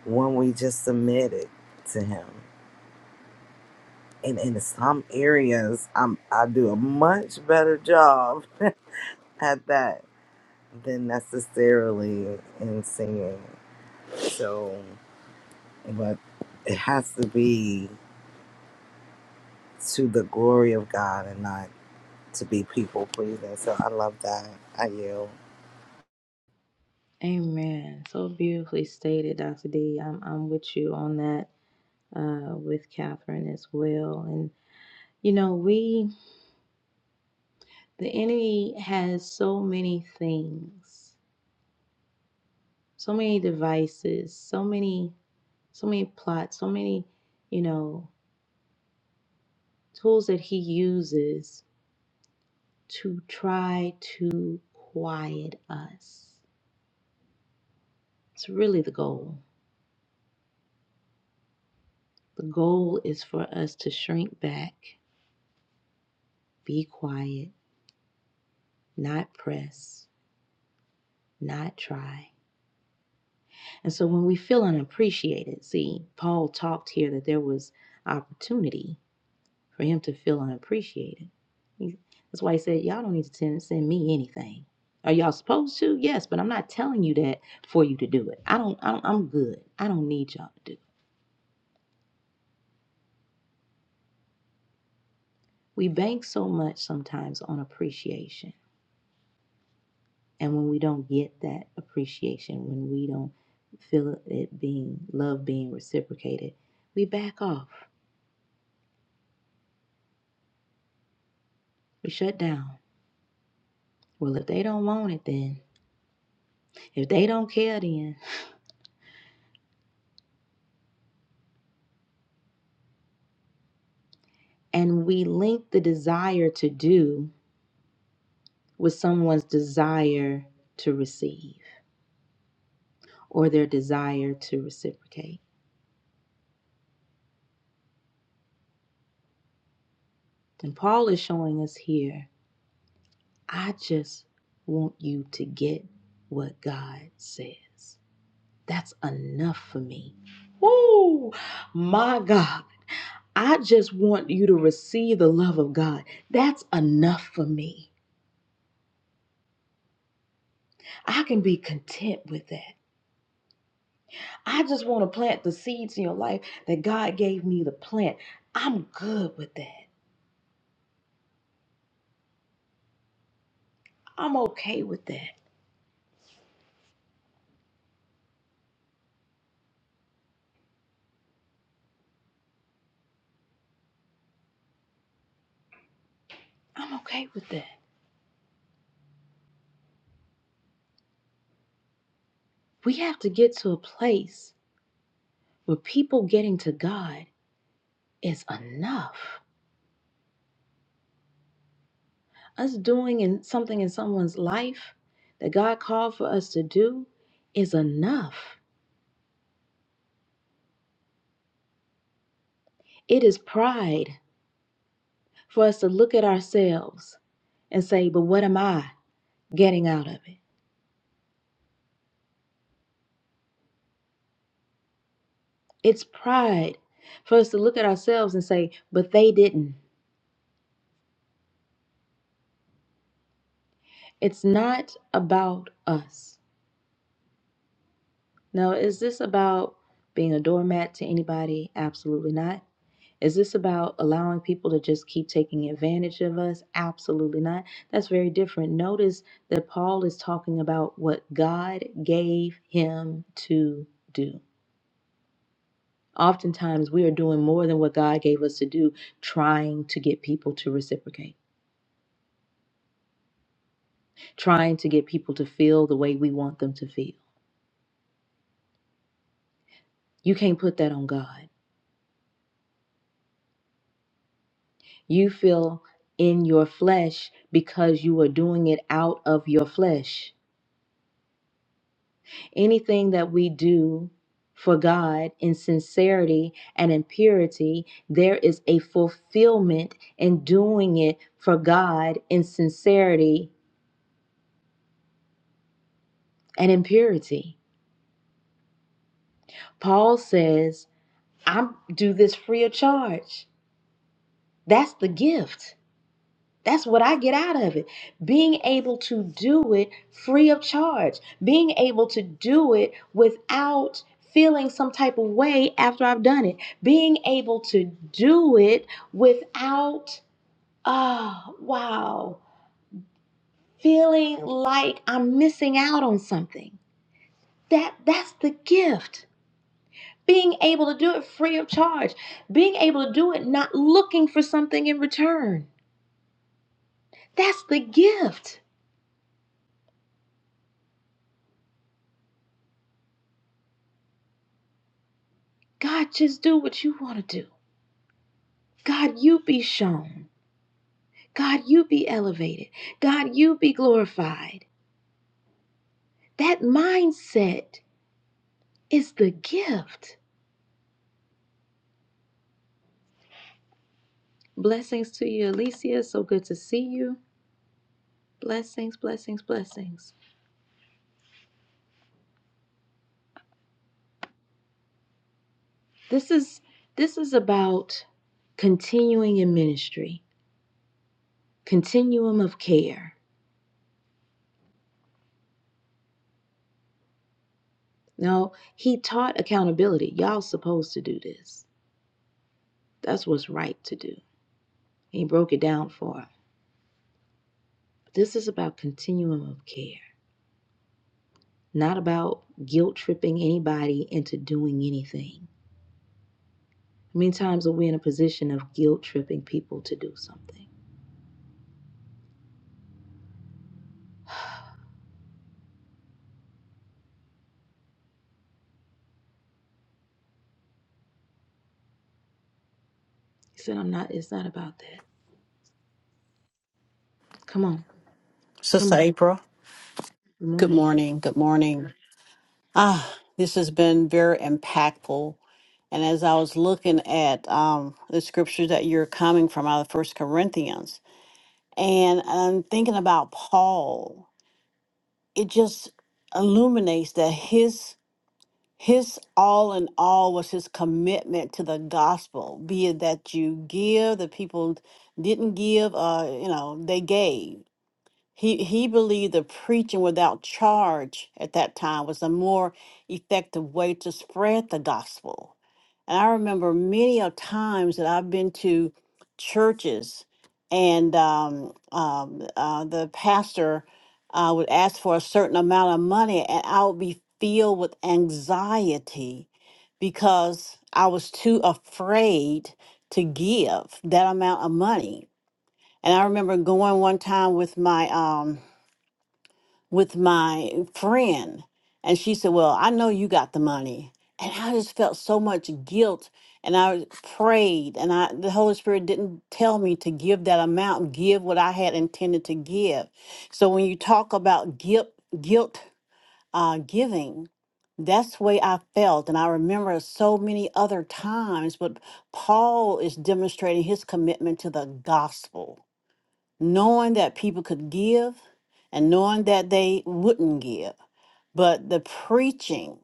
when we just submit it to Him. And in some areas, I'm, I do a much better job at that than necessarily in singing. So. but it has to be to the glory of God and not to be people pleasing. So I love that. I yield.
Amen. So beautifully stated, Dr. D. I'm, I'm with you on that, uh, with Catherine as well. And, you know, we The enemy has so many things, so many devices, so many so many plots, so many, you know, tools that he uses to try to quiet us. It's really the goal. The goal is for us to shrink back, be quiet, not press, not try. And so when we feel unappreciated, see, Paul talked here that there was opportunity for him to feel unappreciated. He, that's why he said, Y'all don't need to send, me anything. Are y'all supposed to? Yes, but I'm not telling you that for you to do it. I don't, I don't I'm good. I don't need y'all to do it. We bank so much sometimes on appreciation. And when we don't get that appreciation, when we don't feel it being love being reciprocated, we back off. We shut down. Well, if they don't want it, then if they don't care, then and we link the desire to do with someone's desire to receive or their desire to reciprocate. And Paul is showing us here I just want you to get what God says. That's enough for me. Woo! My God. I just want you to receive the love of God. That's enough for me. I can be content with that. I just want to plant the seeds in your life that God gave me to plant. I'm good with that. I'm okay with that. I'm okay with that. We have to get to a place where people getting to God is enough. Us doing in something in someone's life that God called for us to do is enough. It is pride for us to look at ourselves and say, but what am I getting out of it? It's pride for us to look at ourselves and say, but they didn't. It's not about us. Now, is this about being a doormat to anybody? Absolutely not. Is this about allowing people to just keep taking advantage of us? Absolutely not. That's very different. Notice that Paul is talking about what God gave him to do. Oftentimes, we are doing more than what God gave us to do, trying to get people to reciprocate, trying to get people to feel the way we want them to feel. You can't put that on God. You feel in your flesh because you are doing it out of your flesh. Anything that we do for God in sincerity and in purity, there is a fulfillment in doing it for God in sincerity and in purity. Paul says, I do this free of charge. That's the gift. That's what I get out of it. Being able to do it free of charge, being able to do it without feeling some type of way after I've done it, being able to do it without, oh, wow, feeling like I'm missing out on something. That that's the gift. Being able to do it free of charge, being able to do it not looking for something in return. That's the gift. God, just do what you want to do. God, you be shown. God, you be elevated. God, you be glorified. That mindset is the gift. Blessings to you, Alicia. So good to see you. Blessings, blessings, blessings. This is this is about continuing in ministry, continuum of care. Now he taught accountability. Y'all supposed to do this. That's what's right to do. He broke it down for us. This is about continuum of care not about guilt tripping anybody into doing anything. How many times are we in a position of guilt tripping people to do something? He said, I'm not, it's not about that. Come on, come
Sister
on.
April,
Good
good
morning.
morning. Good morning. Ah, this has been very impactful. And as I was looking at um, the scripture that you're coming from out of First Corinthians, and I'm thinking about Paul, it just illuminates that his his all in all was his commitment to the gospel, be it that you give, the people didn't give, uh, you know, they gave He he believed that preaching without charge at that time was a more effective way to spread the gospel. And I remember many of times that I've been to churches, and um, um, uh, the pastor uh, would ask for a certain amount of money, and I would be filled with anxiety because I was too afraid to give that amount of money. And I remember going one time with my um, with my friend and she said well i know you got the money and i just felt so much guilt and i prayed and i the holy spirit didn't tell me to give that amount give what i had intended to give so when you talk about guilt guilt uh, giving that's the way i felt and i remember so many other times but paul is demonstrating his commitment to the gospel knowing that people could give and knowing that they wouldn't give. But the preaching,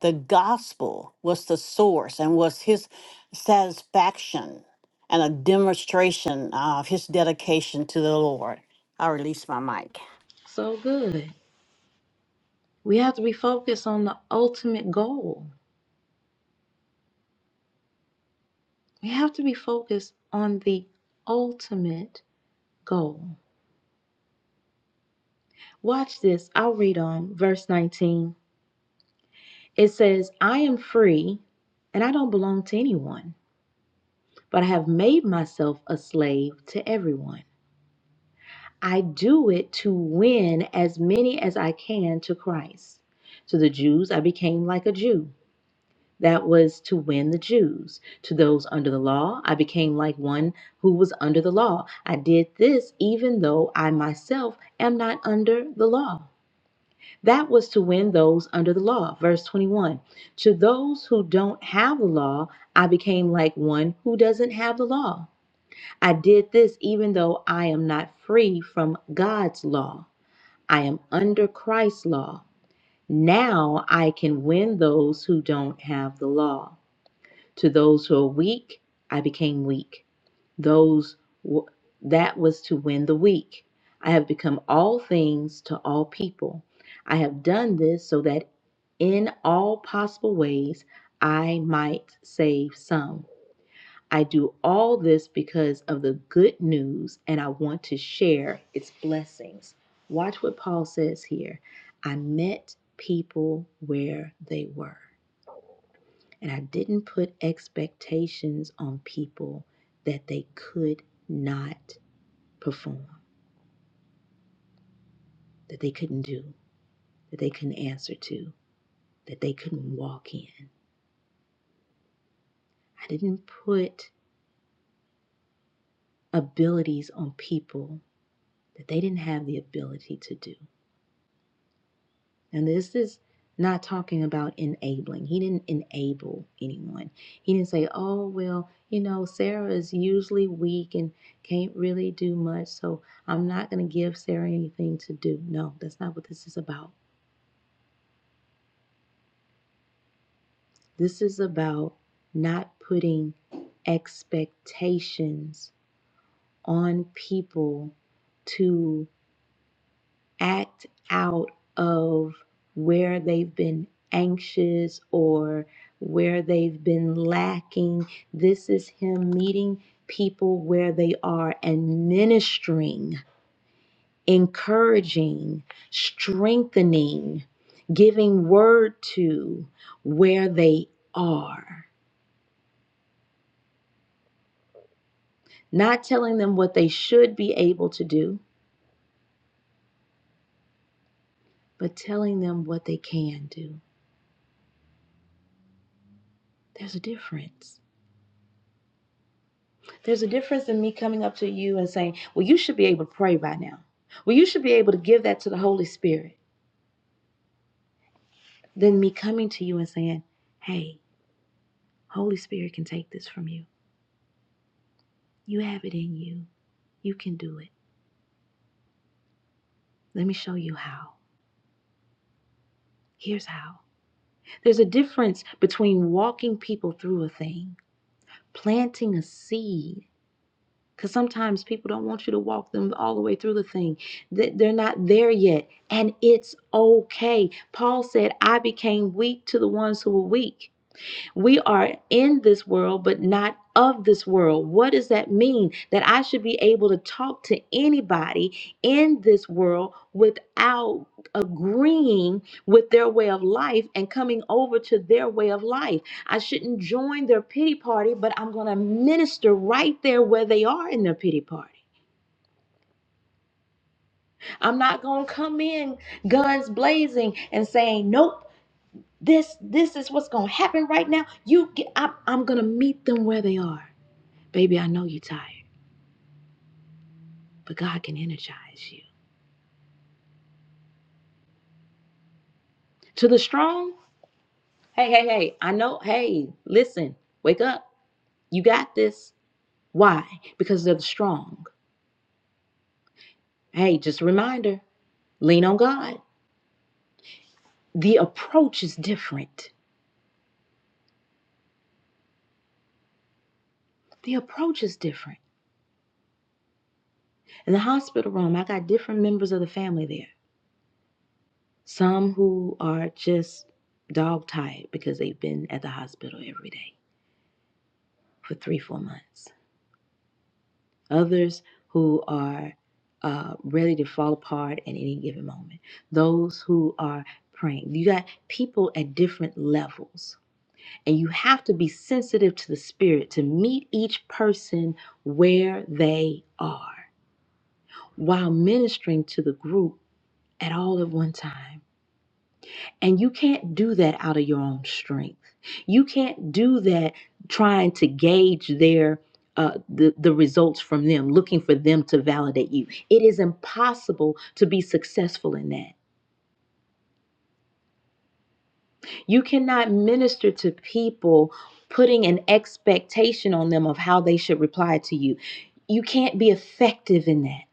the gospel was the source and was his satisfaction and a demonstration of his dedication to the Lord. I release my mic.
So good. We have to be focused on the ultimate goal. We have to be focused on the ultimate goal. Watch this. I'll read on verse 19. It says, I am free and I don't belong to anyone, but I have made myself a slave to everyone I do it to win as many as I can to Christ. To the Jews, I became like a Jew. That was to win the Jews. To those under the law, I became like one who was under the law. I did this even though I myself am not under the law. That was to win those under the law. Verse 21 To those who don't have the law, I became like one who doesn't have the law. I did this even though I am not free from God's law. I am under Christ's law. Now I can win those who don't have the law. To those who are weak, I became weak. Those w- that was to win the weak. I have become all things to all people. I have done this so that in all possible ways I might save some. I do all this because of the good news and I want to share its blessings. Watch what Paul says here. I met people where they were, and I didn't put expectations on people that they could not perform, that they couldn't do, that they couldn't answer to, that they couldn't walk in. I didn't put abilities on people that they didn't have the ability to do. And this is not talking about enabling. He didn't enable anyone. He didn't say, oh, well, you know, Sarah is usually weak and can't really do much, so I'm not going to give Sarah anything to do. No, that's not what this is about. This is about not putting expectations on people to act out of where they've been anxious or where they've been lacking. This is Him meeting people where they are and ministering, encouraging, strengthening, giving word to where they are. Not telling them what they should be able to do, but telling them what they can do. There's a difference. There's a difference in me coming up to you and saying, Well, you should be able to pray by now. Well, you should be able to give that to the Holy Spirit. Than me coming to you and saying, Hey, Holy Spirit can take this from you. You have it in you. You can do it. Let me show you how. Here's how. There's a difference between walking people through a thing, planting a seed Because sometimes people don't want you to walk them all the way through the thing. Th- They're not there yet. And it's okay. Paul said, I became weak to the ones who were weak. We are in this world, but not of this world. What does that mean? That I should be able to talk to anybody in this world without agreeing with their way of life and coming over to their way of life. I shouldn't join their pity party, but I'm going to minister right there where they are in their pity party. I'm not going to come in guns blazing and saying, nope. This this is what's gonna happen right now. You get, I'm, I'm gonna meet them where they are. Baby, I know you're tired, but God can energize you. To the strong, hey, hey, hey, I know, hey, listen, wake up. You got this. Why? Because they're the strong. Hey, just a reminder lean on God. The approach is different. The approach is different. In the hospital room, I got different members of the family there. Some who are just dog tired because they've been at the hospital every day for three, four months others who are uh, ready to fall apart at any given moment, those who are praying. You got people at different levels, and you have to be sensitive to the Spirit to meet each person where they are while ministering to the group at all at one time. And you can't do that out of your own strength. You can't do that trying to gauge their uh, the, the results from them, looking for them to validate you. It is impossible to be successful in that. You cannot minister to people putting an expectation on them of how they should reply to you. You can't be effective in that.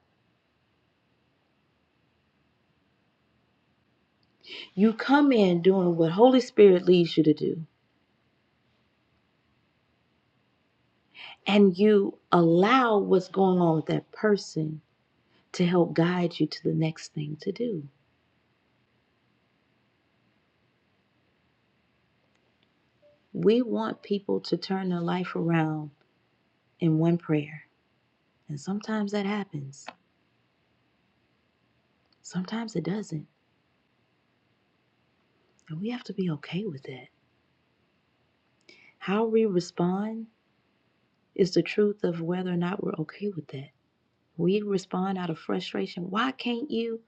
You come in doing what Holy Spirit leads you to do, and you allow what's going on with that person to help guide you to the next thing to do. We want people to turn their life around in one prayer. And sometimes that happens, sometimes it doesn't. And we have to be okay with that. How we respond is the truth of whether or not we're okay with that. We respond out of frustration. Why can't you?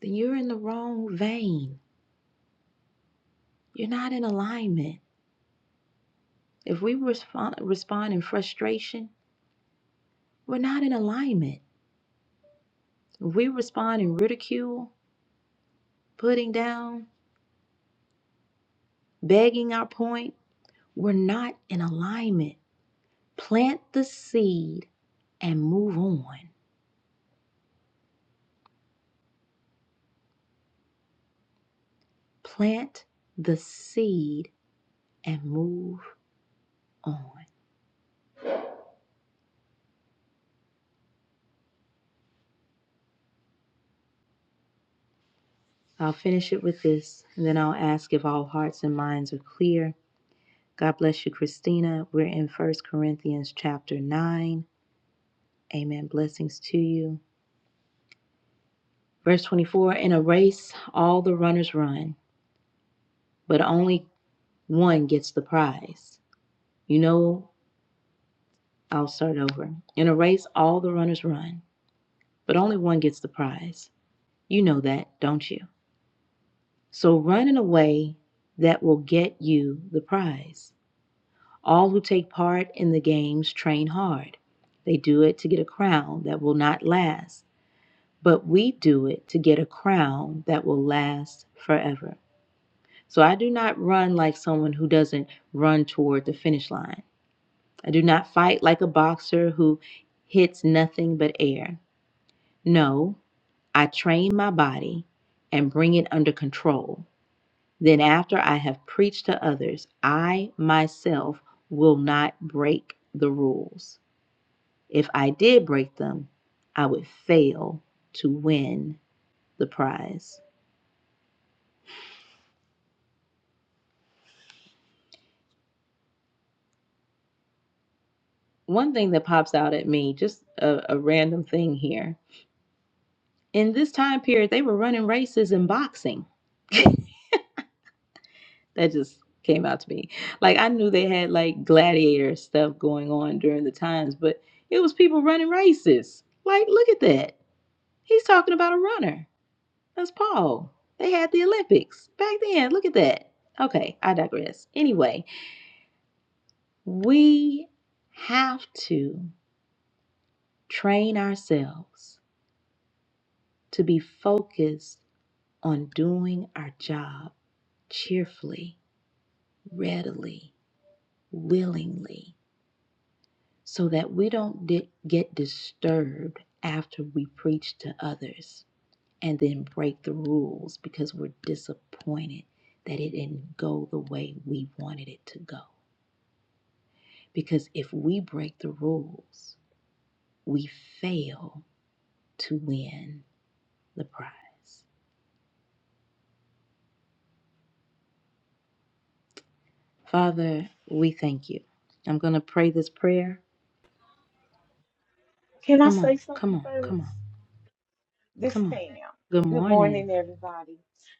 Then you're in the wrong vein. You're not in alignment. If we respond, respond in frustration, we're not in alignment. If we respond in ridicule, putting down, begging our point, we're not in alignment. Plant the seed and move on. Plant the seed and move on. I'll finish it with this, and then I'll ask if all hearts and minds are clear. God bless you, Christina. We're in First Corinthians chapter 9. Amen. Blessings to you. Verse 24 In a race, all the runners run, but only one gets the prize. You know I'll start over. In a race, all the runners run, but only one gets the prize. You know that, don't you? So run in a way that will get you the prize. All who take part in the games train hard. They do it to get a crown that will not last, but we do it to get a crown that will last forever. So I do not run like someone who doesn't run toward the finish line. I do not fight like a boxer who hits nothing but air. No, I train my body and bring it under control. Then, after I have preached to others, I myself will not break the rules. If I did break them, I would fail to win the prize. One thing that pops out at me, just a, a random thing here. In this time period, they were running races in boxing. That just came out to me. Like I knew they had like gladiator stuff going on during the times, but it was people running races. Like, look at that. He's talking about a runner. That's Paul. They had the Olympics back then. Look at that. Okay, I digress. Anyway, we have to train ourselves to be focused on doing our job cheerfully, readily, willingly so that we don't di- get disturbed after we preach to others and then break the rules because we're disappointed that it didn't go the way we wanted it to go. Because if we break the rules, we fail to win the prize. Father, we thank you. I'm going to pray this prayer.
Can I
Come on,
say
come
something
on, come on,
first? This
come on.
Pam.
Good
Good
morning.
morning, everybody.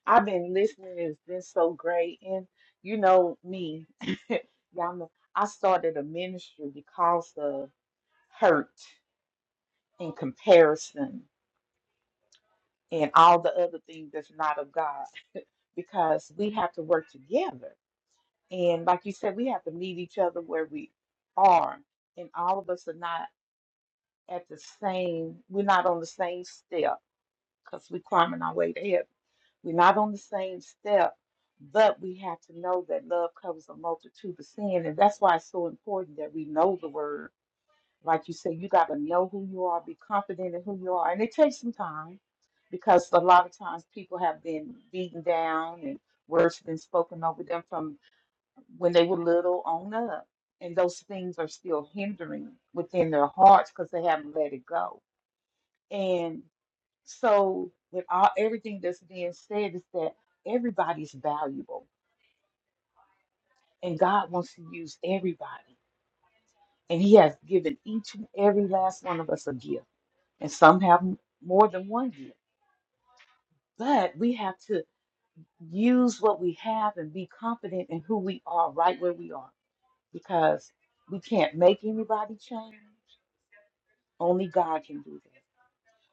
I've been listening. It's been so great. And you know me, y'all know, I started a ministry because of hurt and comparison and all the other things that's not of God because we have to work together. And like you said, we have to meet each other where we are. And all of us are not at the same, we're not on the same step because we're climbing our way to heaven. We're not on the same step, but we have to know that love covers a multitude of sin. And that's why it's so important that we know the word. Like you said, you got to know who you are, be confident in who you are. And it takes some time because a lot of times people have been beaten down and words have been spoken over them from when they were little on up. And those things are still hindering within their hearts because they haven't let it go. and. So, with all everything that's being said, is that everybody's valuable, and God wants to use everybody, and He has given each and every last one of us a gift, and some have m- more than one gift. But we have to use what we have and be confident in who we are, right where we are, because we can't make anybody change. Only God can do that.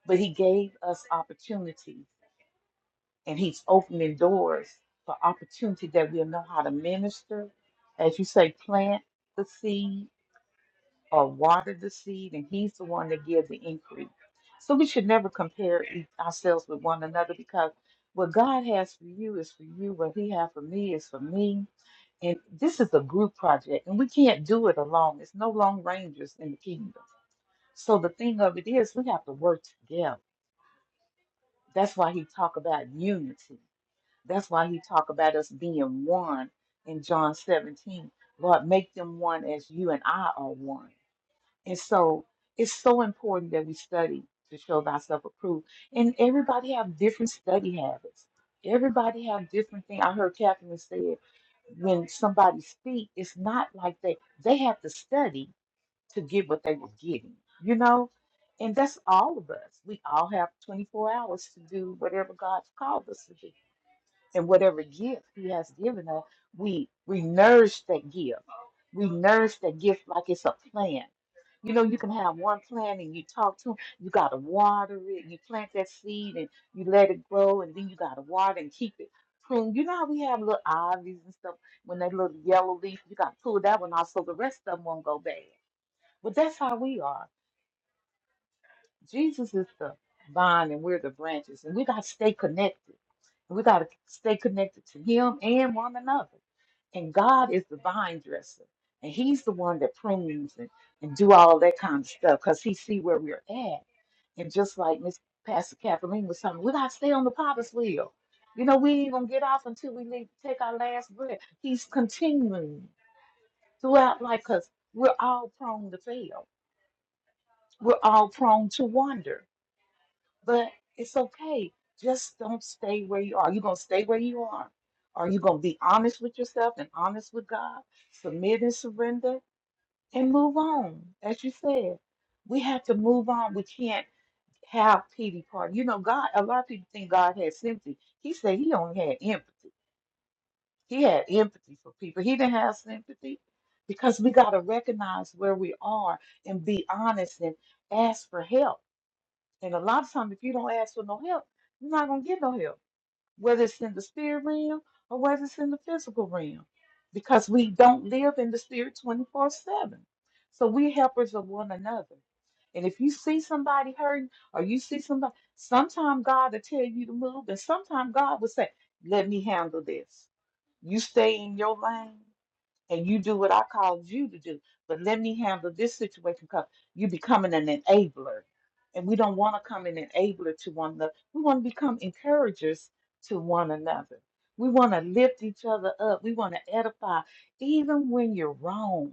But He gave us opportunity and he's opening doors for opportunity that we'll know how to minister. As you say, plant the seed or water the seed, and he's the one that gives the increase. So we should never compare e- ourselves with one another because what God has for you is for you, what he has for me is for me. And this is a group project, and we can't do it alone. It's no long rangers in the kingdom. So the thing of it is, we have to work together. That's why he talk about unity That's why he talked about us being one in John 17. Lord, make them one as you and I are one. And so it's so important that we study to show thyself approved. And everybody have different study habits. Everybody have different things. I heard Catherine said when somebody speak, it's not like they they have to study to get what they were getting, you know? And that's all of us. We all have 24 hours to do whatever God's called us to do. And whatever gift He has given us, we we nourish that gift. We nourish that gift like it's a plant. You know, you can have one plant and you talk to 'em, You got to water it. You plant that seed and you let it grow, and then you got to water and keep it pruned. You know how we have little ivies and stuff when they little yellow leaf, you got to pull that one off so the rest of them won't go bad. But that's how we are. Jesus is the vine and we're the branches, and we got to stay connected. We got to stay connected to Him and one another. And God is the vine dresser, and He's the one that prunes and, and do all that kind of stuff because He see where we're at. And just like Miss Pastor Kathleen was saying, we got to stay on the potter's wheel. You know, we ain't gonna get off until we leave, take our last breath. He's continuing throughout life because we're all prone to fail. We're all prone to wander. But it's okay. Just don't stay where you are. You're going to stay where you are. Are you going to be honest with yourself and honest with God? Submit and surrender and move on. As you said, we have to move on. We can't have pity party. You know, God, a lot of people think God had sympathy. He said he only had empathy. He had empathy for people. He didn't have sympathy because we got to recognize where we are and be honest and ask for help and a lot of times, if you don't ask for no help, you're not going to get no help, whether it's in the spirit realm or whether it's in the physical realm, because we don't live in the spirit 24 7. So we're helpers of one another. And if you see somebody hurting or you see somebody, sometimes God will tell you to move, and sometimes God will say, Let me handle this. You stay in your lane and you do what I called you to do, but let me handle this situation because you're becoming an enabler. And we don't want to come an enabler to one another. We want to become encouragers to one another. We want to lift each other up. We want to edify, even when you're wrong.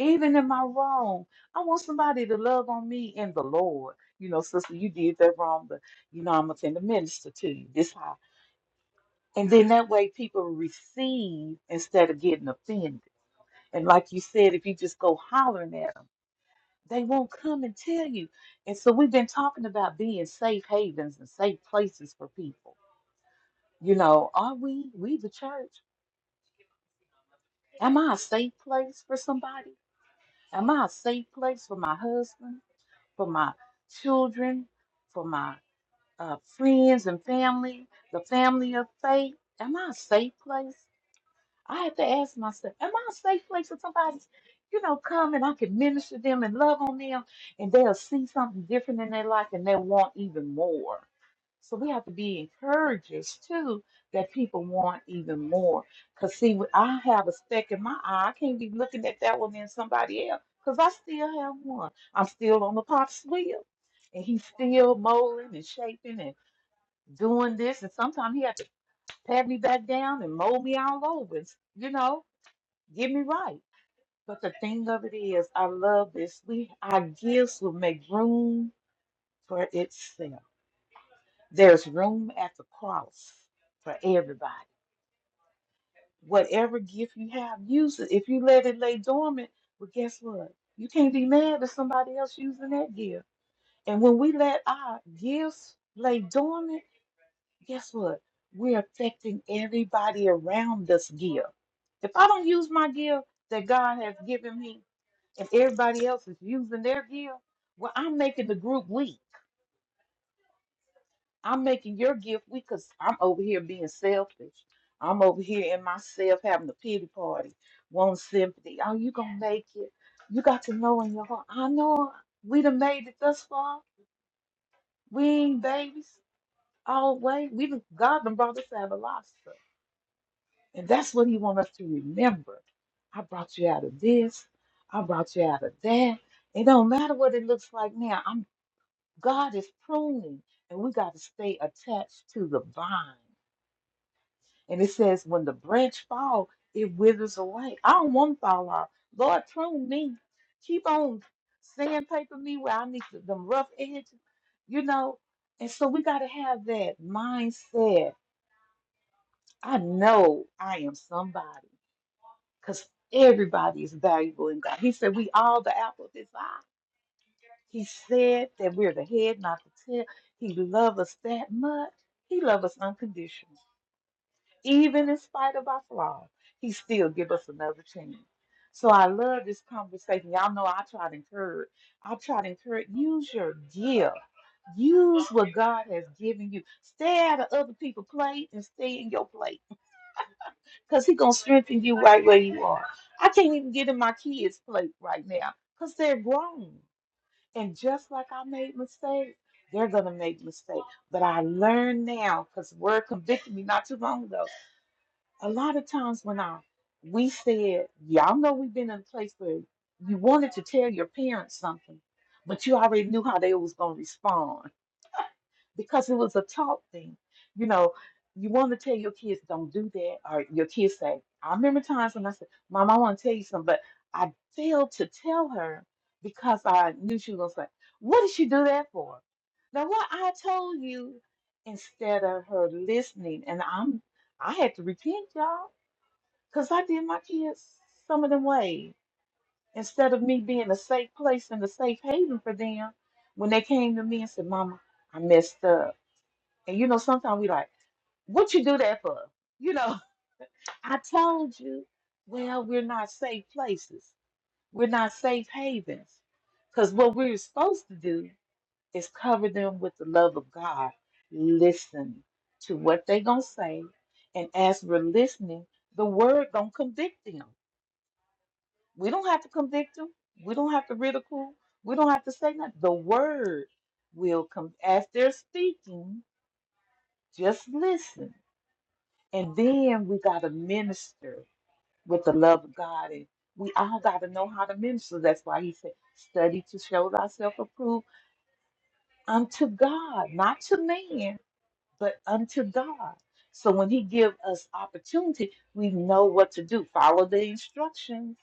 Even in my wrong, I want somebody to love on me in the Lord. You know, sister, you did that wrong, but you know, I'm gonna send a minister to you. This how. And then that way people receive instead of getting offended and like you said, if you just go hollering at them, they won't come and tell you. And so we've been talking about being safe havens and safe places for people. You know, are we, we the church? Am I a safe place for somebody? Am I a safe place for my husband, for my children, for my uh, friends and family, the family of faith? Am I a safe place? I have to ask myself, am I a safe place for somebody, you know, come and I can minister them and love on them and they'll see something different in their life and they'll want even more. So we have to be encouragers too that people want even more. Cause see, when I have a speck in my eye. I can't be looking at that one and somebody else. Cause I still have one. I'm still on the pop's wheel. And he's still molding and shaping and doing this. And sometimes he had to pat me back down and mold me all over, you know Get me right. But the thing of it is, I love this. We our gifts will make room for itself. There's room at the cross for everybody. Whatever gift you have, use it. If you let it lay dormant, well, guess what? You can't be mad at somebody else using that gift. And when we let our gifts lay dormant, guess what? We're affecting everybody around us gift. If I don't use my gift that God has given me, and everybody else is using their gift, well, I'm making the group weak. I'm making your gift weak because I'm over here being selfish. I'm over here in myself having a pity party, one sympathy. Oh, you gonna make it? You got to know in your heart. I know we done made it thus far. We ain't babies all the way. We done, God done brought us out of life. And that's what he wants us to remember. I brought you out of this. I brought you out of that. It don't matter what it looks like now. I'm God is pruning, and we got to stay attached to the vine. And it says, when the branch fall, it withers away. I don't want to fall off. Lord, prune me. Keep on sandpaper me where I need to, them rough edges, you know. And so we got to have that mindset. I know I am somebody. because everybody is valuable in God. He said, We all the apple of his eye. He said that we're the head, not the tail. He loved us that much. He loved us unconditional. Even in spite of our flaws, he still give us another chance. So I love this conversation. Y'all know I try to encourage. I try to encourage. Use your gift. Use what God has given you. Stay out of other people's plate and stay in your plate because he's going to strengthen you right where you are. I can't even get in my kids' plate right now because they're grown. And just like I made mistakes, they're going to make mistakes. But I learn now because the word convicted me not too long ago a lot of times when I we said, y'all know we've been in a place where you wanted to tell your parents something, but you already knew how they was gonna respond because it was a talk thing. You know, you want to tell your kids don't do that, or your kids say, I remember times when I said, Mom, I want to tell you something, but I failed to tell her because I knew she was gonna say, What did she do that for? Now what I told you instead of her listening, and I'm I had to repent, y'all, because I did my kids some of them ways. Instead of me being a safe place and a safe haven for them, when they came to me and said, Mama, I messed up. And you know, sometimes we like, what you do that for? You know, I told you, well, we're not safe places. We're not safe havens. Because what we're supposed to do is cover them with the love of God. Listen to what they gonna say, and as we're listening, the word gonna convict them. We don't have to convict them. We don't have to ridicule. We don't have to say nothing. The word will come as they're speaking. Just listen, and then we gotta minister with the love of God, and we all gotta know how to minister. That's why He said, "Study to show thyself approved unto God, not to man." but unto God. So when He give us opportunity, we know what to do. Follow the instructions.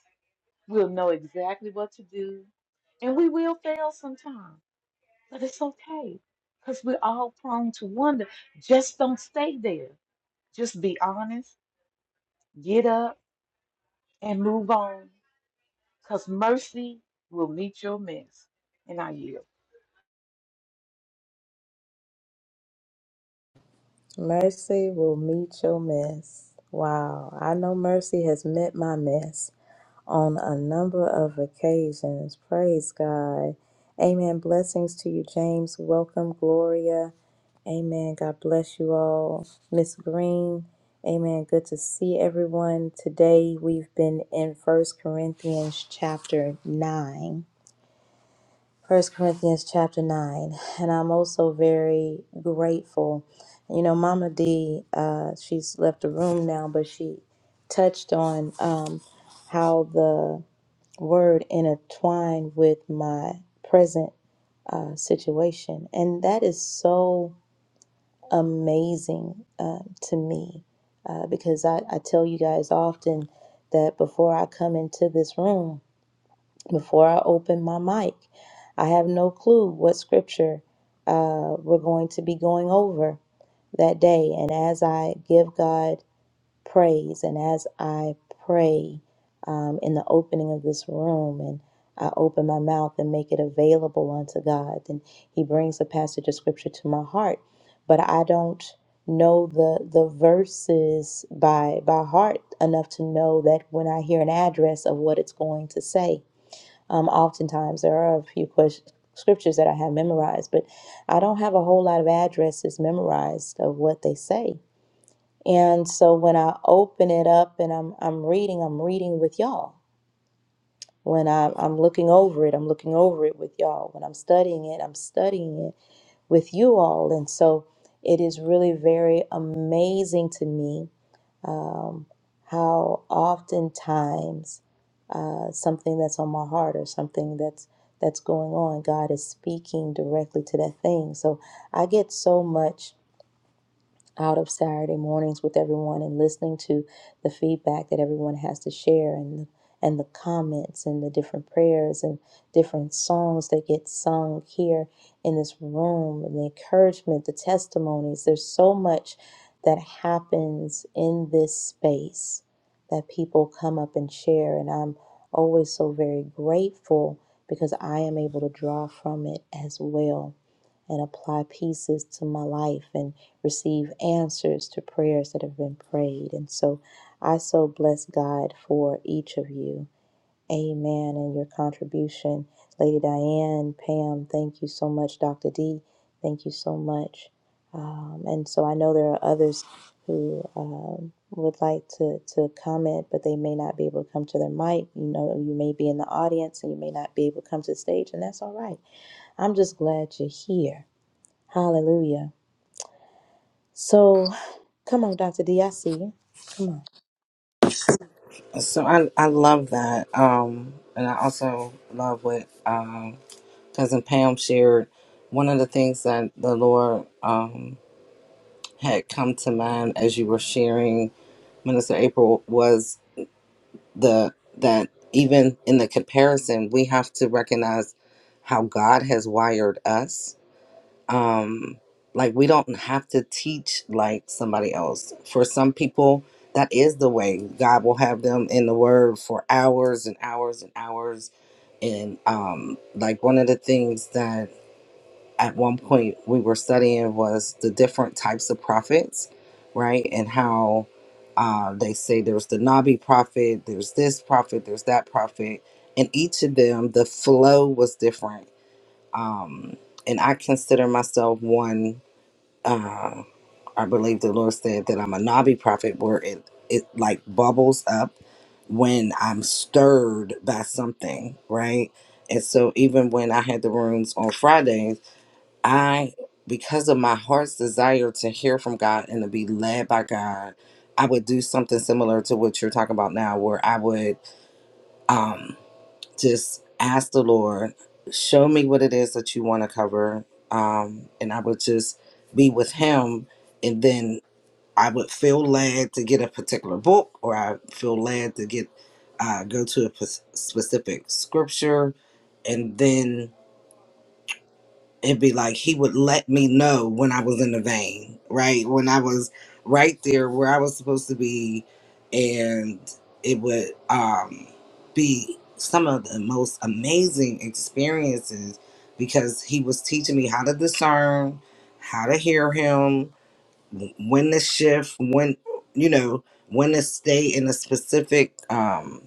We'll know exactly what to do, and we will fail sometime, but it's okay because we're all prone to wonder. Just don't stay there. Just be honest. Get up and move on, because mercy will meet your mess. And I yield.
Mercy will meet your mess. Wow, I know mercy has met my mess on a number of occasions. Praise God. Amen. Blessings to you, James. Welcome, Gloria. Amen. God bless you all. Miss Green. Amen. Good to see everyone. Today we've been in First Corinthians chapter 9. First Corinthians chapter nine, and I'm also very grateful. You know, Mama D, uh, she's left the room now, but she touched on um, how the word intertwined with my present uh, situation, and that is so amazing uh, to me uh, because I, I tell you guys often that before I come into this room before I open my mic. I have no clue what scripture uh, we're going to be going over that day. And as I give God praise and as I pray um, in the opening of this room and I open my mouth and make it available unto God, then He brings a passage of scripture to my heart. But I don't know the the verses by by heart enough to know that when I hear an address of what it's going to say um, oftentimes, there are a few ques- scriptures that I have memorized, but I don't have a whole lot of addresses memorized of what they say. And so when I open it up and I'm I'm reading, I'm reading with y'all. When I'm I'm looking over it, I'm looking over it with y'all. When I'm studying it, I'm studying it with you all. And so it is really very amazing to me um, how oftentimes uh, something that's on my heart or something that's that's going on, God is speaking directly to that thing. So I get so much out of Saturday mornings with everyone and listening to the feedback that everyone has to share and the, and the comments and the different prayers and different songs that get sung here in this room and the encouragement, the testimonies. There's so much that happens in this space that people come up and share and I'm always so very grateful because I am able to draw from it as well and apply pieces to my life and receive answers to prayers that have been prayed. And so I so bless God for each of you. Amen. And your contribution, Lady Diane, Pam, thank you so much. Dr. D, thank you so much. Um, and so I know there are others who um, would like to, to comment, but they may not be able to come to their mic. You know, you may be in the audience and you may not be able to come to the stage, and that's all right. I'm just glad you're here Hallelujah. So, come on, Dr. D. I see you. Come on.
So I I love that. Um, and I also love what um cousin Pam shared. One of the things that the Lord um had come to mind as you were sharing, Minister April, was the that even in the comparison, we have to recognize how God has wired us um like we don't have to teach like somebody else for some people that is the way god will have them in the word for hours and hours and hours and um like one of the things that at one point we were studying was the different types of prophets right and how uh, they say there's the nabi prophet there's this prophet there's that prophet and each of them the flow was different um and i consider myself one uh, I believe the Lord said that I'm a knobby prophet where it, it like bubbles up when I'm stirred by something, right? And so even when I had the rooms on Fridays, I because of my heart's desire to hear from God and to be led by God, I would do something similar to what you're talking about now, where I would um just ask the Lord, show me what it is that you want to cover. Um, and I would just be with Him. And then I would feel led to get a particular book, or I feel led to get uh, go to a p- specific scripture. And then it'd be like he would let me know when I was in the vein, right? When I was right there where I was supposed to be, and it would um, be some of the most amazing experiences because he was teaching me how to discern, how to hear him, wh- when to shift, when you know when to stay in a specific um,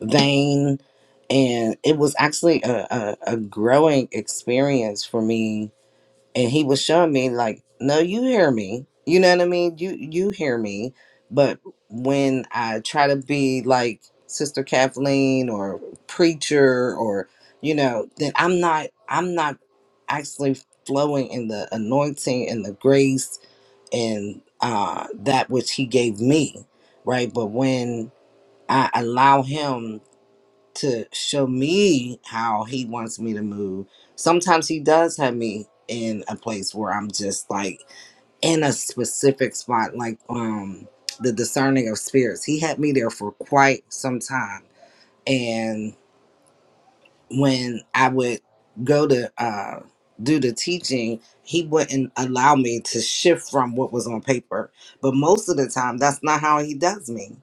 vein. And it was actually a, a, a growing experience for me and he was showing me like no you hear me you know what i mean you you hear me but when i try to be like sister kathleen or preacher or you know then i'm not i'm not actually flowing in the anointing and the grace and uh that which he gave me right but when i allow him to show me how he wants me to move. Sometimes he does have me in a place where I'm just like in a specific spot, like um the discerning of spirits. He had me there for quite some time. and when I would go to uh, do the teaching, he wouldn't allow me to shift from what was on paper. But most of the time, that's not how he does me.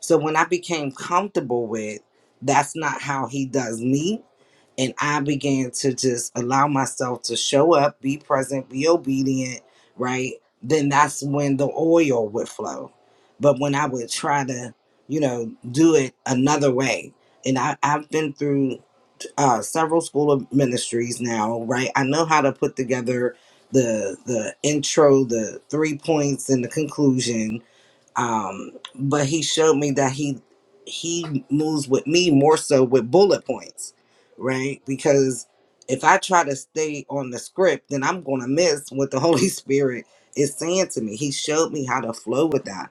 So when I became comfortable with that's not how he does me, and I began to just allow myself to show up, be present, be obedient, right? Then that's when the oil would flow. But when I would try to, you know, do it another way, and I, I've been through uh, several school of ministries now, right? I know how to put together the the intro, the three points, and the conclusion. Um, but he showed me that he he moves with me more so with bullet points, right? Because if I try to stay on the script, then I'm gonna miss what the Holy Spirit is saying to me. He showed me how to flow with that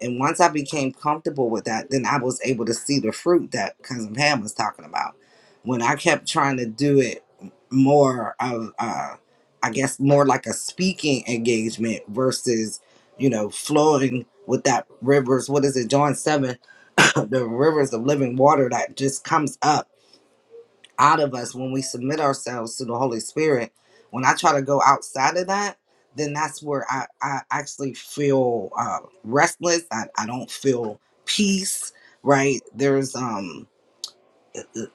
and once I became comfortable with that, then I was able to see the fruit that Cousin Pam was talking about. When I kept trying to do it more of, uh, I guess, more like a speaking engagement versus, you know, flowing with that rivers, what is it, John 7, the rivers of living water that just comes up out of us when we submit ourselves to the Holy Spirit. When I try to go outside of that, then that's where I, I actually feel uh, restless. I, I don't feel peace, right? There's um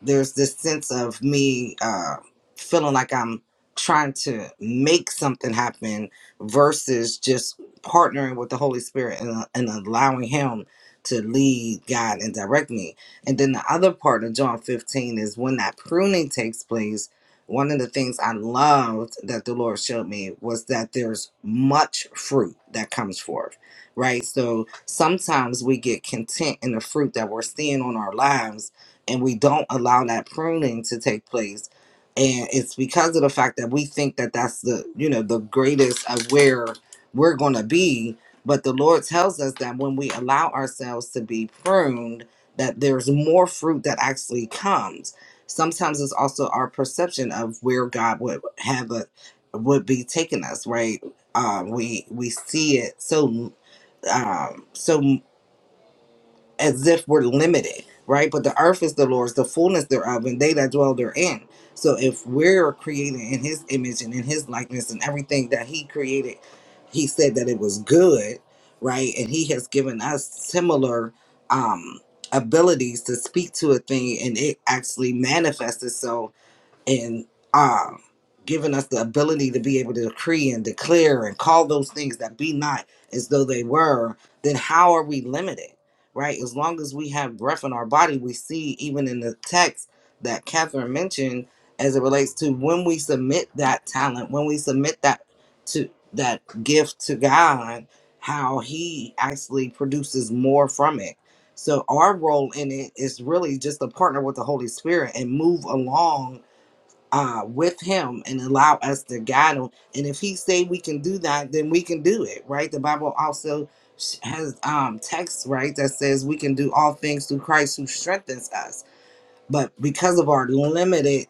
there's this sense of me uh, feeling like I'm trying to make something happen versus just partnering with the Holy Spirit and, uh, and allowing Him to lead, guide, and direct me. And then the other part of John 15 is when that pruning takes place. One of the things I loved that the Lord showed me was that there's much fruit that comes forth, right? So sometimes we get content in the fruit that we're seeing on our lives and we don't allow that pruning to take place and it's because of the fact that we think that that's the you know the greatest of where we're going to be but the lord tells us that when we allow ourselves to be pruned that there's more fruit that actually comes sometimes it's also our perception of where god would have a would be taking us right uh, we we see it so um, so as if we're limited, right? But the earth is the Lord's, the fullness thereof, and they that dwell therein. So if we're created in His image and in His likeness, and everything that He created, He said that it was good, right? And He has given us similar um, abilities to speak to a thing, and it actually manifests itself and um, giving us the ability to be able to decree and declare and call those things that be not as though they were, then how are we limited? Right? As long as we have breath in our body, we see even in the text that Catherine mentioned as it relates to when we submit that talent, when we submit that to that gift to God, how he actually produces more from it. So our role in it is really just to partner with the Holy Spirit and move along uh, with him and allow us to guide him. And if he say we can do that, then we can do it, right? The Bible also sh- has um, text, right, that says we can do all things through Christ who strengthens us. But because of our limited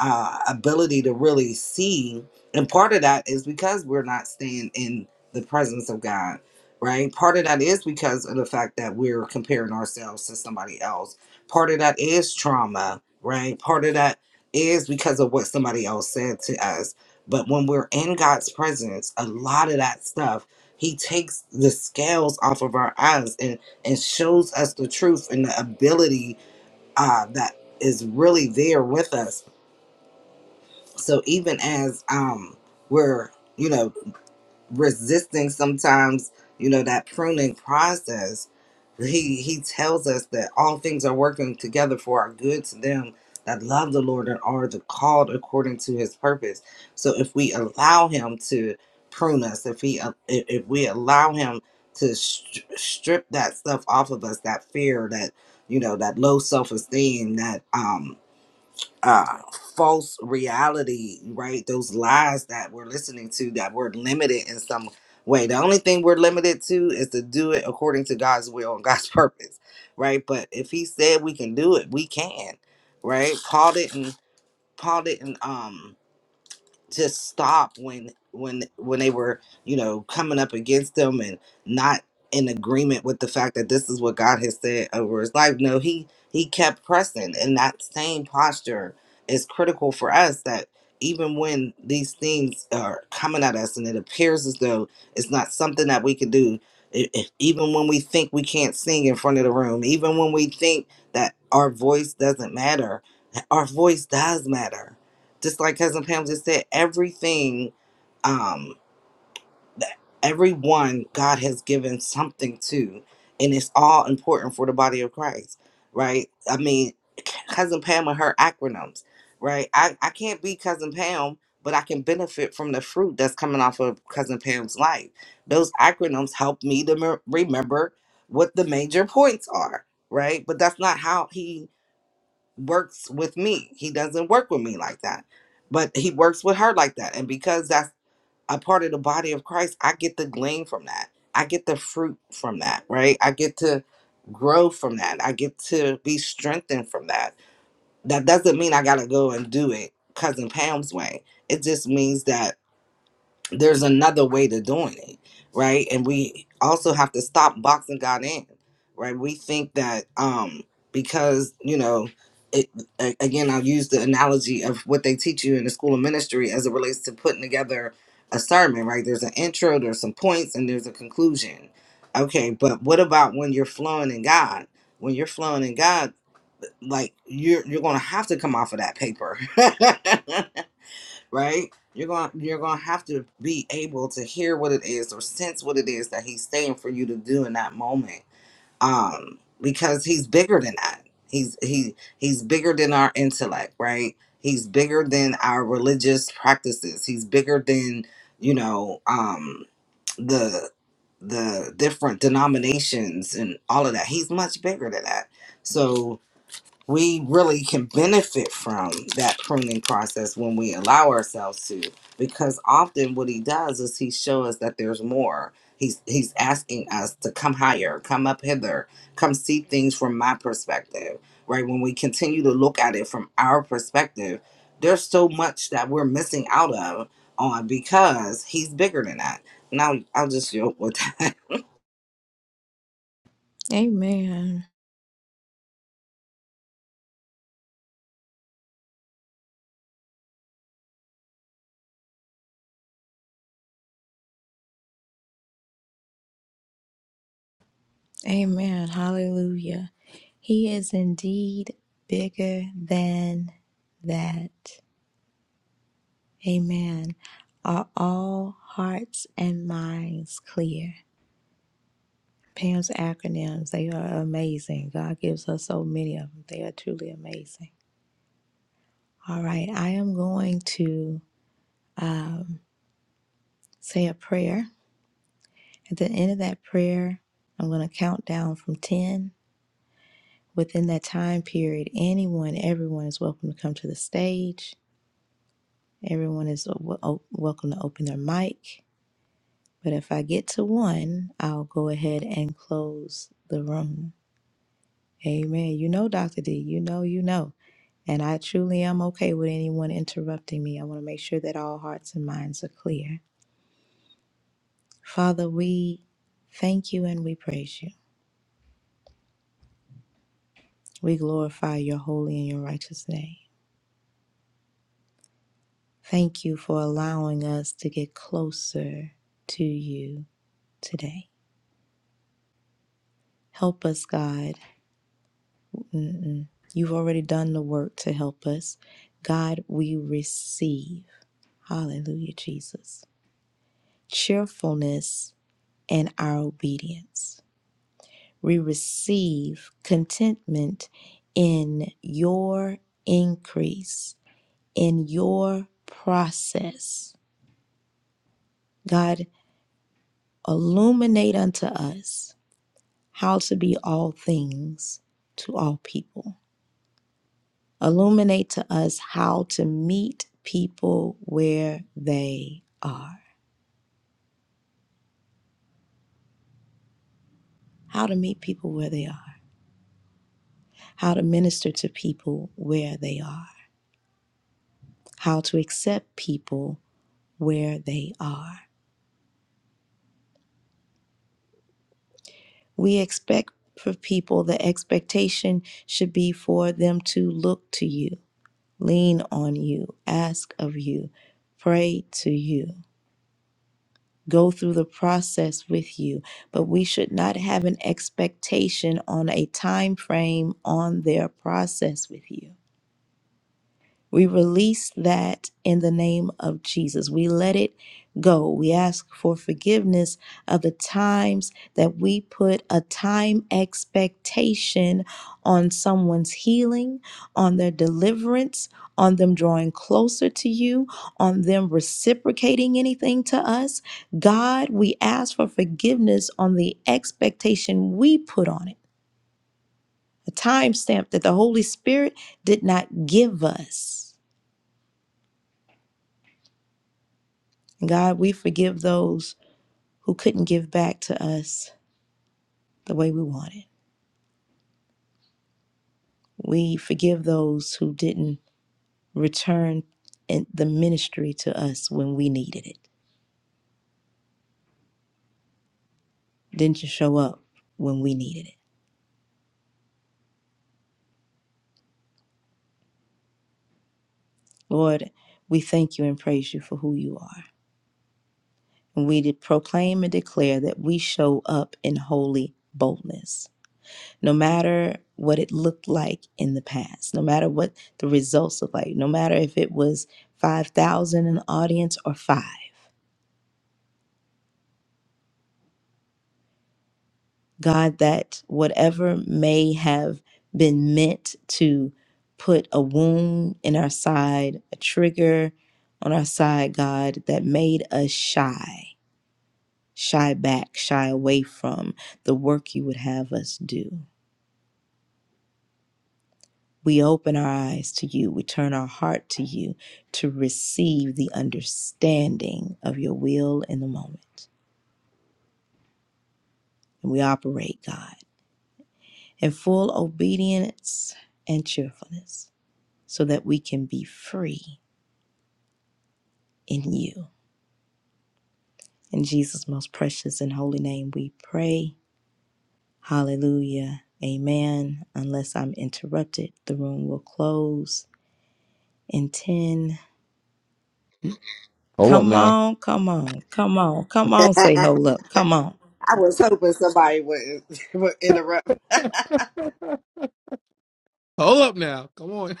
uh, ability to really see. And part of that is because we're not staying in the presence of God, right? Part of that is because of the fact that we're comparing ourselves to somebody else. Part of that is trauma, right? Part of that is because of what somebody else said to us. But when we're in God's presence, a lot of that stuff, He takes the scales off of our eyes and, and shows us the truth and the ability uh, that is really there with us so even as um we're you know resisting sometimes you know that pruning process he he tells us that all things are working together for our good to them that love the lord and are the called according to his purpose so if we allow him to prune us if he if if we allow him to str strip that stuff off of us that fear that you know that low self-esteem that um uh false reality right those lies that we're listening to that we're limited in some way the only thing we're limited to is to do it according to god's will and god's purpose right but if he said we can do it we can right paul didn't paul didn't um just stop when when when they were you know coming up against him and not in agreement with the fact that this is what God has said over his life. No, he he kept pressing, and that same posture is critical for us. That even when these things are coming at us, and it appears as though it's not something that we can do, i- i- even when we think we can't sing in front of the room, even when we think that our voice doesn't matter, our voice does matter just like cousin pam just said everything um everyone god has given something to and it's all important for the body of christ right i mean cousin pam and her acronyms right i, I can't be cousin pam but i can benefit from the fruit that's coming off of cousin pam's life those acronyms help me to me- remember what the major points are right but that's not how he works with me. He doesn't work with me like that, but he works with her like that. And because that's a part of the body of Christ, I get the glean from that. I get the fruit from that, right? I get to grow from that. I get to be strengthened from that. That doesn't mean I got to go and do it Cousin Pam's way. It just means that there's another way to doing it, right? And we also have to stop boxing God in, right? We think that um because you know, it a- again I'll use the analogy of what they teach you in the school of ministry as it relates to putting together a sermon, right? There's an intro, there's some points, and there's a conclusion. Okay, but what about when you're flowing in God? When you're flowing in God, like you're you're gonna have to come off of that paper. right? You're going to you're going to have to be able to hear what it is or sense what it is that he's saying for you to do in that moment. Um because he's bigger than that. He's he he's bigger than our intellect, right? He's bigger than our religious practices. He's bigger than, you know, um the the different denominations and all of that. He's much bigger than that. So we really can benefit from that pruning process when we allow ourselves to because often what he does is he shows us that there's more he's he's asking us to come higher come up hither come see things from my perspective right when we continue to look at it from our perspective there's so much that we're missing out of on because he's bigger than that now i'll just joke with that
Amen. Amen. Hallelujah. He is indeed bigger than that. Amen. Are all hearts and minds clear? Pam's acronyms, they are amazing. God gives us so many of them. They are truly amazing. All right, I am going to um, say a prayer At the end of that prayer, I'm going to count down from 10. Within that time period, anyone, everyone is welcome to come to the stage. Everyone is w- o- welcome to open their mic. But if I get to one, I'll go ahead and close the room. Amen. You know, Dr. D, you know, you know. And I truly am okay with anyone interrupting me. I want to make sure that all hearts and minds are clear. Father, we thank you and we praise you. We glorify your holy and your righteous name. Thank you for allowing us to get closer to you today. Help us, God. Mm-mm. You've already done the work to help us. God, we receive. Hallelujah, Jesus. Cheerfulness and our obedience. We receive contentment in your increase, in your process. God, illuminate unto us how to be all things to all people. Illuminate to us how to meet people where they are, how to meet people where they are, how to minister to people where they are, how to accept people where they are. We expect for people, the expectation should be for them to look to you, lean on you, ask of you, pray to you. go through the process with you but we should not have an expectation on a time frame on their process with you we release that in the name of Jesus. We let it go. We ask for forgiveness of the times that we put a time expectation on someone's healing, on their deliverance, on them drawing closer to you, on them reciprocating anything to us. God, we ask for forgiveness on the expectation we put on it, a timestamp that the Holy Spirit did not give us. And God, we forgive those who couldn't give back to us the way we wanted. We forgive those who didn't return in- the ministry to us when we needed it, didn't just show up when we needed it. Lord, we thank you and praise you for who you are. And we did proclaim and declare that we show up in holy boldness, no matter what it looked like in the past, no matter what the results look like, no matter if it was 5,000 in the audience or five. God, that whatever may have been meant to put a wound in our side, a trigger on our side, God, that made us shy, shy back, shy away from the work you would have us do. We open our eyes to you. We turn our heart to you to receive the understanding of your will in the moment. And we operate, God, in full obedience and cheerfulness. so that we can be free in you. In Jesus' most precious and holy name, we pray. Hallelujah. Amen. Unless I'm interrupted, the room will close in 10.
Hold up
Come
now.
on, come on, come on, come on, say
i
hold up. Come on.
was hoping somebody would, would interrupt
Hold up now. Come on.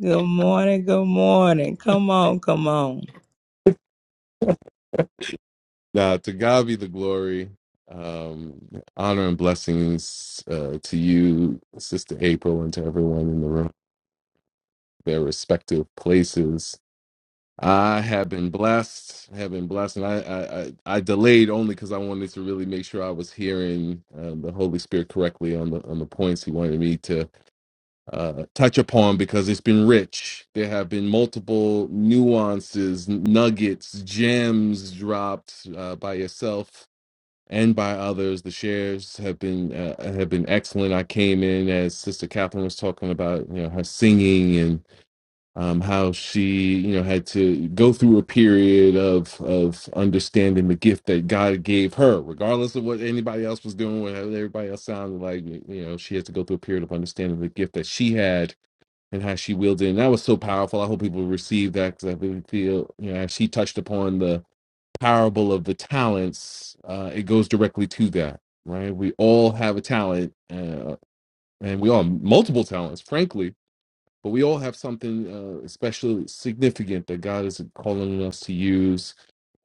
Good morning, good morning. Come on, come on.
Now, to God be the glory, um, honor and blessings uh, to you, Sister April, and to everyone in the room, their respective places. I have been blessed. Have been blessed, and I I, I, I delayed only because I wanted to really make sure I was hearing uh, the Holy Spirit correctly on the on the points He wanted me to uh, touch upon because it's been rich. There have been multiple nuances, nuggets, gems dropped uh, by yourself and by others. The shares have been uh, have been excellent. I came in as Sister Catherine was talking about, you know, her singing and um, how she, you know, had to go through a period of of understanding the gift that God gave her, regardless of what anybody else was doing, what everybody else sounded like. You know, she had to go through a period of understanding the gift that she had and how she wielded it. And that was so powerful. I hope people receive that because I really feel, you know, as she touched upon the parable of the talents, uh, it goes directly to that, right? We all have a talent, uh, and we all have multiple talents, frankly but we all have something uh, especially significant that God is calling us to use,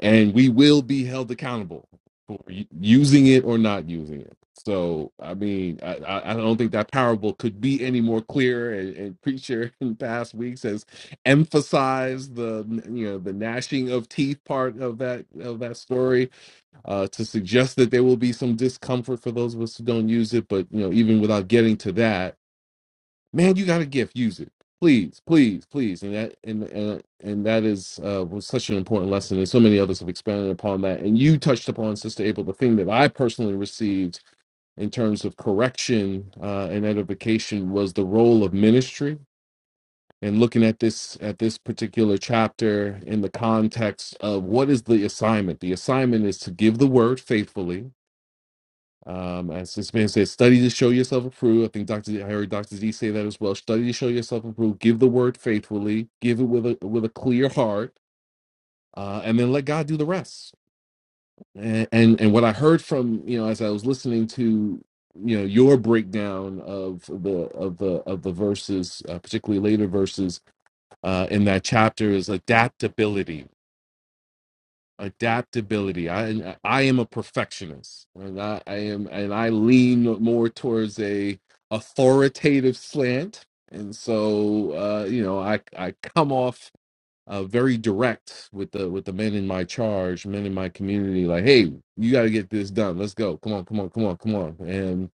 and we will be held accountable for u- using it or not using it. So, I mean, I, I I don't think that parable could be any more clear. And, and preacher in past weeks has emphasized the you know the gnashing of teeth part of that of that story uh, to suggest that there will be some discomfort for those of us who don't use it. But you know, even without getting to that man, you got a gift, use it. Please, please, please. And that and and, and that is uh, was such an important lesson. And so many others have expanded upon that. And you touched upon, Sister Abel, the thing that I personally received in terms of correction uh, and edification was the role of ministry. And looking at this at this particular chapter in the context of what is the assignment? The assignment is to give the word faithfully, um, as this man says, study to show yourself approved. I think Doctor Z, I heard Doctor Z say that as well. Study to show yourself approved. Give the word faithfully. Give it with a with a clear heart, uh, and then let God do the rest. And, and and what I heard from you know as I was listening to you know your breakdown of the of the of the verses, uh, particularly later verses uh, in that chapter, is adaptability adaptability i i am a perfectionist and i, I am and i lean more towards a authoritative slant and so uh you know i i come off uh very direct with the with the men in my charge men in my community like hey you got to get this done let's go come on come on come on come on and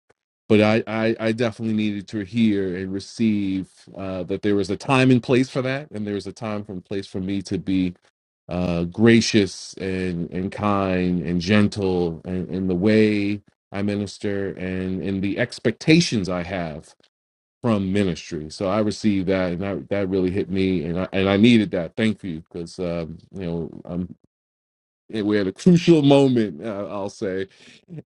but I, I, I definitely needed to hear and receive uh, that there was a time and place for that, and there was a time and place for me to be uh, gracious and, and kind and gentle in, in the way I minister and in the expectations I have from ministry. So I received that, and that, that really hit me, and I, and I needed that. Thank you, because um, you know I'm we're at a crucial moment, uh, I'll say,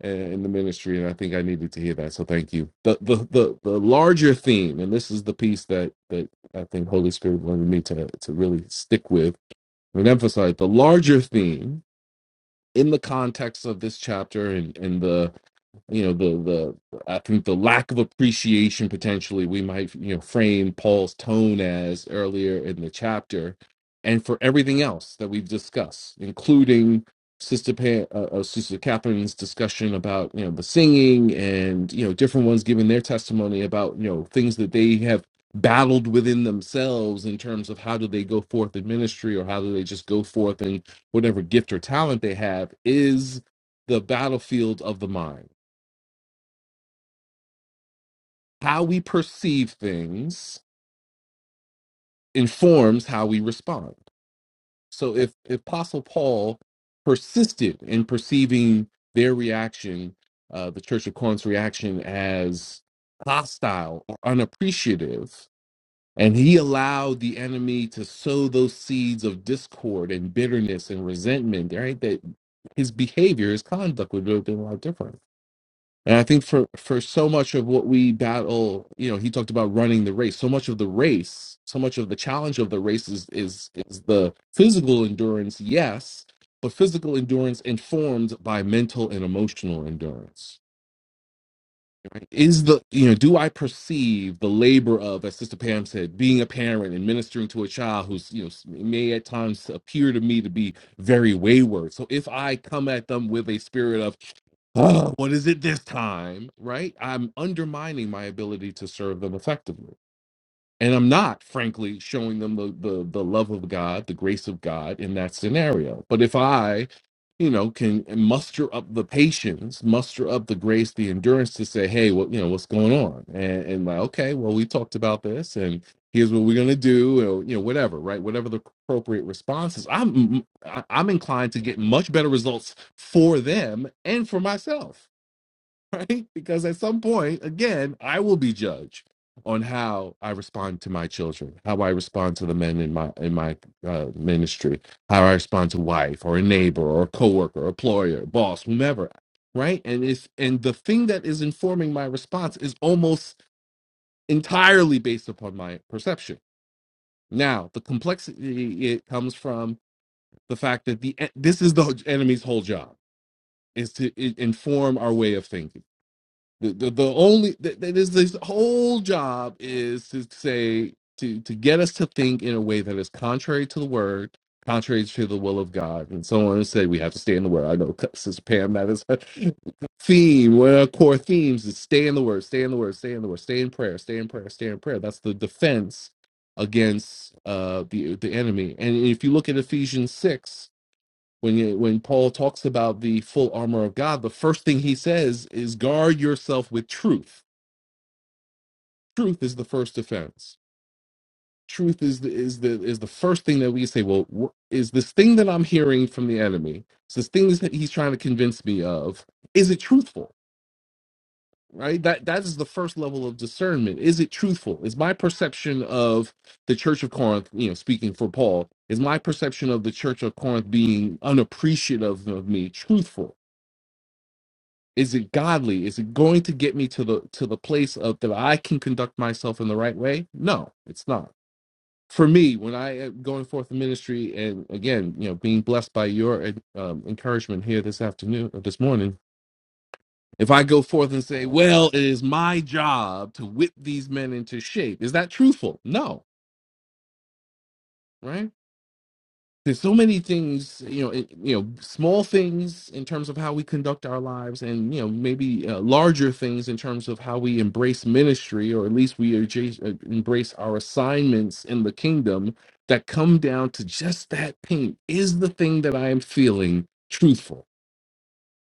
uh, in the ministry, and I think I needed to hear that. So thank you. The the the, the larger theme, and this is the piece that that I think Holy Spirit wanted me to to really stick with I would emphasize the larger theme in the context of this chapter and, and the you know the the i think the lack of appreciation potentially we might you know frame paul's tone as earlier in the chapter and for everything else that we've discussed including sister pa- uh, uh, sister catherine's discussion about you know the singing and you know different ones giving their testimony about you know things that they have battled within themselves in terms of how do they go forth in ministry or how do they just go forth in whatever gift or talent they have is the battlefield of the mind how we perceive things informs how we respond. So if if Apostle Paul persisted in perceiving their reaction, uh, the Church of Corinth's reaction as hostile or unappreciative, and he allowed the enemy to sow those seeds of discord and bitterness and resentment, right? That his behavior, his conduct would have been a lot different. And I think for for so much of what we battle, you know, he talked about running the race. So much of the race, so much of the challenge of the race is is is the physical endurance, yes, but physical endurance informed by mental and emotional endurance. Right? Is the you know, do I perceive the labor of, as Sister Pam said, being a parent and ministering to a child who's you know may at times appear to me to be very wayward. So if I come at them with a spirit of uh, what is it this time? Right? I'm undermining my ability to serve them effectively. And I'm not, frankly, showing them the, the the love of God, the grace of God in that scenario. But if I, you know, can muster up the patience, muster up the grace, the endurance to say, hey, what you know, what's going on? And and like, okay, well, we talked about this and here's what we're gonna do, or you know, whatever, right? Whatever the appropriate response is, I'm mm, I- I'm inclined to get much better results for them and for myself right? Because at some point, again, I will be judged on how I respond to my children, how I respond to the men in my in my uh, ministry, how I respond to wife or a neighbor or a coworker, employer, boss, whomever, right? And it's and the thing that is informing my response is almost entirely based upon my perception. Now, the complexity it comes from the fact that the this is the enemy's whole job is to i- inform our way of thinking the the, the only th- th- this this whole job is to say to to get us to think in a way that is contrary to the word, contrary to the will of God, and so on. And say we have to stay in the word. I know Sister Pam that is her theme. One of our core themes is stay in the word, stay in the word, stay in the word, stay in prayer, stay in prayer, stay in prayer. That's the defense against uh the the enemy. And if you look at Ephesians six, when you, when Paul talks about the full armor of God, the first thing he says is guard yourself with truth. Truth is the first defense. Truth is the, is the is the first thing that we say. Well, wh- is this thing that I'm hearing from the enemy? Is this thing that he's trying to convince me of? Is it truthful? Right. That that is the first level of discernment. Is it truthful? Is my perception of the Church of Corinth, you know, speaking for Paul, is my perception of the Church of Corinth being unappreciative of me truthful? is it godly is it going to get me to the to the place of that i can conduct myself in the right way no it's not for me when i am going forth in ministry and again you know being blessed by your uh, um, encouragement here this afternoon or this morning if i go forth and say well it is my job to whip these men into shape is that truthful no right there's so many things you know it, you know small things in terms of how we conduct our lives and you know maybe uh, larger things in terms of how we embrace ministry or at least we adja- uh, embrace our assignments in the kingdom that come down to just that pain is the thing that i am feeling truthful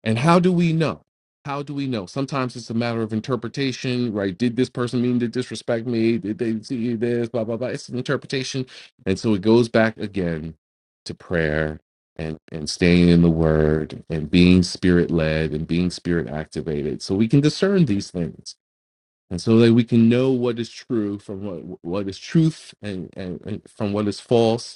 and how do we know? How do we know? Sometimes it's a matter of interpretation, right? Did this person mean to disrespect me? Did they see this? Blah, blah, blah. It's an interpretation. And so it goes back again to prayer and, and staying in the word and being spirit led and being spirit activated. So we can discern these things. And so that we can know what is true from what what is truth and, and, and from what is false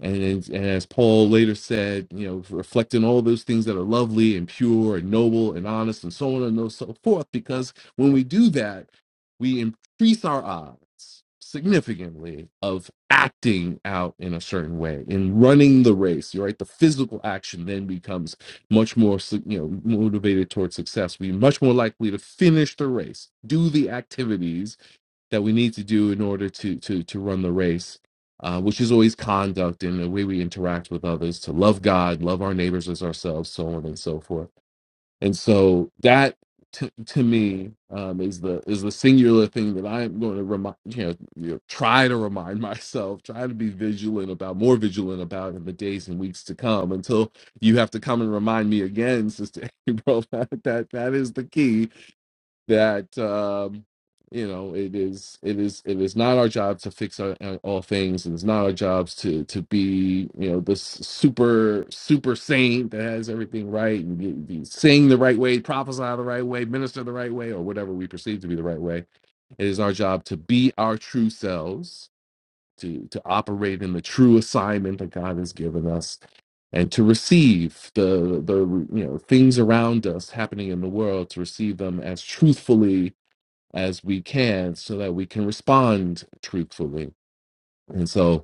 and, and as Paul later said, you know, reflecting all those things that are lovely and pure and noble and honest and so on and so forth, because when we do that, we increase our odds significantly of acting out in a certain way, in running the race, right? The physical action then becomes much more, sig- you know, motivated towards success. We're much more likely to finish the race, do the activities that we need to do in order to to to run the race, uh, which is always conduct and the way we interact with others, to love God, love our neighbors as ourselves, so on and so forth. And so that to, to me um, is the is the singular thing that I am going to remind you know, you know try to remind myself, try to be vigilant about, more vigilant about in the days and weeks to come until you have to come and remind me again, Sister April. That that, that is the key that um, you know it is it is it is not our job to fix our, uh, all things and it's not our jobs to to be you know this super super saint that has everything right and be, be sing the right way prophesy the right way minister the right way or whatever we perceive to be the right way it is our job to be our true selves to to operate in the true assignment that god has given us and to receive the the you know things around us happening in the world to receive them as truthfully as we can so that we can respond truthfully. And so,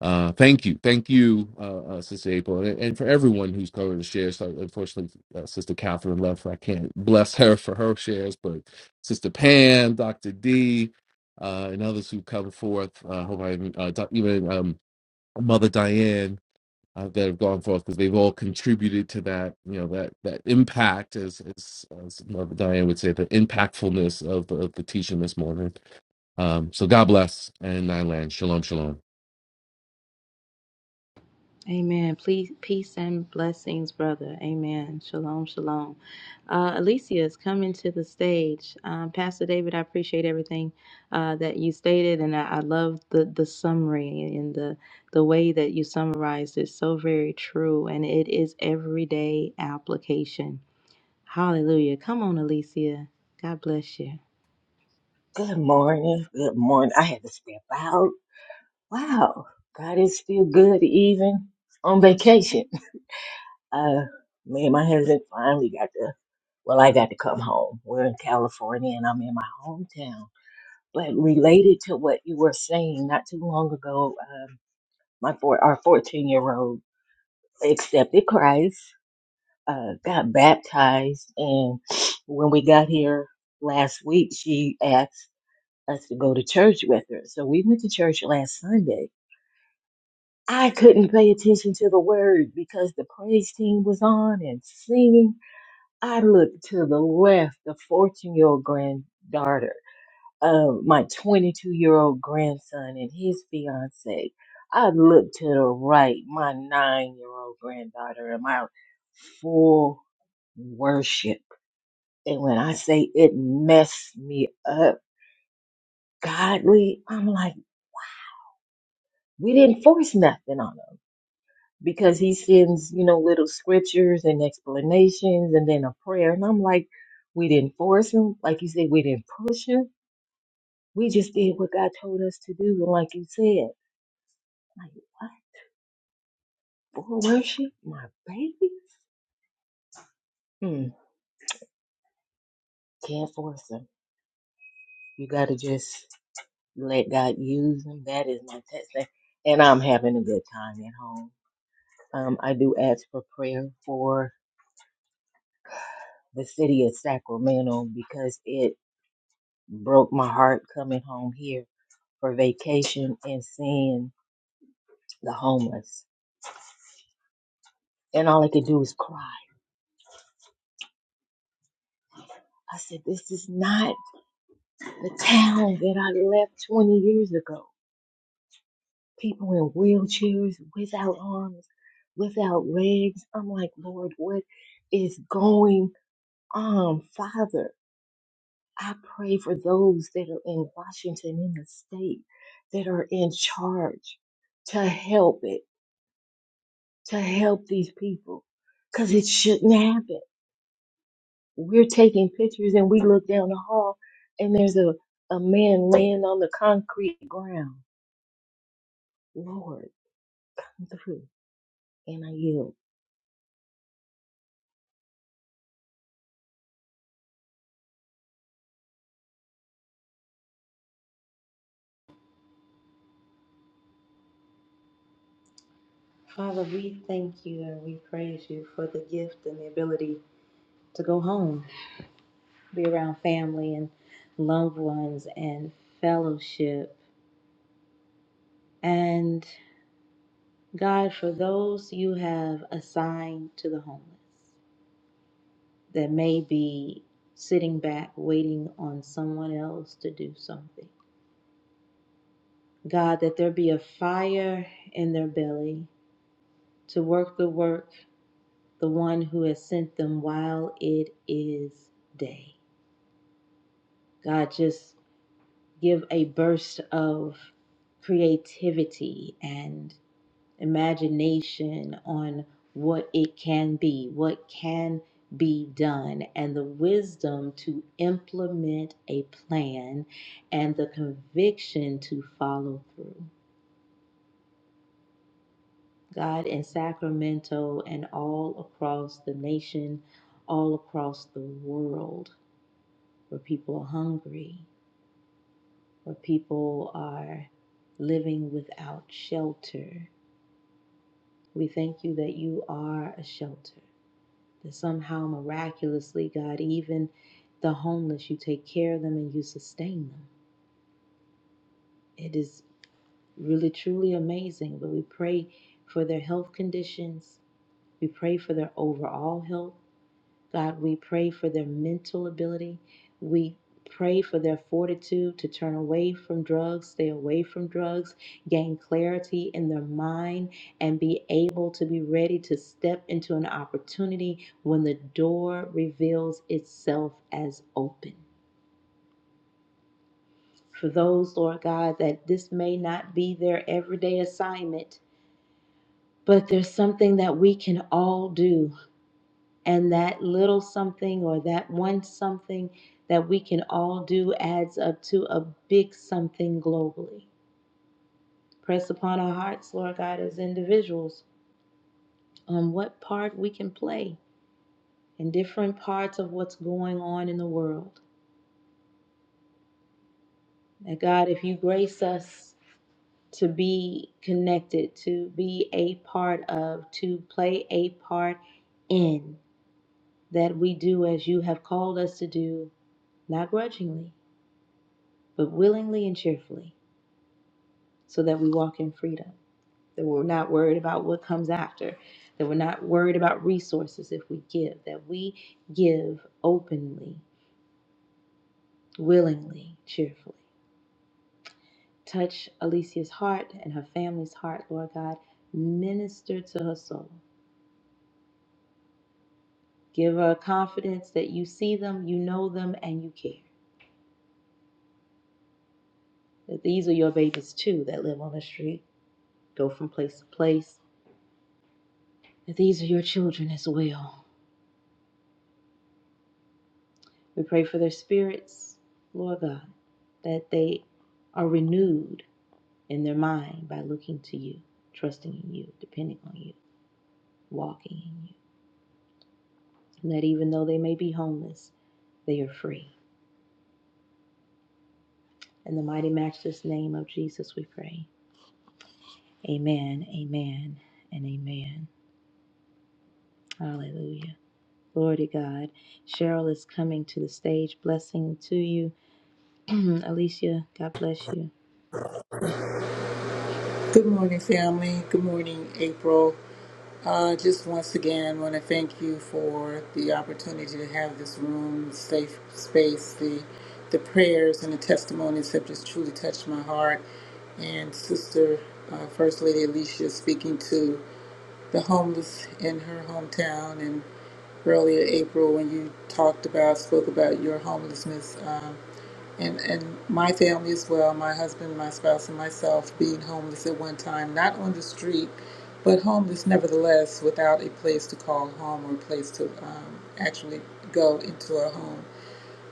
uh, thank you. Thank you, uh, uh, Sister April, and, and for everyone who's covered the shares. So unfortunately, uh, Sister Catherine left. I can't bless her for her shares, but Sister Pam, Dr. D, uh, and others who come forth. Uh, hope I even, uh, doc, even um, Mother Diane. Uh, that have gone forth because they've all contributed to that, you know, that that impact, as as, as Mother Diane would say, the impactfulness of the, of the teaching this morning. Um, so God bless and I land. Shalom, shalom.
Amen. Please, peace and blessings, brother. Amen. Shalom, shalom. Uh, Alicia is coming to the stage. Um, Pastor David, I appreciate everything uh, that you stated, and I, I love the, the summary and the the way that you summarized it. So very true, and it is everyday application. Hallelujah. Come on, Alicia. God bless you.
Good morning. Good morning. I had to step out. Wow. God is still good even on vacation. Uh, me and my husband finally got to, well, I got to come home. We're in California and I'm in my hometown. But related to what you were saying not too long ago, um, my four, our 14 year old accepted Christ, uh, got baptized. And when we got here last week, she asked, us to go to church with her. So we went to church last Sunday. I couldn't pay attention to the word because the praise team was on and singing. I looked to the left, the 14 year old granddaughter, uh, my 22 year old grandson and his fiance. I looked to the right, my nine year old granddaughter and my full worship. And when I say it messed me up godly, I'm like, we didn't force nothing on them. because he sends, you know, little scriptures and explanations and then a prayer. And I'm like, we didn't force him. Like you said, we didn't push him. We just did what God told us to do. And like you said, like, what? For worship? My baby? Hmm. Can't force him. You got to just let God use him. That is my testimony. And I'm having a good time at home. Um, I do ask for prayer for the city of Sacramento because it broke my heart coming home here for vacation and seeing the homeless. And all I could do was cry. I said, This is not the town that I left 20 years ago. People in wheelchairs, without arms, without legs. I'm like, Lord, what is going on? Father, I pray for those that are in Washington, in the state, that are in charge to help it, to help these people, because it shouldn't happen. we're taking pictures and we look down the hall and there's a, a man laying on the concrete ground. Lord, come through. And I yield.
Father, we thank you and we praise you for the gift and the ability to go home. be around family and loved ones and fellowship. And God, for those you have assigned to the homeless that may be sitting back waiting on someone else to do something, God, that there be a fire in their belly to work the work, the one who has sent them while it is day. God, just give a burst of creativity and imagination on what it can be, what can be done, and the wisdom to implement a plan and the conviction to follow through. God in Sacramento and all across the nation, all across the world, where people are hungry, where people are living without shelter. We thank you that you are a shelter. that somehow miraculously, God, even the homeless, you take care of them and you sustain them. It is really truly amazing. But we pray for their health conditions. We pray for their overall health. God, we pray for their mental ability. We pray for their fortitude to turn away from drugs, stay away from drugs, gain clarity in their mind, and be able to be ready to step into an opportunity when the door reveals itself as open. For those, Lord God, that this may not be their everyday assignment, but there's something that we can all do And that little something or that one something that we can all do adds up to a big something globally. Press upon our hearts, Lord God, as individuals, on what part we can play in different parts of what's going on in the world. That God, if you grace us to be connected, to be a part of, to play a part in, that we do as you have called us to do, not grudgingly, but willingly and cheerfully. so that we walk in freedom, that we're not worried about what comes after, that we're not worried about resources if we give, that we give openly, willingly, cheerfully. Touch Alicia's heart and her family's heart, Lord God. Minister to her soul. Give her confidence that you see them, you know them, and you care. That these are your babies too that live on the street, go from place to place. That these are your children as well We pray for their spirits, Lord God, that they are renewed in their mind by looking to you, trusting in you, depending on you, walking in you. And that even though they may be homeless, they are free. In the mighty matchless name of Jesus, we pray. Amen, amen, and amen. Hallelujah. Glory to God. Cheryl is coming to the stage. Blessing to you. Alicia, God bless you.
Good morning, family. Good morning, April. Uh, just once again, want to thank you for the opportunity to have this room, safe space. The the prayers and the testimonies have just truly touched my heart. And Sister uh, First Lady Alicia speaking to the homeless in her hometown, and earlier April when you talked about spoke about your homelessness. um, and and my family as well my husband my spouse and myself being homeless at one time not on the street but homeless nevertheless without a place to call home or a place to um, actually go into a home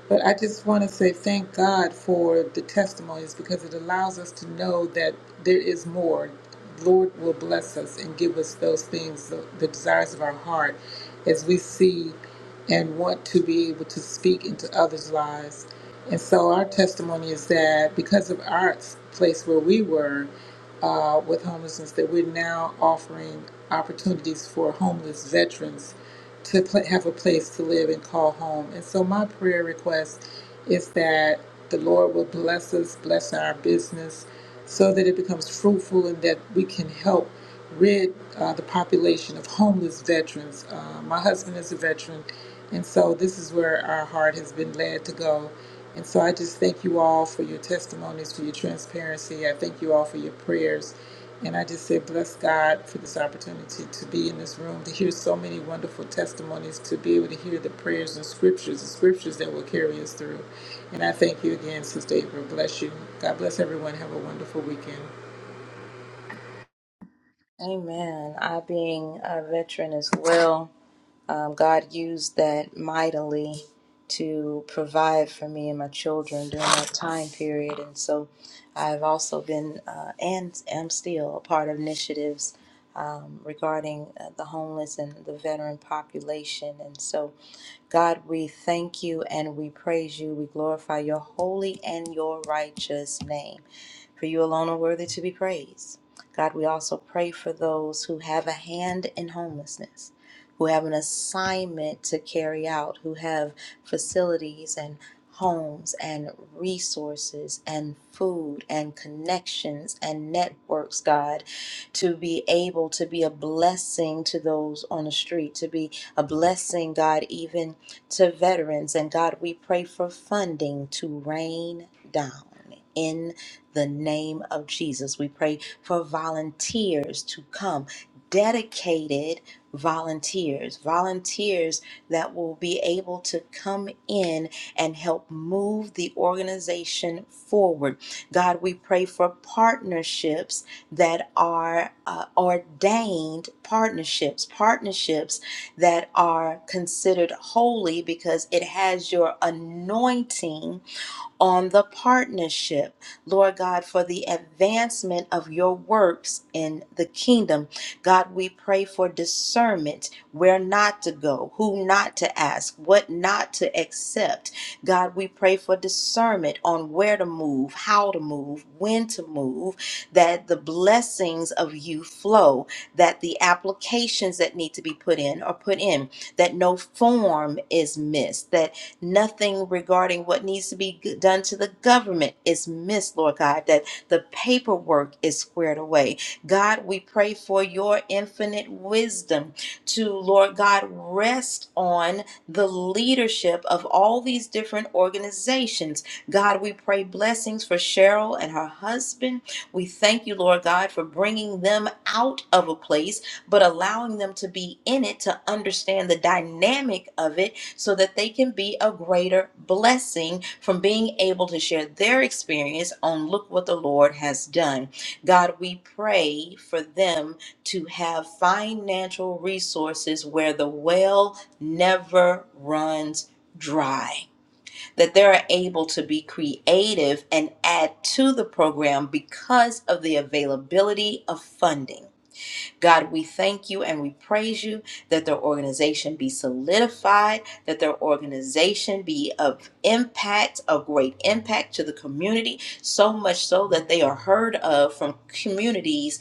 but I just want to say thank God for the testimonies because it allows us to know that there is more. Lord will bless us and give us those things, the, the desires of our heart, as we see and want to be able to speak into others' lives. And so our testimony is that because of our place where we were uh, with homelessness, that we're now offering opportunities for homeless veterans to pl- have a place to live and call home. And so, my prayer request is that the Lord will bless us, bless our business, so that it becomes fruitful and that we can help rid uh, the population of homeless veterans. Uh, my husband is a veteran, and so this is where our heart has been led to go. And so I just thank you all for your testimonies, for your transparency. I thank you all for your prayers. And I just say, bless God for this opportunity to be in this room, to hear so many wonderful testimonies, to be able to hear the prayers and scriptures, the scriptures that will carry us through. And I thank you again, Sister April. Bless you. God bless everyone. Have a wonderful weekend.
Amen. I, being a veteran as well, Um, God used that mightily to provide for me and my children during that time period. And so I've also been uh, and am still a part of initiatives um, regarding uh, the homeless and the veteran population. And so, God, we thank you and we praise you. We glorify your holy and your righteous name. For you alone are worthy to be praised. God, we also pray for those who have a hand in homelessness who have an assignment to carry out, who have facilities and homes and resources and food and connections and networks, God, to be able to be a blessing to those on the street, to be a blessing, God, even to veterans. And God, we pray for funding to rain down. in the name of Jesus. We pray for volunteers to come, dedicated volunteers, volunteers that will be able to come in and help move the organization forward. God, we pray for partnerships that are uh, ordained partnerships, partnerships that are considered holy because it has your anointing on the partnership, Lord God, for the advancement of your works in the kingdom. God, we pray for discernment where not to go, who not to ask, what not to accept. God, we pray for discernment on where to move, how to move, when to move, that the blessings of you flow, that the applications that need to be put in are put in, that no form is missed, that nothing regarding what needs to be g- done to the government is missed, Lord God, that the paperwork is squared away. God, we pray for your infinite wisdom to, Lord God, rest on the leadership of all these different organizations. God, we pray blessings for Cheryl and her husband. We thank you, Lord God, for bringing them out of a place, but allowing them to be in it to understand the dynamic of it so that they can be a greater blessing from being able to share their experience on look what the Lord has done. God, we pray for them to have financial resources where the well never runs dry that they're able to be creative and add to the program because of the availability of funding God, we thank you and we praise you that their organization be solidified, that their organization be of impact, of great impact to the community, so much so that they are heard of from communities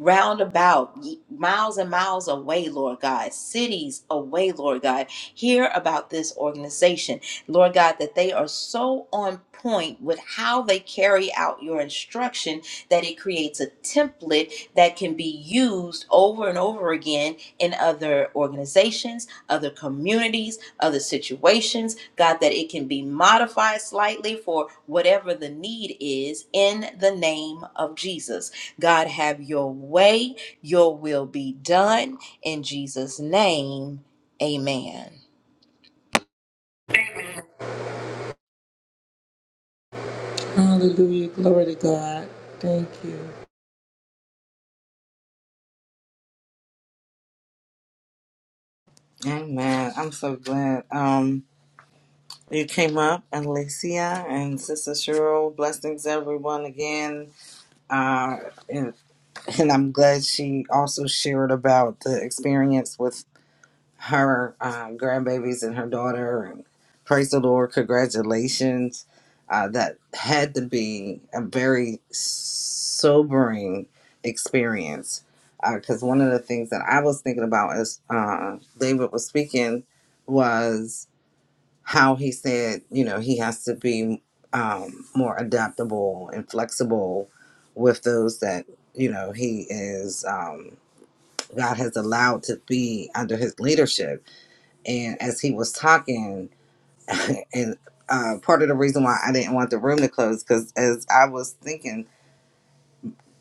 roundabout y- miles and miles away lord god cities away lord god hear about this organization lord god that they are so on point with how they carry out your instruction that it creates a template that can be used over and over again in other organizations, other communities, other situations. God, that it can be modified slightly for whatever the need is in the name of Jesus. God, have your way, your will be done. In Jesus' name, amen.
Hallelujah. Glory to God. Thank you.
Amen. I'm so glad um, you came up, Alicia and Sister Cheryl. Blessings, everyone, again. Uh, and, and I'm glad she also shared about the experience with her um, grandbabies and her daughter. And praise the Lord, congratulations. Uh, that had to be a very sobering experience because one of the things that I was thinking about as uh, David was speaking was how he said, you know, he has to be um, more adaptable and flexible with those that, you know, he is, um, God has allowed to be under his leadership and as he was talking and uh, part of the reason why i didn't want the room to close because as i was thinking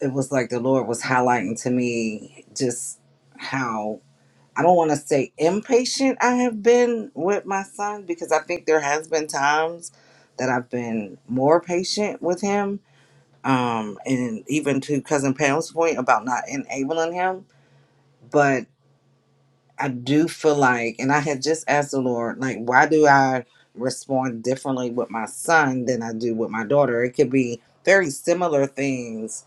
it was like the lord was highlighting to me just how i don't want to say impatient i have been with my son because i think there has been times that i've been more patient with him um, and even to cousin pam's point about not enabling him but. I do feel like, and I had just asked the Lord, like, why do I respond differently with my son than I do with my daughter? It could be very similar things.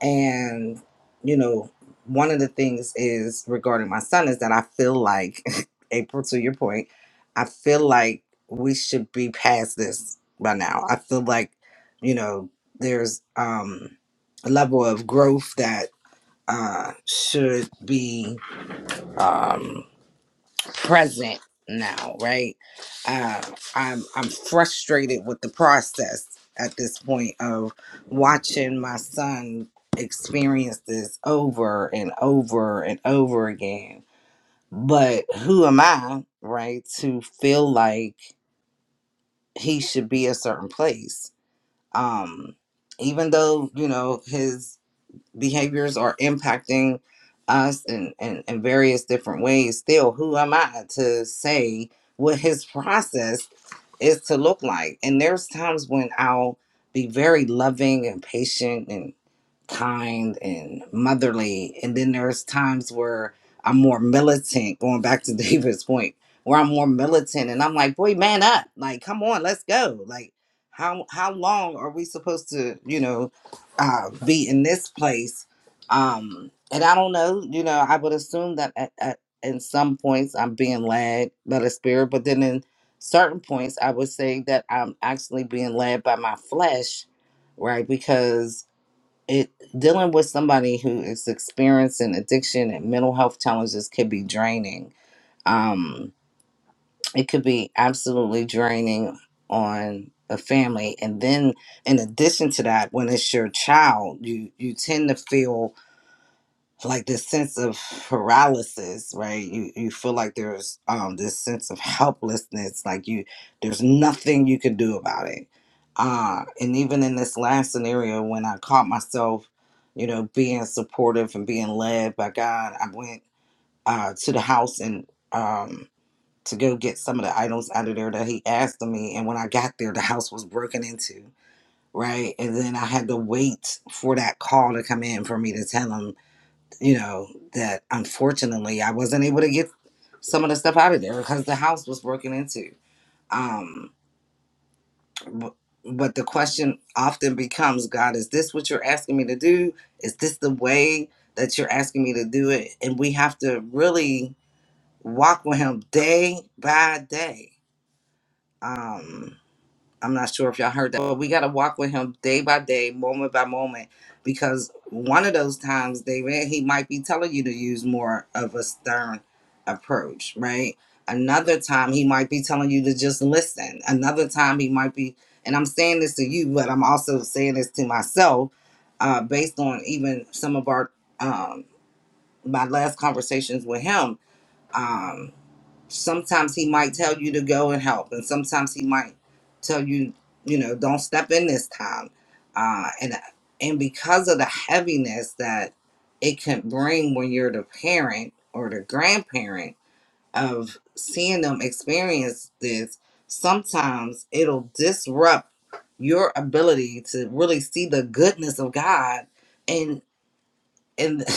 And, you know, one of the things is regarding my son is that I feel like, April, to your point, I feel like we should be past this by now. I feel like, you know, there's um, a level of growth that uh, should be. Um, present now, right? Uh, I'm I'm frustrated with the process at this point of watching my son experience this over and over and over again. But who am I, right, to feel like he should be a certain place? Um, even though you know his behaviors are impacting us in, in, in various different ways still who am i to say what his process is to look like and there's times when i'll be very loving and patient and kind and motherly. And then there's times where I'm more militant, going back to David's point, where I'm more militant and I'm like, boy, man up. Like, come on, let's go. Like, how how long are we supposed to, you know, uh, be in this place? Um, and I don't know, you know, I would assume that at, at in some points I'm being led by the spirit, but then in certain points I would say that I'm actually being led by my flesh, right? Because it dealing with somebody who is experiencing addiction and mental health challenges could be draining. Um, it could be absolutely draining on a family, and then in addition to that, when it's your child, you you tend to feel like this sense of paralysis right you you feel like there's um this sense of helplessness like you there's nothing you can do about it uh and even in this last scenario when i caught myself you know being supportive and being led by god i went uh to the house and um to go get some of the items out of there that he asked of me and when i got there the house was broken into right and then i had to wait for that call to come in for me to tell him you know, that unfortunately I wasn't able to get some of the stuff out of there because the house was broken into. Um, but, but the question often becomes, God, is this what you're asking me to do? Is this the way that you're asking me to do it? And we have to really walk with Him day by day. Um, I'm not sure if y'all heard that, but we got to walk with him day by day, moment by moment, because one of those times, David, he might be telling you to use more of a stern approach, right? Another time, he might be telling you to just listen. Another time, he might be, and I'm saying this to you, but I'm also saying this to myself, uh, based on even some of our um, my last conversations with him. Um, Sometimes he might tell you to go and help, and sometimes he might tell you, you know, don't step in this time. Uh, and and because of the heaviness that it can bring when you're the parent or the grandparent of seeing them experience this, sometimes it'll disrupt your ability to really see the goodness of God and and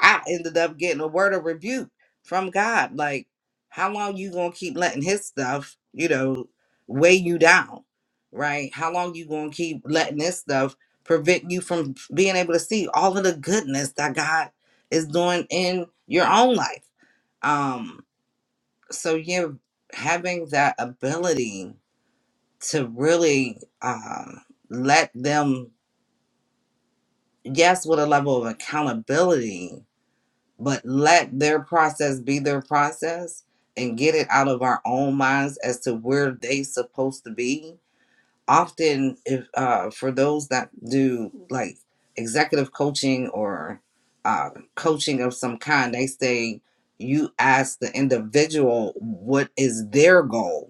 I ended up getting a word of rebuke from God. Like, how long you gonna keep letting his stuff, you know, weigh you down, right? How long you gonna keep letting this stuff prevent you from being able to see all of the goodness that God is doing in your own life? Um, so yeah, having that ability to really um let them, yes, with a level of accountability, but let their process be their process and get it out of our own minds as to where they supposed to be often if uh, for those that do like executive coaching or uh, coaching of some kind they say you ask the individual what is their goal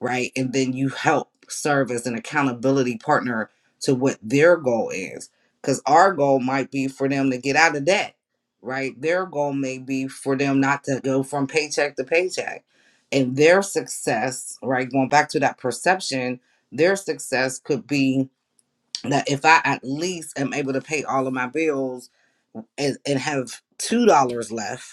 right? And then you help serve as an accountability partner to what their goal is. Because our goal might be for them to get out of debt, right? Their goal may be for them not to go from paycheck to paycheck. And their success, right? Going back to that perception, their success could be that if I at least am able to pay all of my bills and, and have $2 left,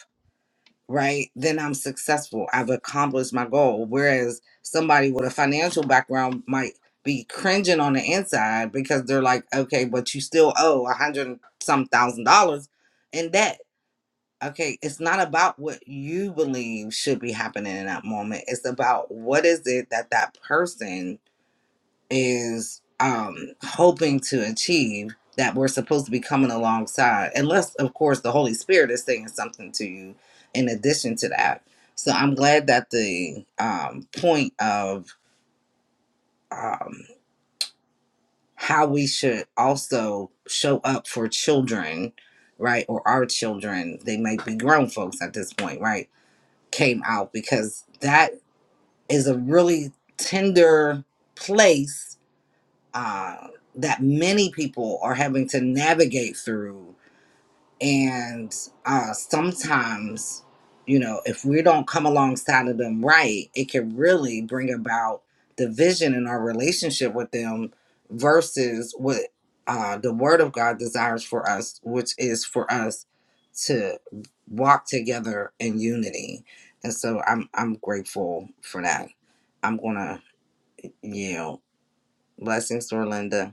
right, then I'm successful. I've accomplished my goal. Whereas somebody with a financial background might be cringing on the inside because they're like, okay, but you still owe a hundred and some thousand dollars in debt. Okay, it's not about what you believe should be happening in that moment. It's about what is it that that person is um hoping to achieve that we're supposed to be coming alongside unless of course the holy spirit is saying something to you in addition to that so i'm glad that the um point of um how we should also show up for children right or our children they might be grown folks at this point right came out because that is a really tender place uh, that many people are having to navigate through. And uh, sometimes, you know, if we don't come alongside of them right, it can really bring about division in our relationship with them versus what uh, the Word of God desires for us, which is for us to walk together in unity. And so I'm I'm grateful for that. I'm gonna yield. Blessings, Orlinda.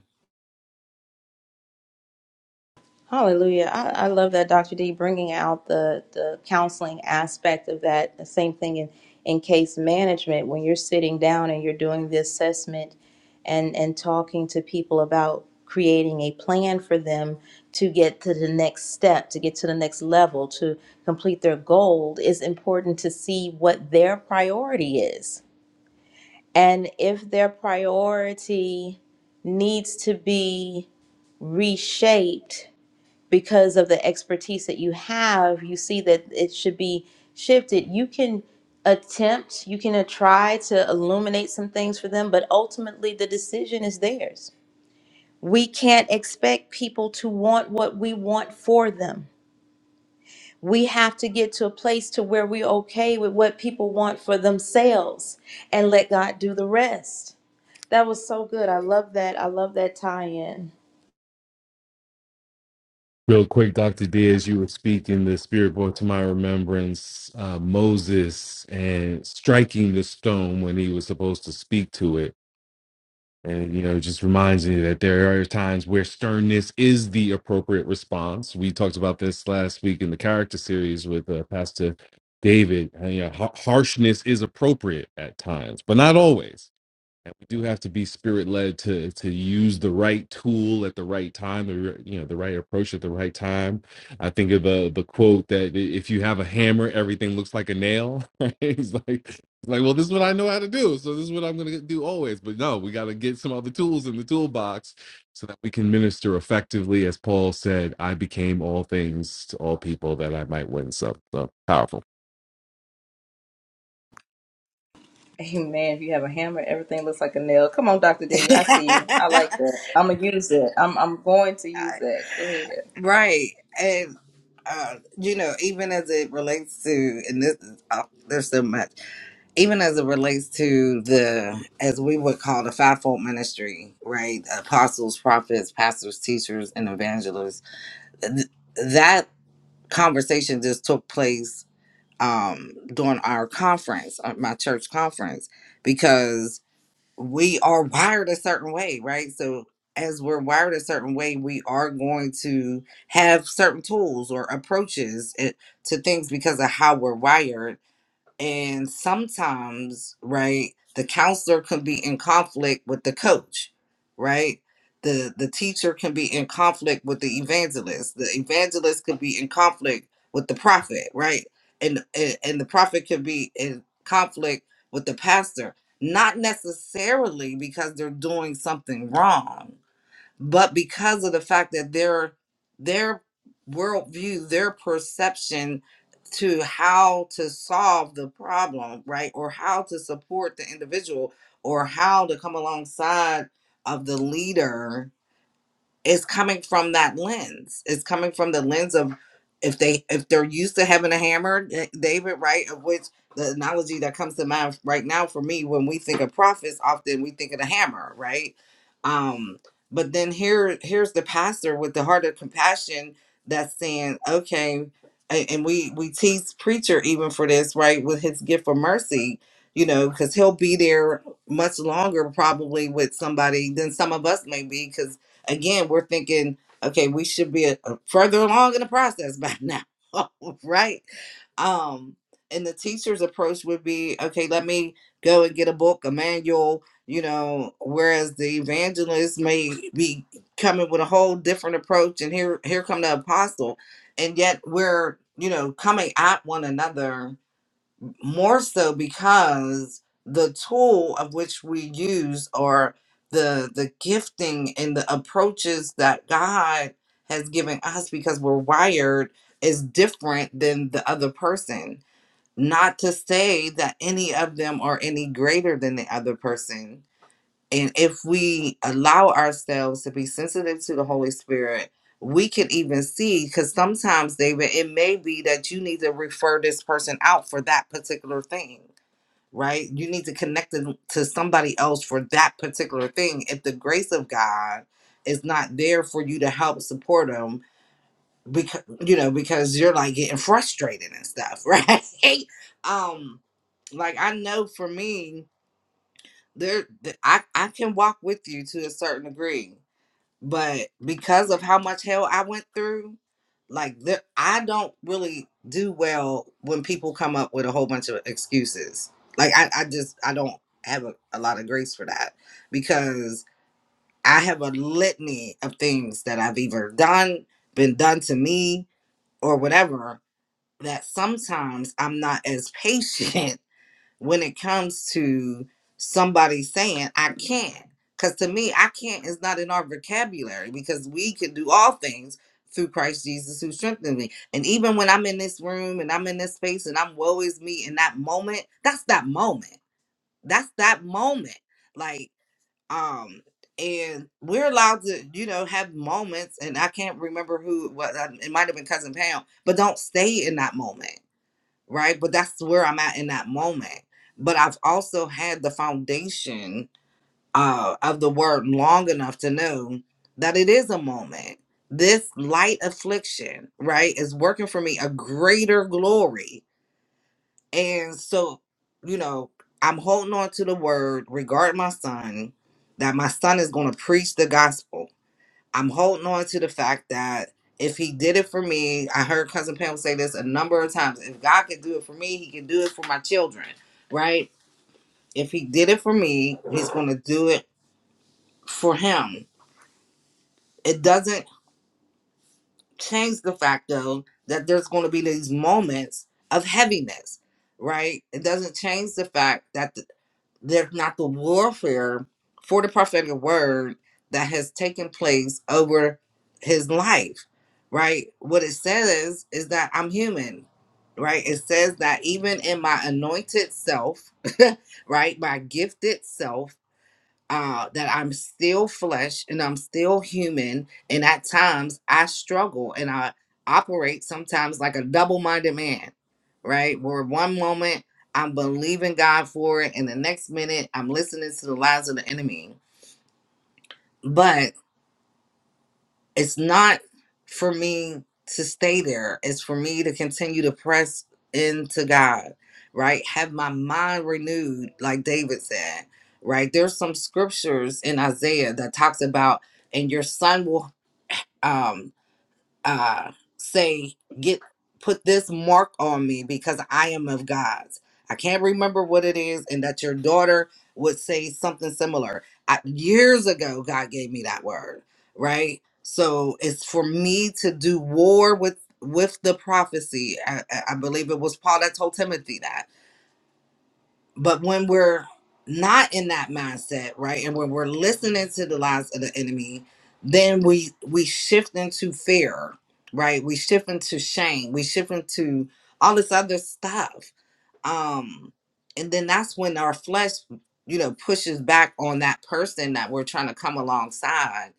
Hallelujah. I, I love that, Dr. D, bringing out the, the counseling aspect of that. The same thing in, in case management, when you're sitting down and you're doing the assessment and, and talking to people about creating a plan for them to get to the next step, to get to the next level, to complete their goal, it's important to see what their priority is. And if their priority needs to be reshaped, because of the expertise that you have, you see that it should be shifted. You can attempt, you can uh, try to illuminate some things for them, but ultimately the decision is theirs. We can't expect people to want what we want for them. We have to get to a place to where we're okay with what people want for themselves and let God do the rest. That was so good. I love that. I love that tie in.
Real quick, Dr. Diaz, you were speaking, the Spirit brought to my remembrance uh, Moses and striking the stone when he was supposed to speak to it. And, you know, it just reminds me that there are times where sternness is the appropriate response. We talked about this last week in the character series with uh, Pastor David. And, you know, har- harshness is appropriate at times, but not always and we do have to be spirit led to to use the right tool at the right time the you know the right approach at the right time i think of the the quote that if you have a hammer everything looks like a nail right? it's like it's like well this is what i know how to do so this is what i'm going to do always but no we got to get some other tools in the toolbox so that we can minister effectively as paul said i became all things to all people that i might win some so powerful
Amen. If you have a hammer, everything looks like a nail. Come on, Dr. D. I see you. I like that. I'm gonna use it. I'm I'm going to use that. Go ahead.
right. And, uh, you know, even as it relates to, and this is, oh, there's so much, even as it relates to the, as we would call the fivefold ministry, right? Apostles, prophets, pastors, teachers, and evangelists. Th- that conversation just took place um, during our conference, uh, my church conference, because we are wired a certain way, right? So as we're wired a certain way, we are going to have certain tools or approaches eh, to things because of how we're wired and sometimes, right, the counselor can be in conflict with the coach, right? The the teacher can be in conflict with the evangelist. The evangelist could be in conflict with the prophet, right? And and, and the prophet can be in conflict with the pastor, not necessarily because they're doing something wrong but because of the fact that their their worldview, their perception to how to solve the problem, right, or how to support the individual, or how to come alongside of the leader it's coming from that lens. It's coming from the lens of if they if they're used to having a hammer, eh, David, right? Of which the analogy that comes to mind right now for me when we think of prophets, often we think of the hammer, right? Um, but then here here's the pastor with the heart of compassion that's saying, okay, a- and we we tease preacher even for this, right? With his gift of mercy, you know, because he'll be there much longer probably with somebody than some of us may be, because again, we're thinking, okay, we should be a, a- further along in the process by now, right? Um, and the teacher's approach would be, okay, let me go and get a book, a manual, you know, whereas the evangelist may be coming with a whole different approach, and here here come the apostle, and yet we're you know coming at one another more so because the tool of which we use or the the gifting and the approaches that God has given us because we're wired is different than the other person not to say that any of them are any greater than the other person and if we allow ourselves to be sensitive to the Holy Spirit, we can even see because sometimes, David, it may be that you need to refer this person out for that particular thing, right? You need to connect them to somebody else for that particular thing. If the grace of God is not there for you to help support them, because you know, because you're like getting frustrated and stuff, right? um, like I know for me, there th- I, I can walk with you to a certain degree but because of how much hell i went through like there, i don't really do well when people come up with a whole bunch of excuses like i, I just i don't have a, a lot of grace for that because i have a litany of things that i've either done been done to me or whatever that sometimes i'm not as patient when it comes to somebody saying I can't. Because to me, I can't is not in our vocabulary because we can do all things through Christ Jesus who strengthens me. And even when I'm in this room and I'm in this space and I'm woe is me in that moment, that's that moment. That's that moment. Like, um, and we're allowed to, you know, have moments, and I can't remember who it was. um, It might have been Cousin Pam, but don't stay in that moment right? But that's where I'm at in that moment. But I've also had the foundation uh, of the word long enough to know that it is a moment. This light affliction, right, is working for me a greater glory. And so, you know, I'm holding on to the word regard my son, that my son is going to preach the gospel I'm holding on to the fact that if he did it for me, I heard Cousin Pam say this a number of times. If God can do it for me, he can do it for my children, right? If he did it for me, he's going to do it for him. It doesn't change the fact, though, that there's going to be these moments of heaviness, right? It doesn't change the fact that there's not the warfare for the prophetic word that has taken place over his life, right? What it says is that I'm human, right? It says that even in my anointed self, right, my gifted self uh, that I'm still flesh and I'm still human, and at times I struggle and I operate sometimes like a double-minded man, right? Where one moment I'm believing God for it, and the next minute I'm listening to the lies of the enemy. But it's not for me to stay there. It's for me to continue to press into God, right? Have my mind renewed, like David said, right? There's some scriptures in Isaiah that talks about, and your son will um uh say get put this mark on me because i am of god's i can't remember what it is and that your daughter would say something similar I, years ago god gave me that word right so it's for me to do war with with the prophecy I, I I believe it was paul that told timothy that but when we're not in that mindset, right, and when we're listening to the lies of the enemy, then we we shift into fear, right? We shift into shame. We shift into all this other stuff, um, and then that's when our flesh, you know, pushes back on that person that we're trying to come alongside,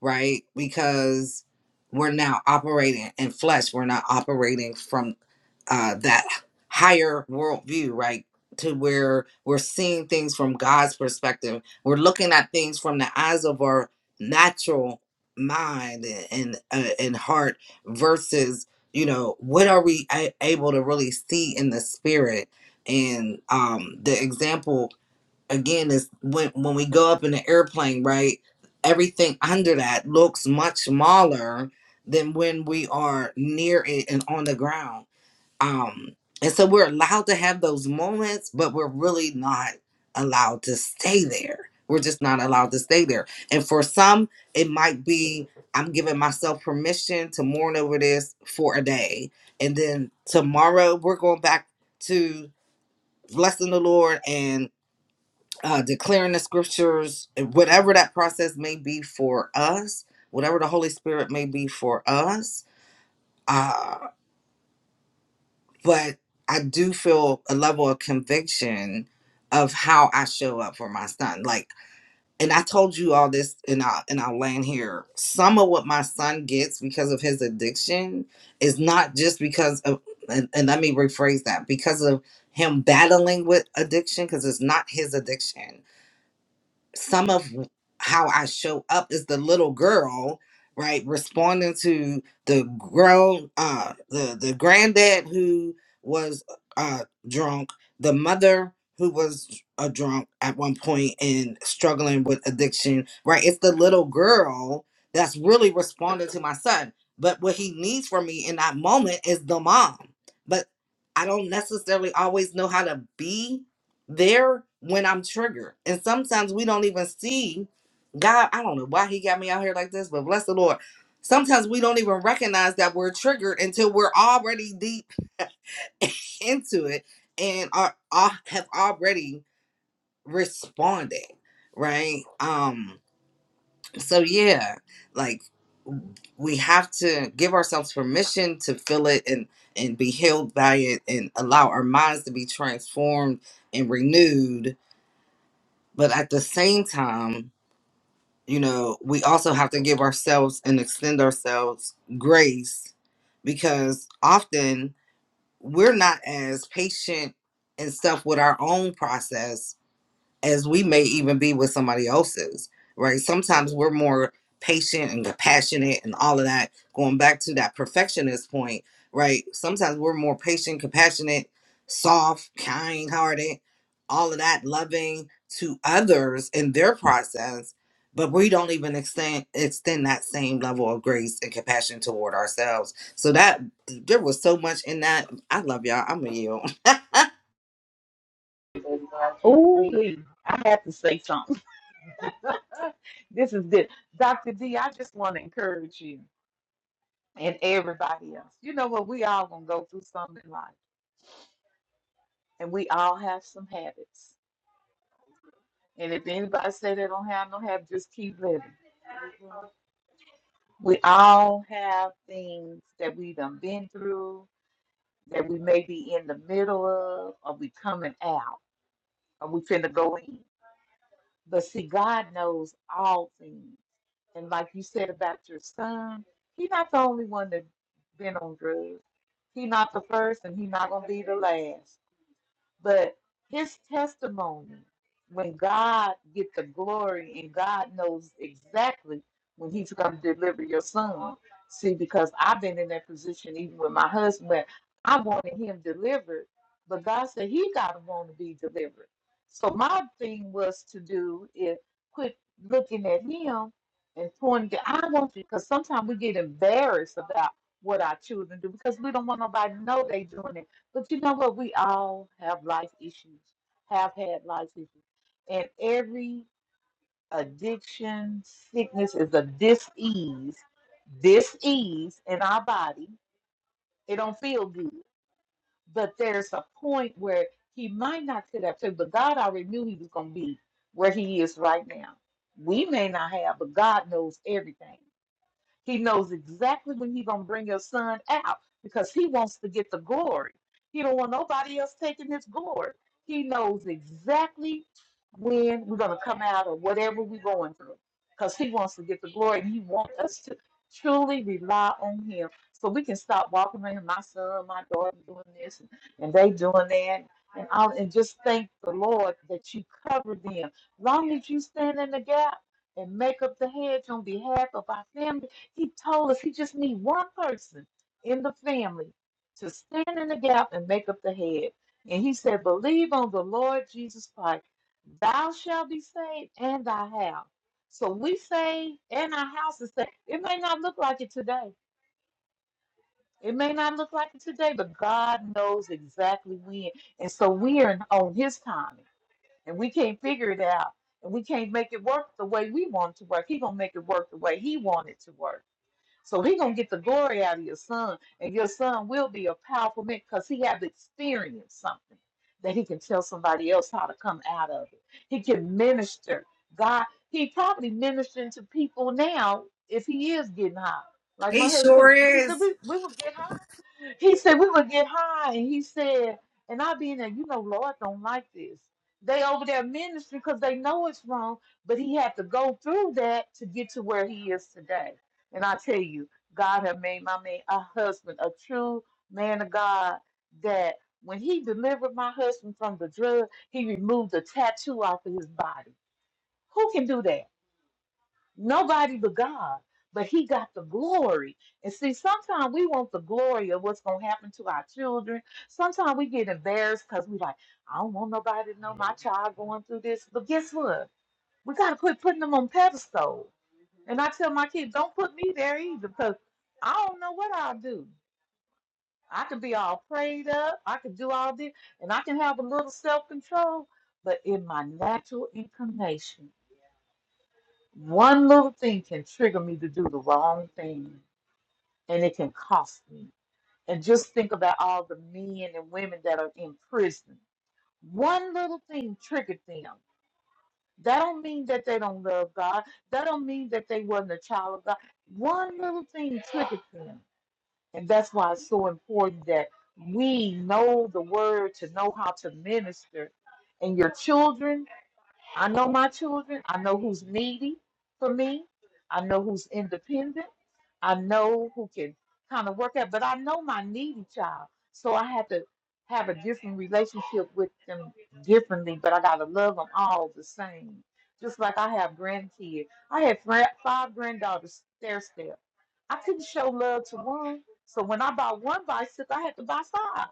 right? Because we're now operating in flesh. We're not operating from uh, that higher worldview, right? to where we're seeing things from God's perspective. We're looking at things from the eyes of our natural mind and and, uh, and heart versus you know what are we a- able to really see in the spirit and um the example again is when when we go up in the airplane right everything under that looks much smaller than when we are near it and on the ground um and so we're allowed to have those moments but we're really not allowed to stay there we're just not allowed to stay there and for some it might be i'm giving myself permission to mourn over this for a day and then tomorrow we're going back to blessing the lord and uh, declaring the scriptures whatever that process may be for us whatever the holy spirit may be for us Uh, but I do feel a level of conviction of how I show up for my son. Like, and I told you all this, and I will and I'll land here. Some of what my son gets because of his addiction is not just because of, and, and let me rephrase that, because of him battling with addiction, because it's not his addiction some of how I show up is the little girl, right, responding to the grown uh the the granddad who was uh drunk, the mother who was a drunk at one point and struggling with addiction, right? It's the little girl that's really responding to my son. But what he needs from me in that moment is the mom. But I don't necessarily always know how to be they're when I'm triggered. And sometimes we don't even see God. I don't know why he got me out here like this, but bless the Lord. Sometimes we don't even recognize that we're triggered until we're already deep into it and are, are have already responded, right? Um, so yeah, like we have to give ourselves permission to feel it and and be healed by it and allow our minds to be transformed and renewed But at the same time, you know, we also have to give ourselves and extend ourselves grace because often we're not as patient and stuff with our own process as we may even be with somebody else's, right? Sometimes we're more patient and compassionate and all of that. Going back to that perfectionist point, right? Sometimes we're more patient, compassionate, soft, kind hearted, all of that, loving to others in their process, but we don't even extend extend that same level of grace and compassion toward ourselves. So that there was so much in that. I love y'all. I'm a you.
Oh, I have to say something. this is good, Doctor D. I just want to encourage you and everybody else. You know what? We all gonna go through something in life, and we all have some habits. And if anybody say they don't have no habit, just keep living. We all have things that we done been through, that we may be in the middle of, or we coming out, or we finna go in. But see, God knows all things. And like you said about your son, he not the only one that been on drugs. He not the first, and he not gonna be the last. But his testimony, when God gets the glory and God knows exactly when he's going to deliver your son. See, because I've been in that position even with my husband, where I wanted him delivered, but God said he got to want to be delivered. So my thing was to do is quit looking at him and pointing. I want you because sometimes we get embarrassed about what our children do because we don't want nobody to know they doing it but you know what? We all have life issues, have had life issues. And every addiction, sickness is a dis-ease, dis-ease in our body. It don't feel good. But there's a point where he might not sit up to, but God already knew he was gonna be where he is right now. We may not have, but God knows everything. He knows exactly when he's gonna bring your son out because he wants to get the glory. He don't want nobody else taking his glory. He knows exactly when we're gonna come out of whatever we're going through. Because he wants to get the glory and he wants us to truly rely on him. So we can stop walking around my son, my daughter doing this and, and they doing that. And all and just thank the Lord that you covered them. Long as you stand in the gap and make up the hedge on behalf of our family he told us he just need one person in the family to stand in the gap and make up the head. And he said, Believe on the Lord Jesus Christ, thou shalt be saved and thy house. So we say, and our house is saved. It may not look like it today. It may not look like it today, but God knows exactly when. And so we are on his timing. And we can't figure it out. And we can't make it work the way we want it to work. He gonna make it work the way he wanted it to work. So he gonna get the glory out of your son, and your son will be a powerful man because he have experienced something that he can tell somebody else how to come out of it. He can minister. God, he probably ministering to people now if he is getting high. Like my
He
husband told
sure
me, he said,
is.
we, we will get high. He said we would get high, and he said, and I be in there, you know, Lord don't like this. They over there ministry because they know it's wrong, but he had to go through that to get to where he is today. And I tell you, God have made my man a husband, a true man of God. That when he delivered my husband from the drug, he removed the tattoo off of his body. Who can do that? Nobody but God. But he got the glory. And see, sometimes we want the glory of what's going to happen to our children. Sometimes we get embarrassed because we like, I don't want nobody to know my child going through this. But guess what? We got to quit putting them on pedestal. And I tell my kids, don't put me there either because I don't know what I'll do. I could be all prayed up. I could do all this. And I can have a little self control. But in my natural inclination, one little thing can trigger me to do the wrong thing, and it can cost me. And just think about all the men and women that are in prison. One little thing triggered them. That don't mean that they don't love God. That don't mean that they wasn't a child of God. One little thing triggered them. And that's why it's so important that we know the word to know how to minister. And your children, I know my children. I know who's needy for me. I know who's independent. I know who can kind of work out, but I know my needy child. So I have to have a different relationship with them differently, but I got to love them all the same. Just like I have grandkids. I had fri- five granddaughters stair step. I couldn't show love to one. So when I bought one bicycle, I had to buy five.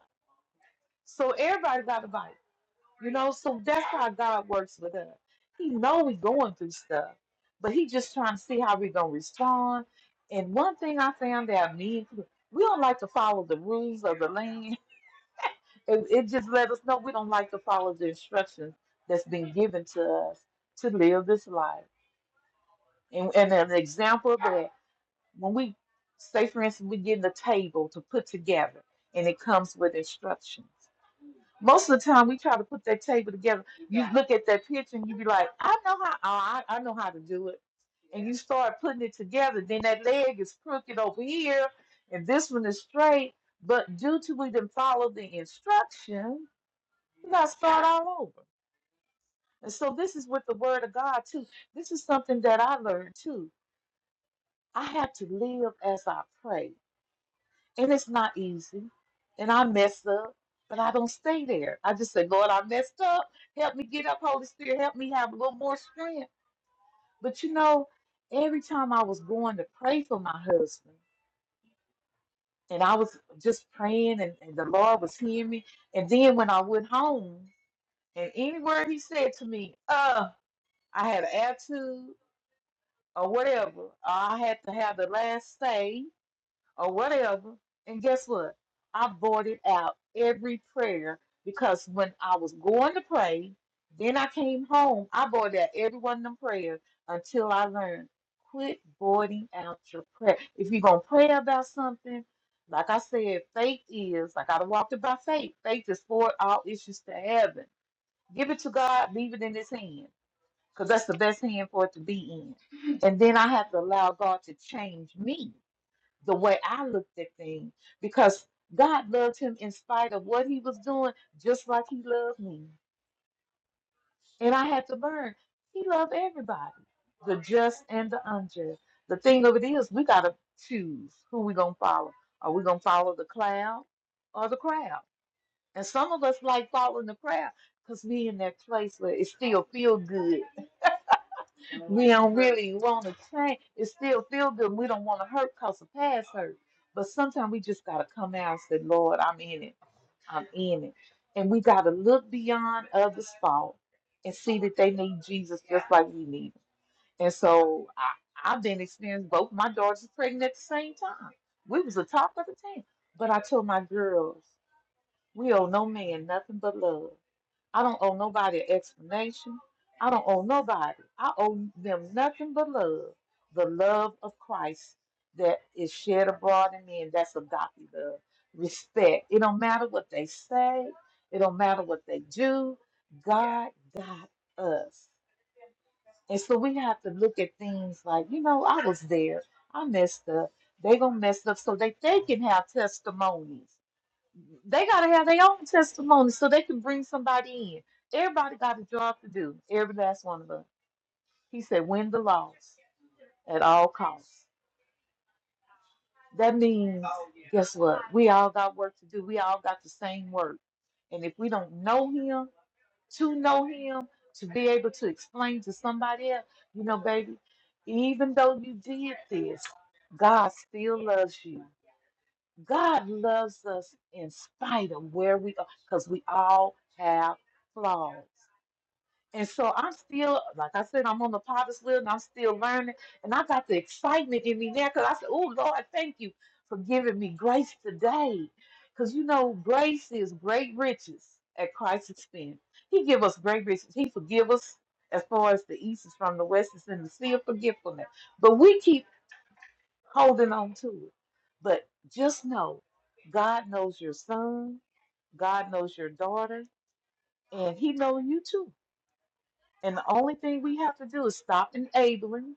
So everybody got a bike. You know, so that's how God works with us. He know we going through stuff, but he just trying to see how we gonna respond. And one thing I found out, me and we don't like to follow the rules of the land. It, it just let us know we don't like to follow the instructions that's been given to us to live this life. And, and an example of that, when we say, for instance, we get the table to put together, and it comes with instructions. Most of the time, we try to put that table together. You Yeah. look at that picture and you be like, I know how. Oh, I, I know how to do it. And you start putting it together. Then that leg is crooked over here, and this one is straight. But due to we didn't follow the instruction, we got to start all over. And so this is with the Word of God too. This is something that I learned too. I have to live as I pray. And it's not easy. And I messed up, but I don't stay there. I just say, Lord, I messed up. Help me get up, Holy Spirit. Help me have a little more strength. But you know, every time I was going to pray for my husband, and I was just praying, and, and the Lord was hearing me. And then when I went home, and any word he said to me, uh, I had an attitude or whatever, I had to have the last say or whatever. And guess what? I voided out every prayer because when I was going to pray, then I came home, I voided out every one of them prayers until I learned quit voiding out your prayer. If you're going to pray about something, like I said, faith is, like I walked it by faith, faith is forward all issues to heaven. Give it to God, leave it in His hand because that's the best hand for it to be in. And then I have to allow God to change me the way I looked at things because God loved him in spite of what he was doing, just like he loved me. And I had to learn he loved everybody, the just and the unjust. The thing of it is, we got to choose who we're going to follow. Are we going to follow the cloud or the crowd? And some of us like following the crowd because we in that place where it still feel good we don't really want to change. It still feel good. We don't want to hurt because the past hurt. But sometimes we just got to come out and say, Lord, I'm in it. I'm in it. And we got to look beyond others' fault and see that they need Jesus just like we need him. And so I, I've been experiencing both my daughters were pregnant at the same time. We was the top of the team. But I told my girls, we owe no man nothing but love. I don't owe nobody an explanation. I don't owe nobody. I owe them nothing but love. The love of Christ that is shed abroad in me, and that's agape love. Respect. It don't matter what they say, it don't matter what they do. God got us. And so we have to look at things like, you know, I was there. I messed up. They gonna mess up so that they can have testimonies they gotta have their own testimony so they can bring somebody in. Everybody got a job to do, every last one of us. He said, win the loss at all costs. That means, guess what? We all got work to do. We all got the same work. And if we don't know him, to know him, to be able to explain to somebody else, you know, baby, even though you did this, God still loves you. God loves us in spite of where we are, because we all have flaws. And so I'm still, like I said, I'm on the potter's wheel and I'm still learning. And I got the excitement in me now because I said, Oh, Lord, thank you for giving me grace today. Because you know, grace is great riches at Christ's expense. He give us great riches. He forgive us as far as the east is from the west is in the sea of forgetfulness. But we keep holding on to it. But just know God knows your son, God knows your daughter, and He knows you too. And the only thing we have to do is stop enabling,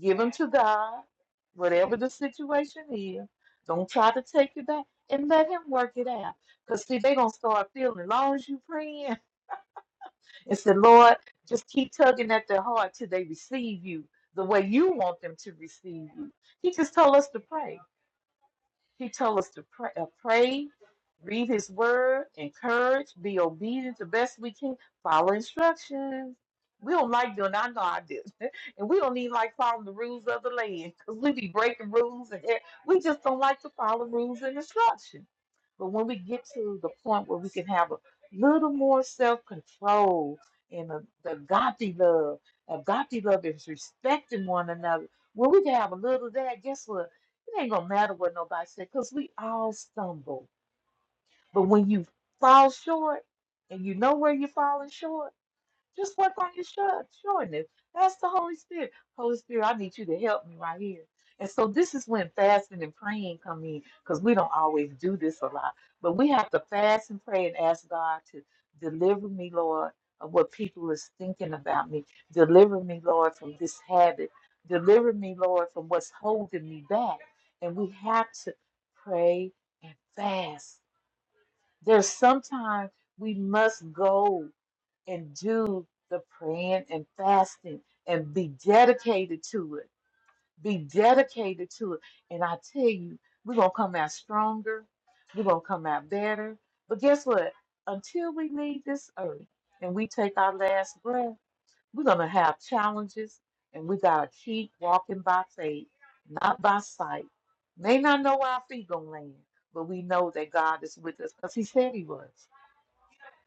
give them to God, whatever the situation is. Don't try to take it back and let Him work it out. Because, see, they're going to start feeling, as long as you praying and say, Lord, just keep tugging at their heart till they receive you the way you want them to receive you. He just told us to pray. He told us to pray, uh, pray, read His Word, encourage, be obedient the best we can, follow instructions. We don't like doing. I know I did, and we don't even like following the rules of the land because we be breaking rules, and e- we just don't like to follow rules and instructions. But when we get to the point where we can have a little more self-control and a, the godly love, a godly love is respecting one another. When we can have a little of that, guess what? it ain't gonna matter what nobody said, cause we all stumble. But when you fall short and you know where you're falling short, just work on your short shortness. That's the Holy Spirit. Holy Spirit, I need you to help me right here. And so this is when fasting and praying come in, because we don't always do this a lot. But we have to fast and pray and ask God to deliver me, Lord, of what people is thinking about me. Deliver me, Lord, from this habit. Deliver me, Lord, from what's holding me back. And we have to pray and fast. There's sometimes we must go and do the praying and fasting and be dedicated to it. Be dedicated to it. And I tell you, we're going to come out stronger. We're going to come out better. But guess what? Until we leave this earth and we take our last breath, we're going to have challenges and we got to keep walking by faith, not by sight. May not know where our feet going to land, but we know that God is with us because He said He was.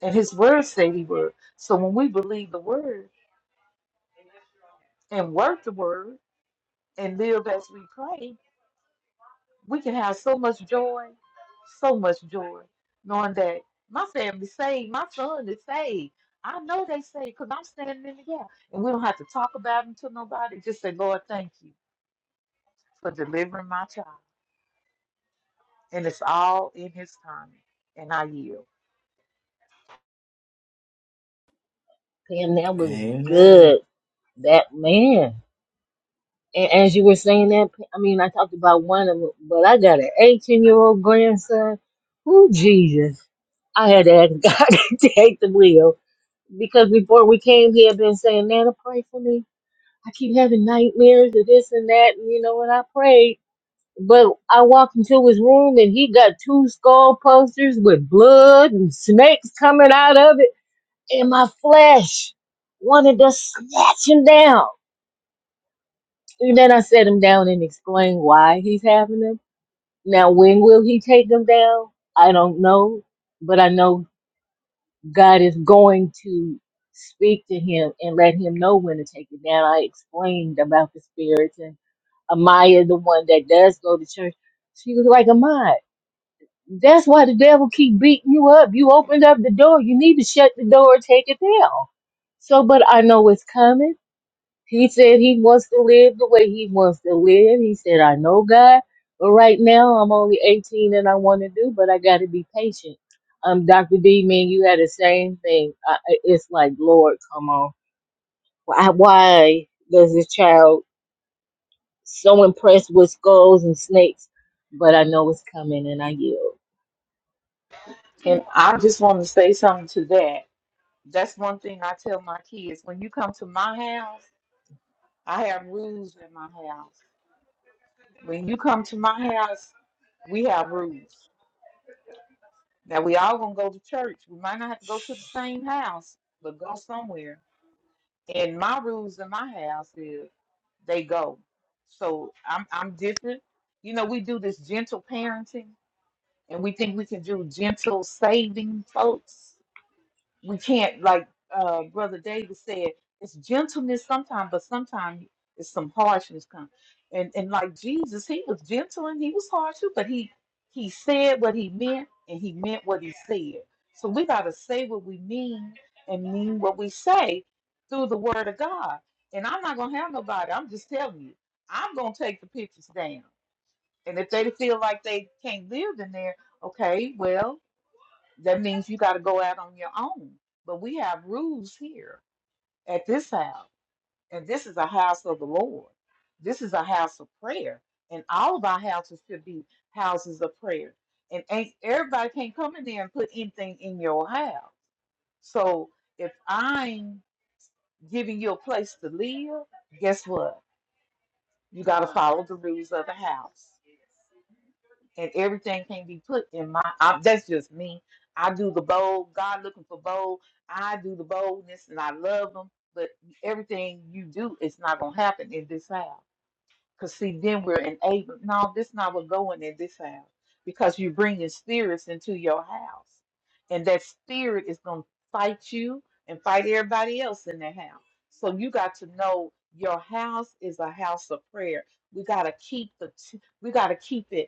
And his word said he would. So when we believe the word and work the word and live as we pray, we can have so much joy, so much joy, knowing that my family's saved, my son is saved. I know they saved because I'm standing in the gap. And we don't have to talk about them to nobody. Just say, Lord, thank you for delivering my child. And it's all in his time. And I yield.
Pam, that was
Amen.
good. That man. And as you were saying that, I mean, I talked about one of them, but I got an 18 year old grandson. Who Jesus? I had to ask God to take the wheel because before we came, he had been saying, Nana, pray for me. I keep having nightmares of this and that. And you know what? I prayed But I walked into his room and he got two skull posters with blood and snakes coming out of it. And my flesh wanted to snatch him down. And then I set him down and explained why he's having them. Now, when will he take them down? I don't know. But I know God is going to speak to him and let him know when to take it down. I explained about the spirits and Amaya, the one that does go to church. She was like, Amaya. That's why the devil keep beating you up. You opened up the door. You need to shut the door and take it down. So, but I know it's coming. He said he wants to live the way he wants to live. He said, I know God, but right now I'm only 18 and I want to do, but I got to be patient. Um, Dr. D, me and you had the same thing. I, I- it's like, Lord, come on. Why, why does this child so impressed with skulls and snakes? But I know it's coming and I yield.
And I just want to say something to that. That's one thing I tell my kids. When you come to my house, I have rules in my house. When you come to my house, we have rules. Now we all gonna go to church. We might not have to go to the same house, but go somewhere. And my rules in my house is they go. So I'm I'm different. You know, we do this gentle parenting and we think we can do gentle saving folks. we can't like uh brother david said it's gentleness sometimes but sometimes it's some harshness come and and like jesus he was gentle and he was harsh too but he he said what he meant and he meant what he said so we got to say what we mean and mean what we say through the word of god and i'm not gonna have nobody i'm just telling you i'm gonna take the pictures down and if they feel like they can't live in there okay well that means you got to go out on your own. But we have rules here at this house, and this is a house of the Lord. This is a house of prayer, and all of our houses should be houses of prayer. And ain't, everybody can't come in there and put anything in your house. So if I'm giving you a place to live, guess what? You got to follow the rules of the house. and everything can be put in my I, that's just me i do the bold god looking for bold i do the boldness and i love them but everything you do is not going to happen in this house because see then we're enabled no this not what going in this house because you're bringing spirits into your house and that spirit is going to fight you and fight everybody else in that house so you got to know your house is a house of prayer we got to keep the t- we got to keep it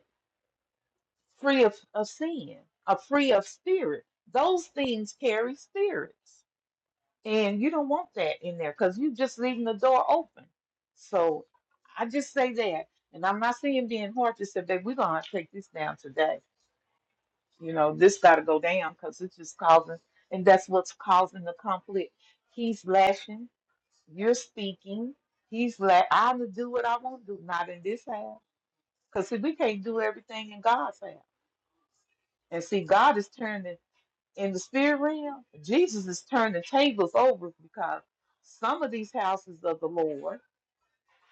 free of, of sin, are free of spirit. Those things carry spirits. And you don't want that in there because you're just leaving the door open. So I just say that. And I'm not saying being hard to say, babe, we're going to take this down today. You know, this got to go down because it's just causing, and that's what's causing the conflict. He's lashing, you're speaking. He's like, I'm going to do what I want to do, not in this house. Because, see, we can't do everything in God's house. And see, God is turning. in the spirit realm, Jesus is turning tables over because some of these houses of the Lord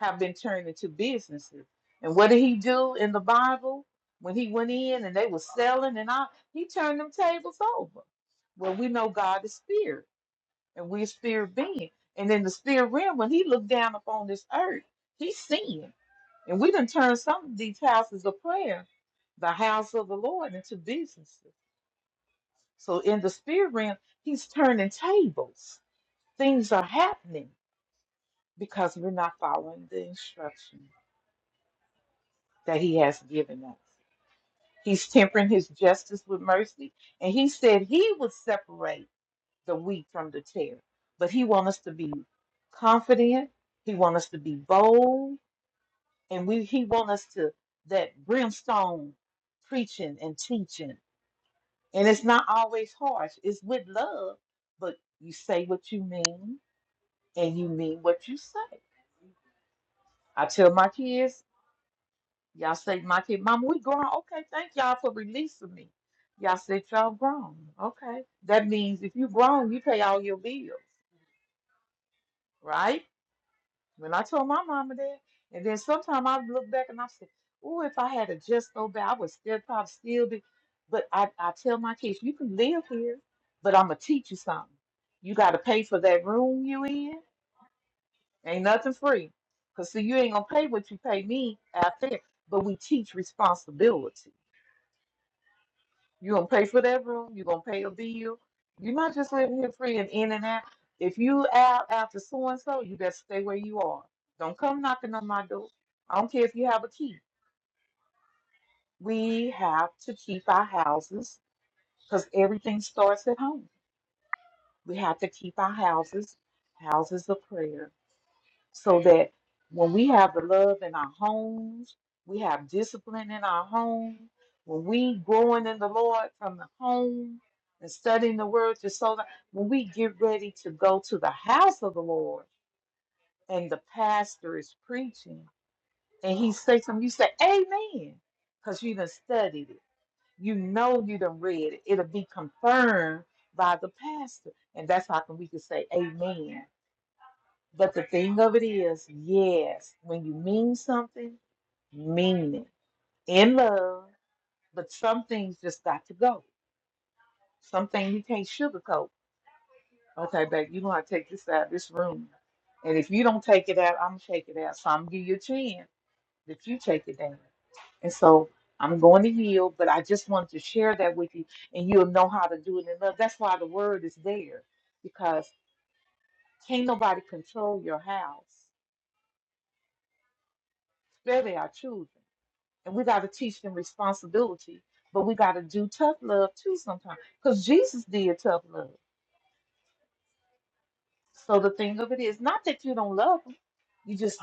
have been turned into businesses. And what did he do in the Bible when he went in and they were selling and all? He turned them tables over. Well, we know God is spirit and we're spirit being. And in the spirit realm, when he looked down upon this earth, he's seeing. And we done turned some of these houses of prayer, the house of the Lord, into businesses. So in the spirit realm, he's turning tables. Things are happening because we're not following the instruction that he has given us. He's tempering his justice with mercy, and he said he would separate the wheat from the tare. But he wants us to be confident. He wants us to be bold, and we he wants us to that brimstone preaching and teaching. And it's not always harsh. It's with love, but you say what you mean and you mean what you say. I tell my kids, y'all say my kid, Mama, we grown. Okay, thank y'all for releasing me. Y'all said y'all grown. Okay. That means if you grown, you pay all your bills, right? When I told my mama that, and then sometime I look back and I say, Oh, if I had a just go back, I would still probably still be. But I, I tell my kids, you can live here, but I'm gonna teach you something. You gotta pay for that room you in Ain't nothing free. Cause see, you ain't gonna pay what you pay me out there, but we teach responsibility. You gonna pay for that room, you gonna pay a bill. You're not just living here free and in and out. If you out after so and so, you better stay where you are. Don't come knocking on my door. I don't care if you have a key. We have to keep our houses because everything starts at home. We have to keep our houses, houses of prayer so that when we have the love in our homes, we have discipline in our home, when we growing in the Lord from the home and studying the word to so that when we get ready to go to the house of the Lord and the pastor is preaching and he say something, you say amen because you done studied it. You know you done read it. It'll be confirmed by the pastor. And that's how come we can say amen but the thing of it is, yes, when you mean something, mean it in love. But some things just got to go. Some things you can't sugarcoat. Okay, babe, you gonna take this out of this room, and if you don't take it out, I'm gonna take it out. So I'm gonna give you a chance that you take it down. And so I'm going to yield, but I just wanted to share that with you, and you'll know how to do it in love. That's why the word is there, because can't nobody control your house, especially our children. and we got to teach them responsibility. But we got to do tough love too sometimes, because Jesus did tough love. So the thing of it is, not that you don't love them, you just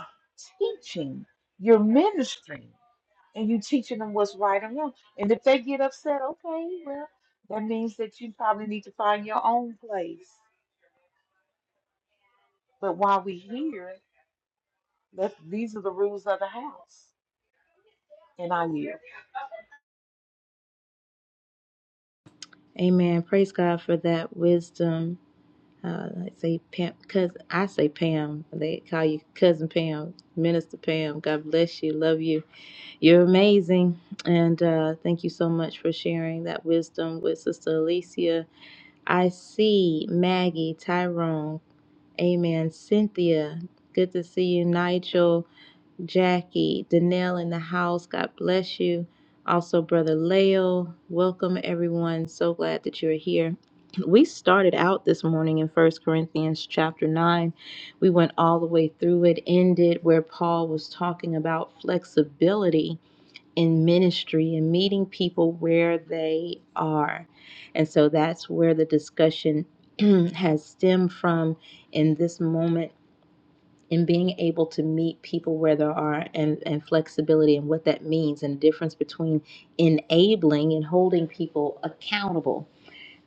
teaching, you're ministering, and you teaching them what's right and wrong. And if they get upset, okay, well, that means that you probably need to find your own place. But while we are here, let these are the rules of the house, and I yield.
Amen. Praise God for that wisdom. Uh, I say Pam, cause I say Pam. They call you cousin Pam, Minister Pam. God bless you. Love you. You're amazing, and uh, thank you so much for sharing that wisdom with Sister Alicia. I see Maggie, Tyrone. Amen. Cynthia. Good to see you, Nigel. Jackie, Danelle in the house. God bless you. Also, Brother Leo, welcome everyone. So glad that you're here. We started out this morning in First Corinthians chapter 9. We went all the way through it, ended where Paul was talking about flexibility in ministry and meeting people where they are. And so that's where the discussion has stemmed from in this moment and being able to meet people where they are and, and flexibility and what that means and the difference between enabling and holding people accountable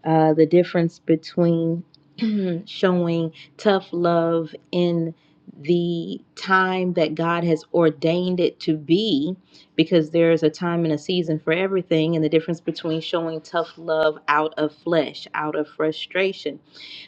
uh, the difference between showing tough love in the time that god has ordained it to be because there's a time and a season for everything and the difference between showing tough love out of flesh out of frustration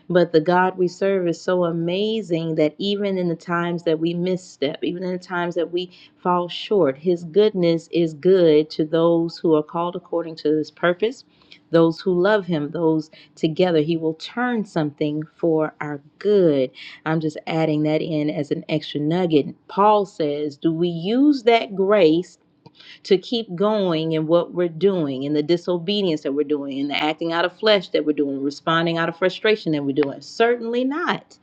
but the God we serve is so amazing that even in the times that we misstep, even in the times that we fall short, His goodness is good to those who are called according to His purpose, those who love Him, those together. He will turn something for our good. I'm just adding that in as an extra nugget. Paul says, Do we use that grace? to keep going in what we're doing, in the disobedience that we're doing, in the acting out of flesh that we're doing, responding out of frustration that we're doing? Certainly not.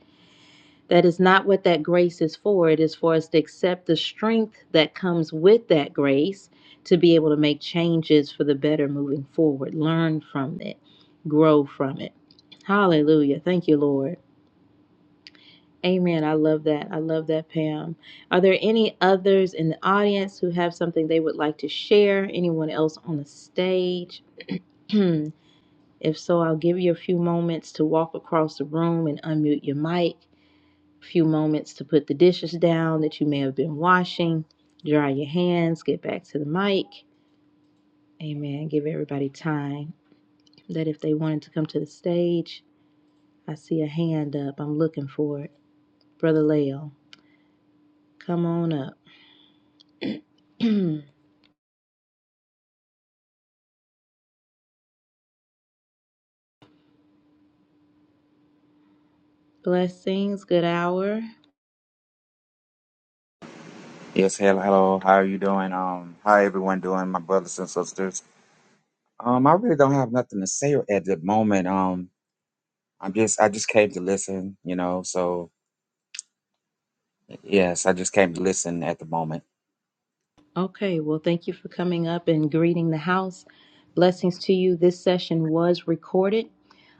That is not what that grace is for. It is for us to accept the strength that comes with that grace to be able to make changes for the better moving forward, learn from it, grow from it. Hallelujah. Thank you, Lord. Amen. I love that. I love that, Pam. Are there any others in the audience who have something they would like to share? Anyone else on the stage? if so, I'll give you a few moments to walk across the room and unmute your mic. A few moments to put the dishes down that you may have been washing, dry your hands, get back to the mic. Amen. Give everybody time that if they wanted to come to the stage, I see a hand up. I'm looking for it. Brother Lael, come on up. Blessings, good hour.
Yes, hello, hello. How are you doing? Um, how everyone doing, my brothers and sisters? Um, I really don't have nothing to say at the moment. Um, I'm just, I just came to listen, you know. So yes, I just came to listen at the moment.
Okay, well, thank you for coming up and greeting the house. Blessings to you. This session was recorded,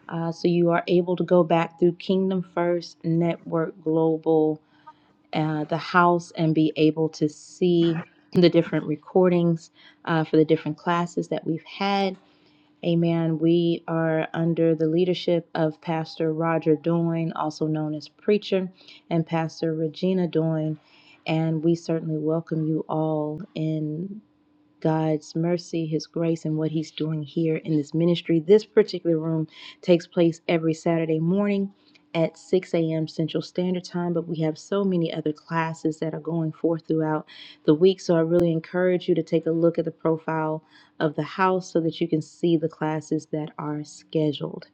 uh, so you are able to go back through Kingdom First Network Global, uh, the house, and be able to see the different recordings uh, for the different classes that we've had. Amen. We are under the leadership of Pastor Roger Doyne, also known as Preacher, and Pastor Regina Doyne. And we certainly welcome you all in God's mercy, His grace, and what He's doing here in this ministry. This particular room takes place every Saturday morning at 6 a.m. Central Standard Time, but we have so many other classes that are going forth throughout the week. So I really encourage you to take a look at the profile of the house so that you can see the classes that are scheduled.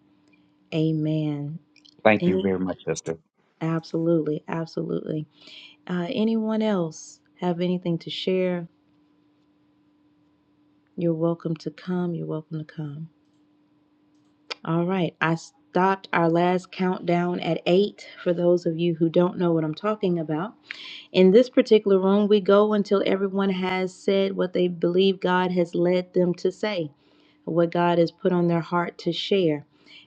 Amen.
Thank you
Any?
very much, sister.
Absolutely, absolutely. Uh, anyone else have anything to share? You're welcome to come. You're welcome to come. All right. I stopped our last countdown at eight for those of you who don't know what I'm talking about. In this particular room, we go until everyone has said what they believe God has led them to say what God has put on their heart to share.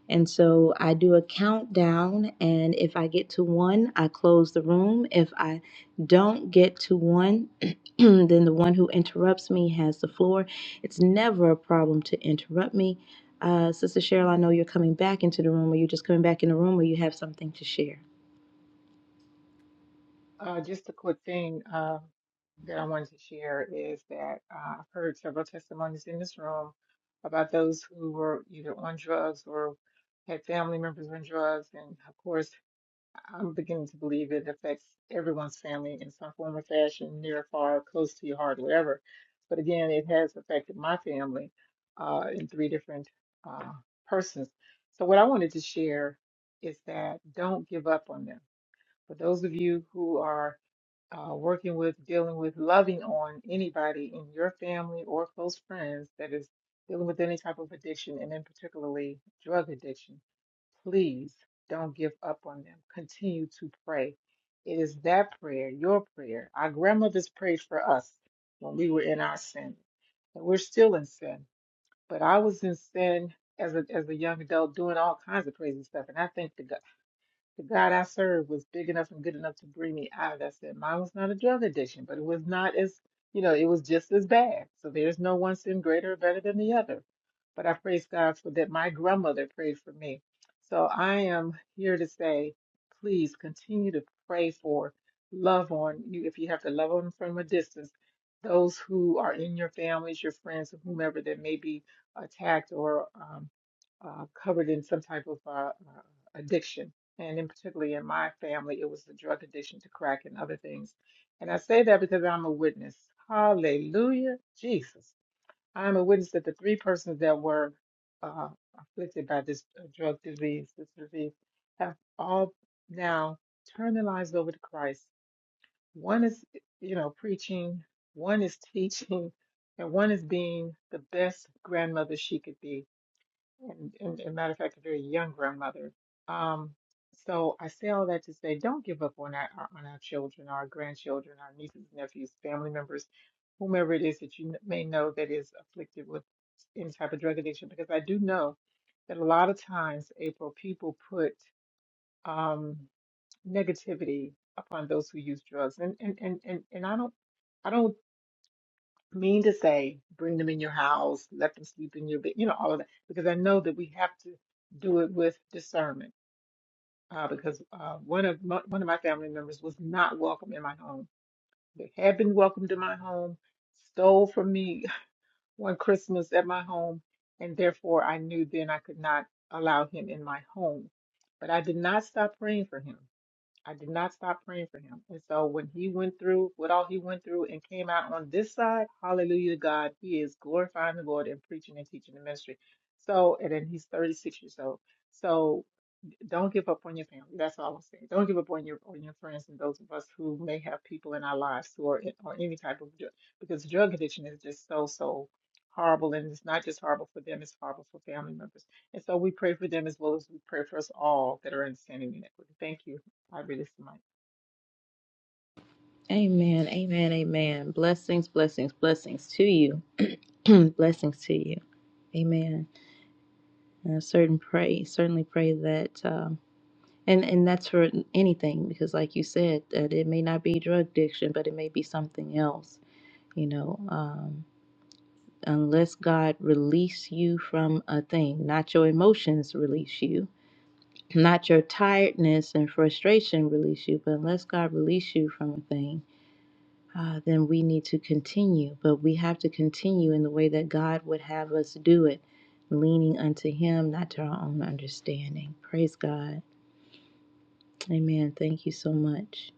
And so I do a countdown, and if I get to one, I close the room. If I don't get to one, then the one who interrupts me has the floor. It's never a problem to interrupt me. Uh, Sister Cheryl, I know you're coming back into the room, or you're just coming back in the room, or you have something to share.
Uh, just a quick thing uh, that I wanted to share is that uh, I've heard several testimonies in this room about those who were either on drugs or had family members on drugs. And of course, I'm beginning to believe it affects everyone's family in some form or fashion, near, far, close to your heart, wherever. But again, it has affected my family uh, in three different uh, persons. So, what I wanted to share is that don't give up on them for those of you who are uh, working with, dealing with, loving on anybody in your family or close friends that is dealing with any type of addiction, and in particularly drug addiction, please don't give up on them. Continue to pray. It is that prayer, your prayer. Our grandmothers prayed for us when we were in our sin, and we're still in sin. But I was in sin as a as a young adult, doing all kinds of crazy stuff, and I thank God the God I served was big enough and good enough to bring me out of that sin. Mine was not a drug addiction, but it was not as, you know, it was just as bad. So there's no one sin greater or better than the other but I praise God for that. My grandmother prayed for me. So I am here to say, please continue to pray for, love on you if you have to love on from a distance, those who are in your families, your friends, or whomever that may be attacked or um, uh, covered in some type of uh, uh, addiction. And in particularly in my family, it was the drug addiction to crack and other things. And I say that because I'm a witness. Hallelujah, Jesus. I am a witness that the three persons that were uh, afflicted by this uh, drug disease, this disease, have all now turned their lives over to Christ. One is, you know, preaching, one is teaching, and one is being the best grandmother she could be. And, and, and matter of fact, a very young grandmother. Um, so I say all that to say, don't give up on our our- on our children, our grandchildren, our nieces, nephews, family members, whomever it is that you may know that is afflicted with any type of drug addiction because I do know that a lot of times, April, people put um, negativity upon those who use drugs, and and and and, and I don't I don't mean to say bring them in your house, let them sleep in your bed, you know, all of that, because I know that we have to do it with discernment. Uh, because uh, one of my, one of my family members was not welcome in my home. They had been welcomed to my home, stole from me, one Christmas at my home, and therefore I knew then I could not allow him in my home. But I did not stop praying for him. I did not stop praying for him. And so when he went through what all he went through and came out on this side, hallelujah to God, he is glorifying the Lord and preaching and teaching the ministry. So, and then he's 36 years old. So don't give up on your family. That's all I'm saying. Don't give up on your on your friends and those of us who may have people in our lives who are in, or any type of drug because drug addiction is just so so horrible and it's not just horrible for them, it's horrible for family members. And so we pray for them as well as we pray for us all that are in standing inequity. Thank you. I release the mic.
Amen, amen, amen. Blessings, blessings, blessings to you. blessings to you. Amen. And I certain pray, certainly pray that. Um, And and that's for anything because, like you said, that it may not be drug addiction, but it may be something else. You know, um, unless God release you from a thing, not your emotions release you, not your tiredness and frustration release you, but unless God release you from a thing, uh, then we need to continue. But we have to continue in the way that God would have us do it, leaning unto Him, not to our own understanding. Praise God. Amen. Thank you so much.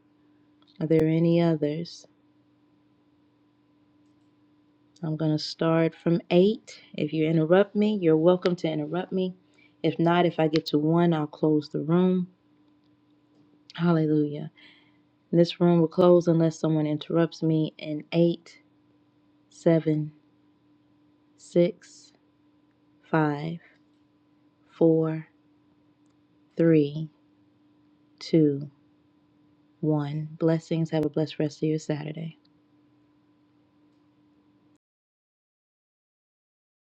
Are there any others? I'm going to start from eight. If you interrupt me, you're welcome to interrupt me. If not, if I get to one, I'll close the room. Hallelujah. This room will close unless someone interrupts me in eight, seven, six, five, four, three, two, one. Blessings. Have a blessed rest of your Saturday.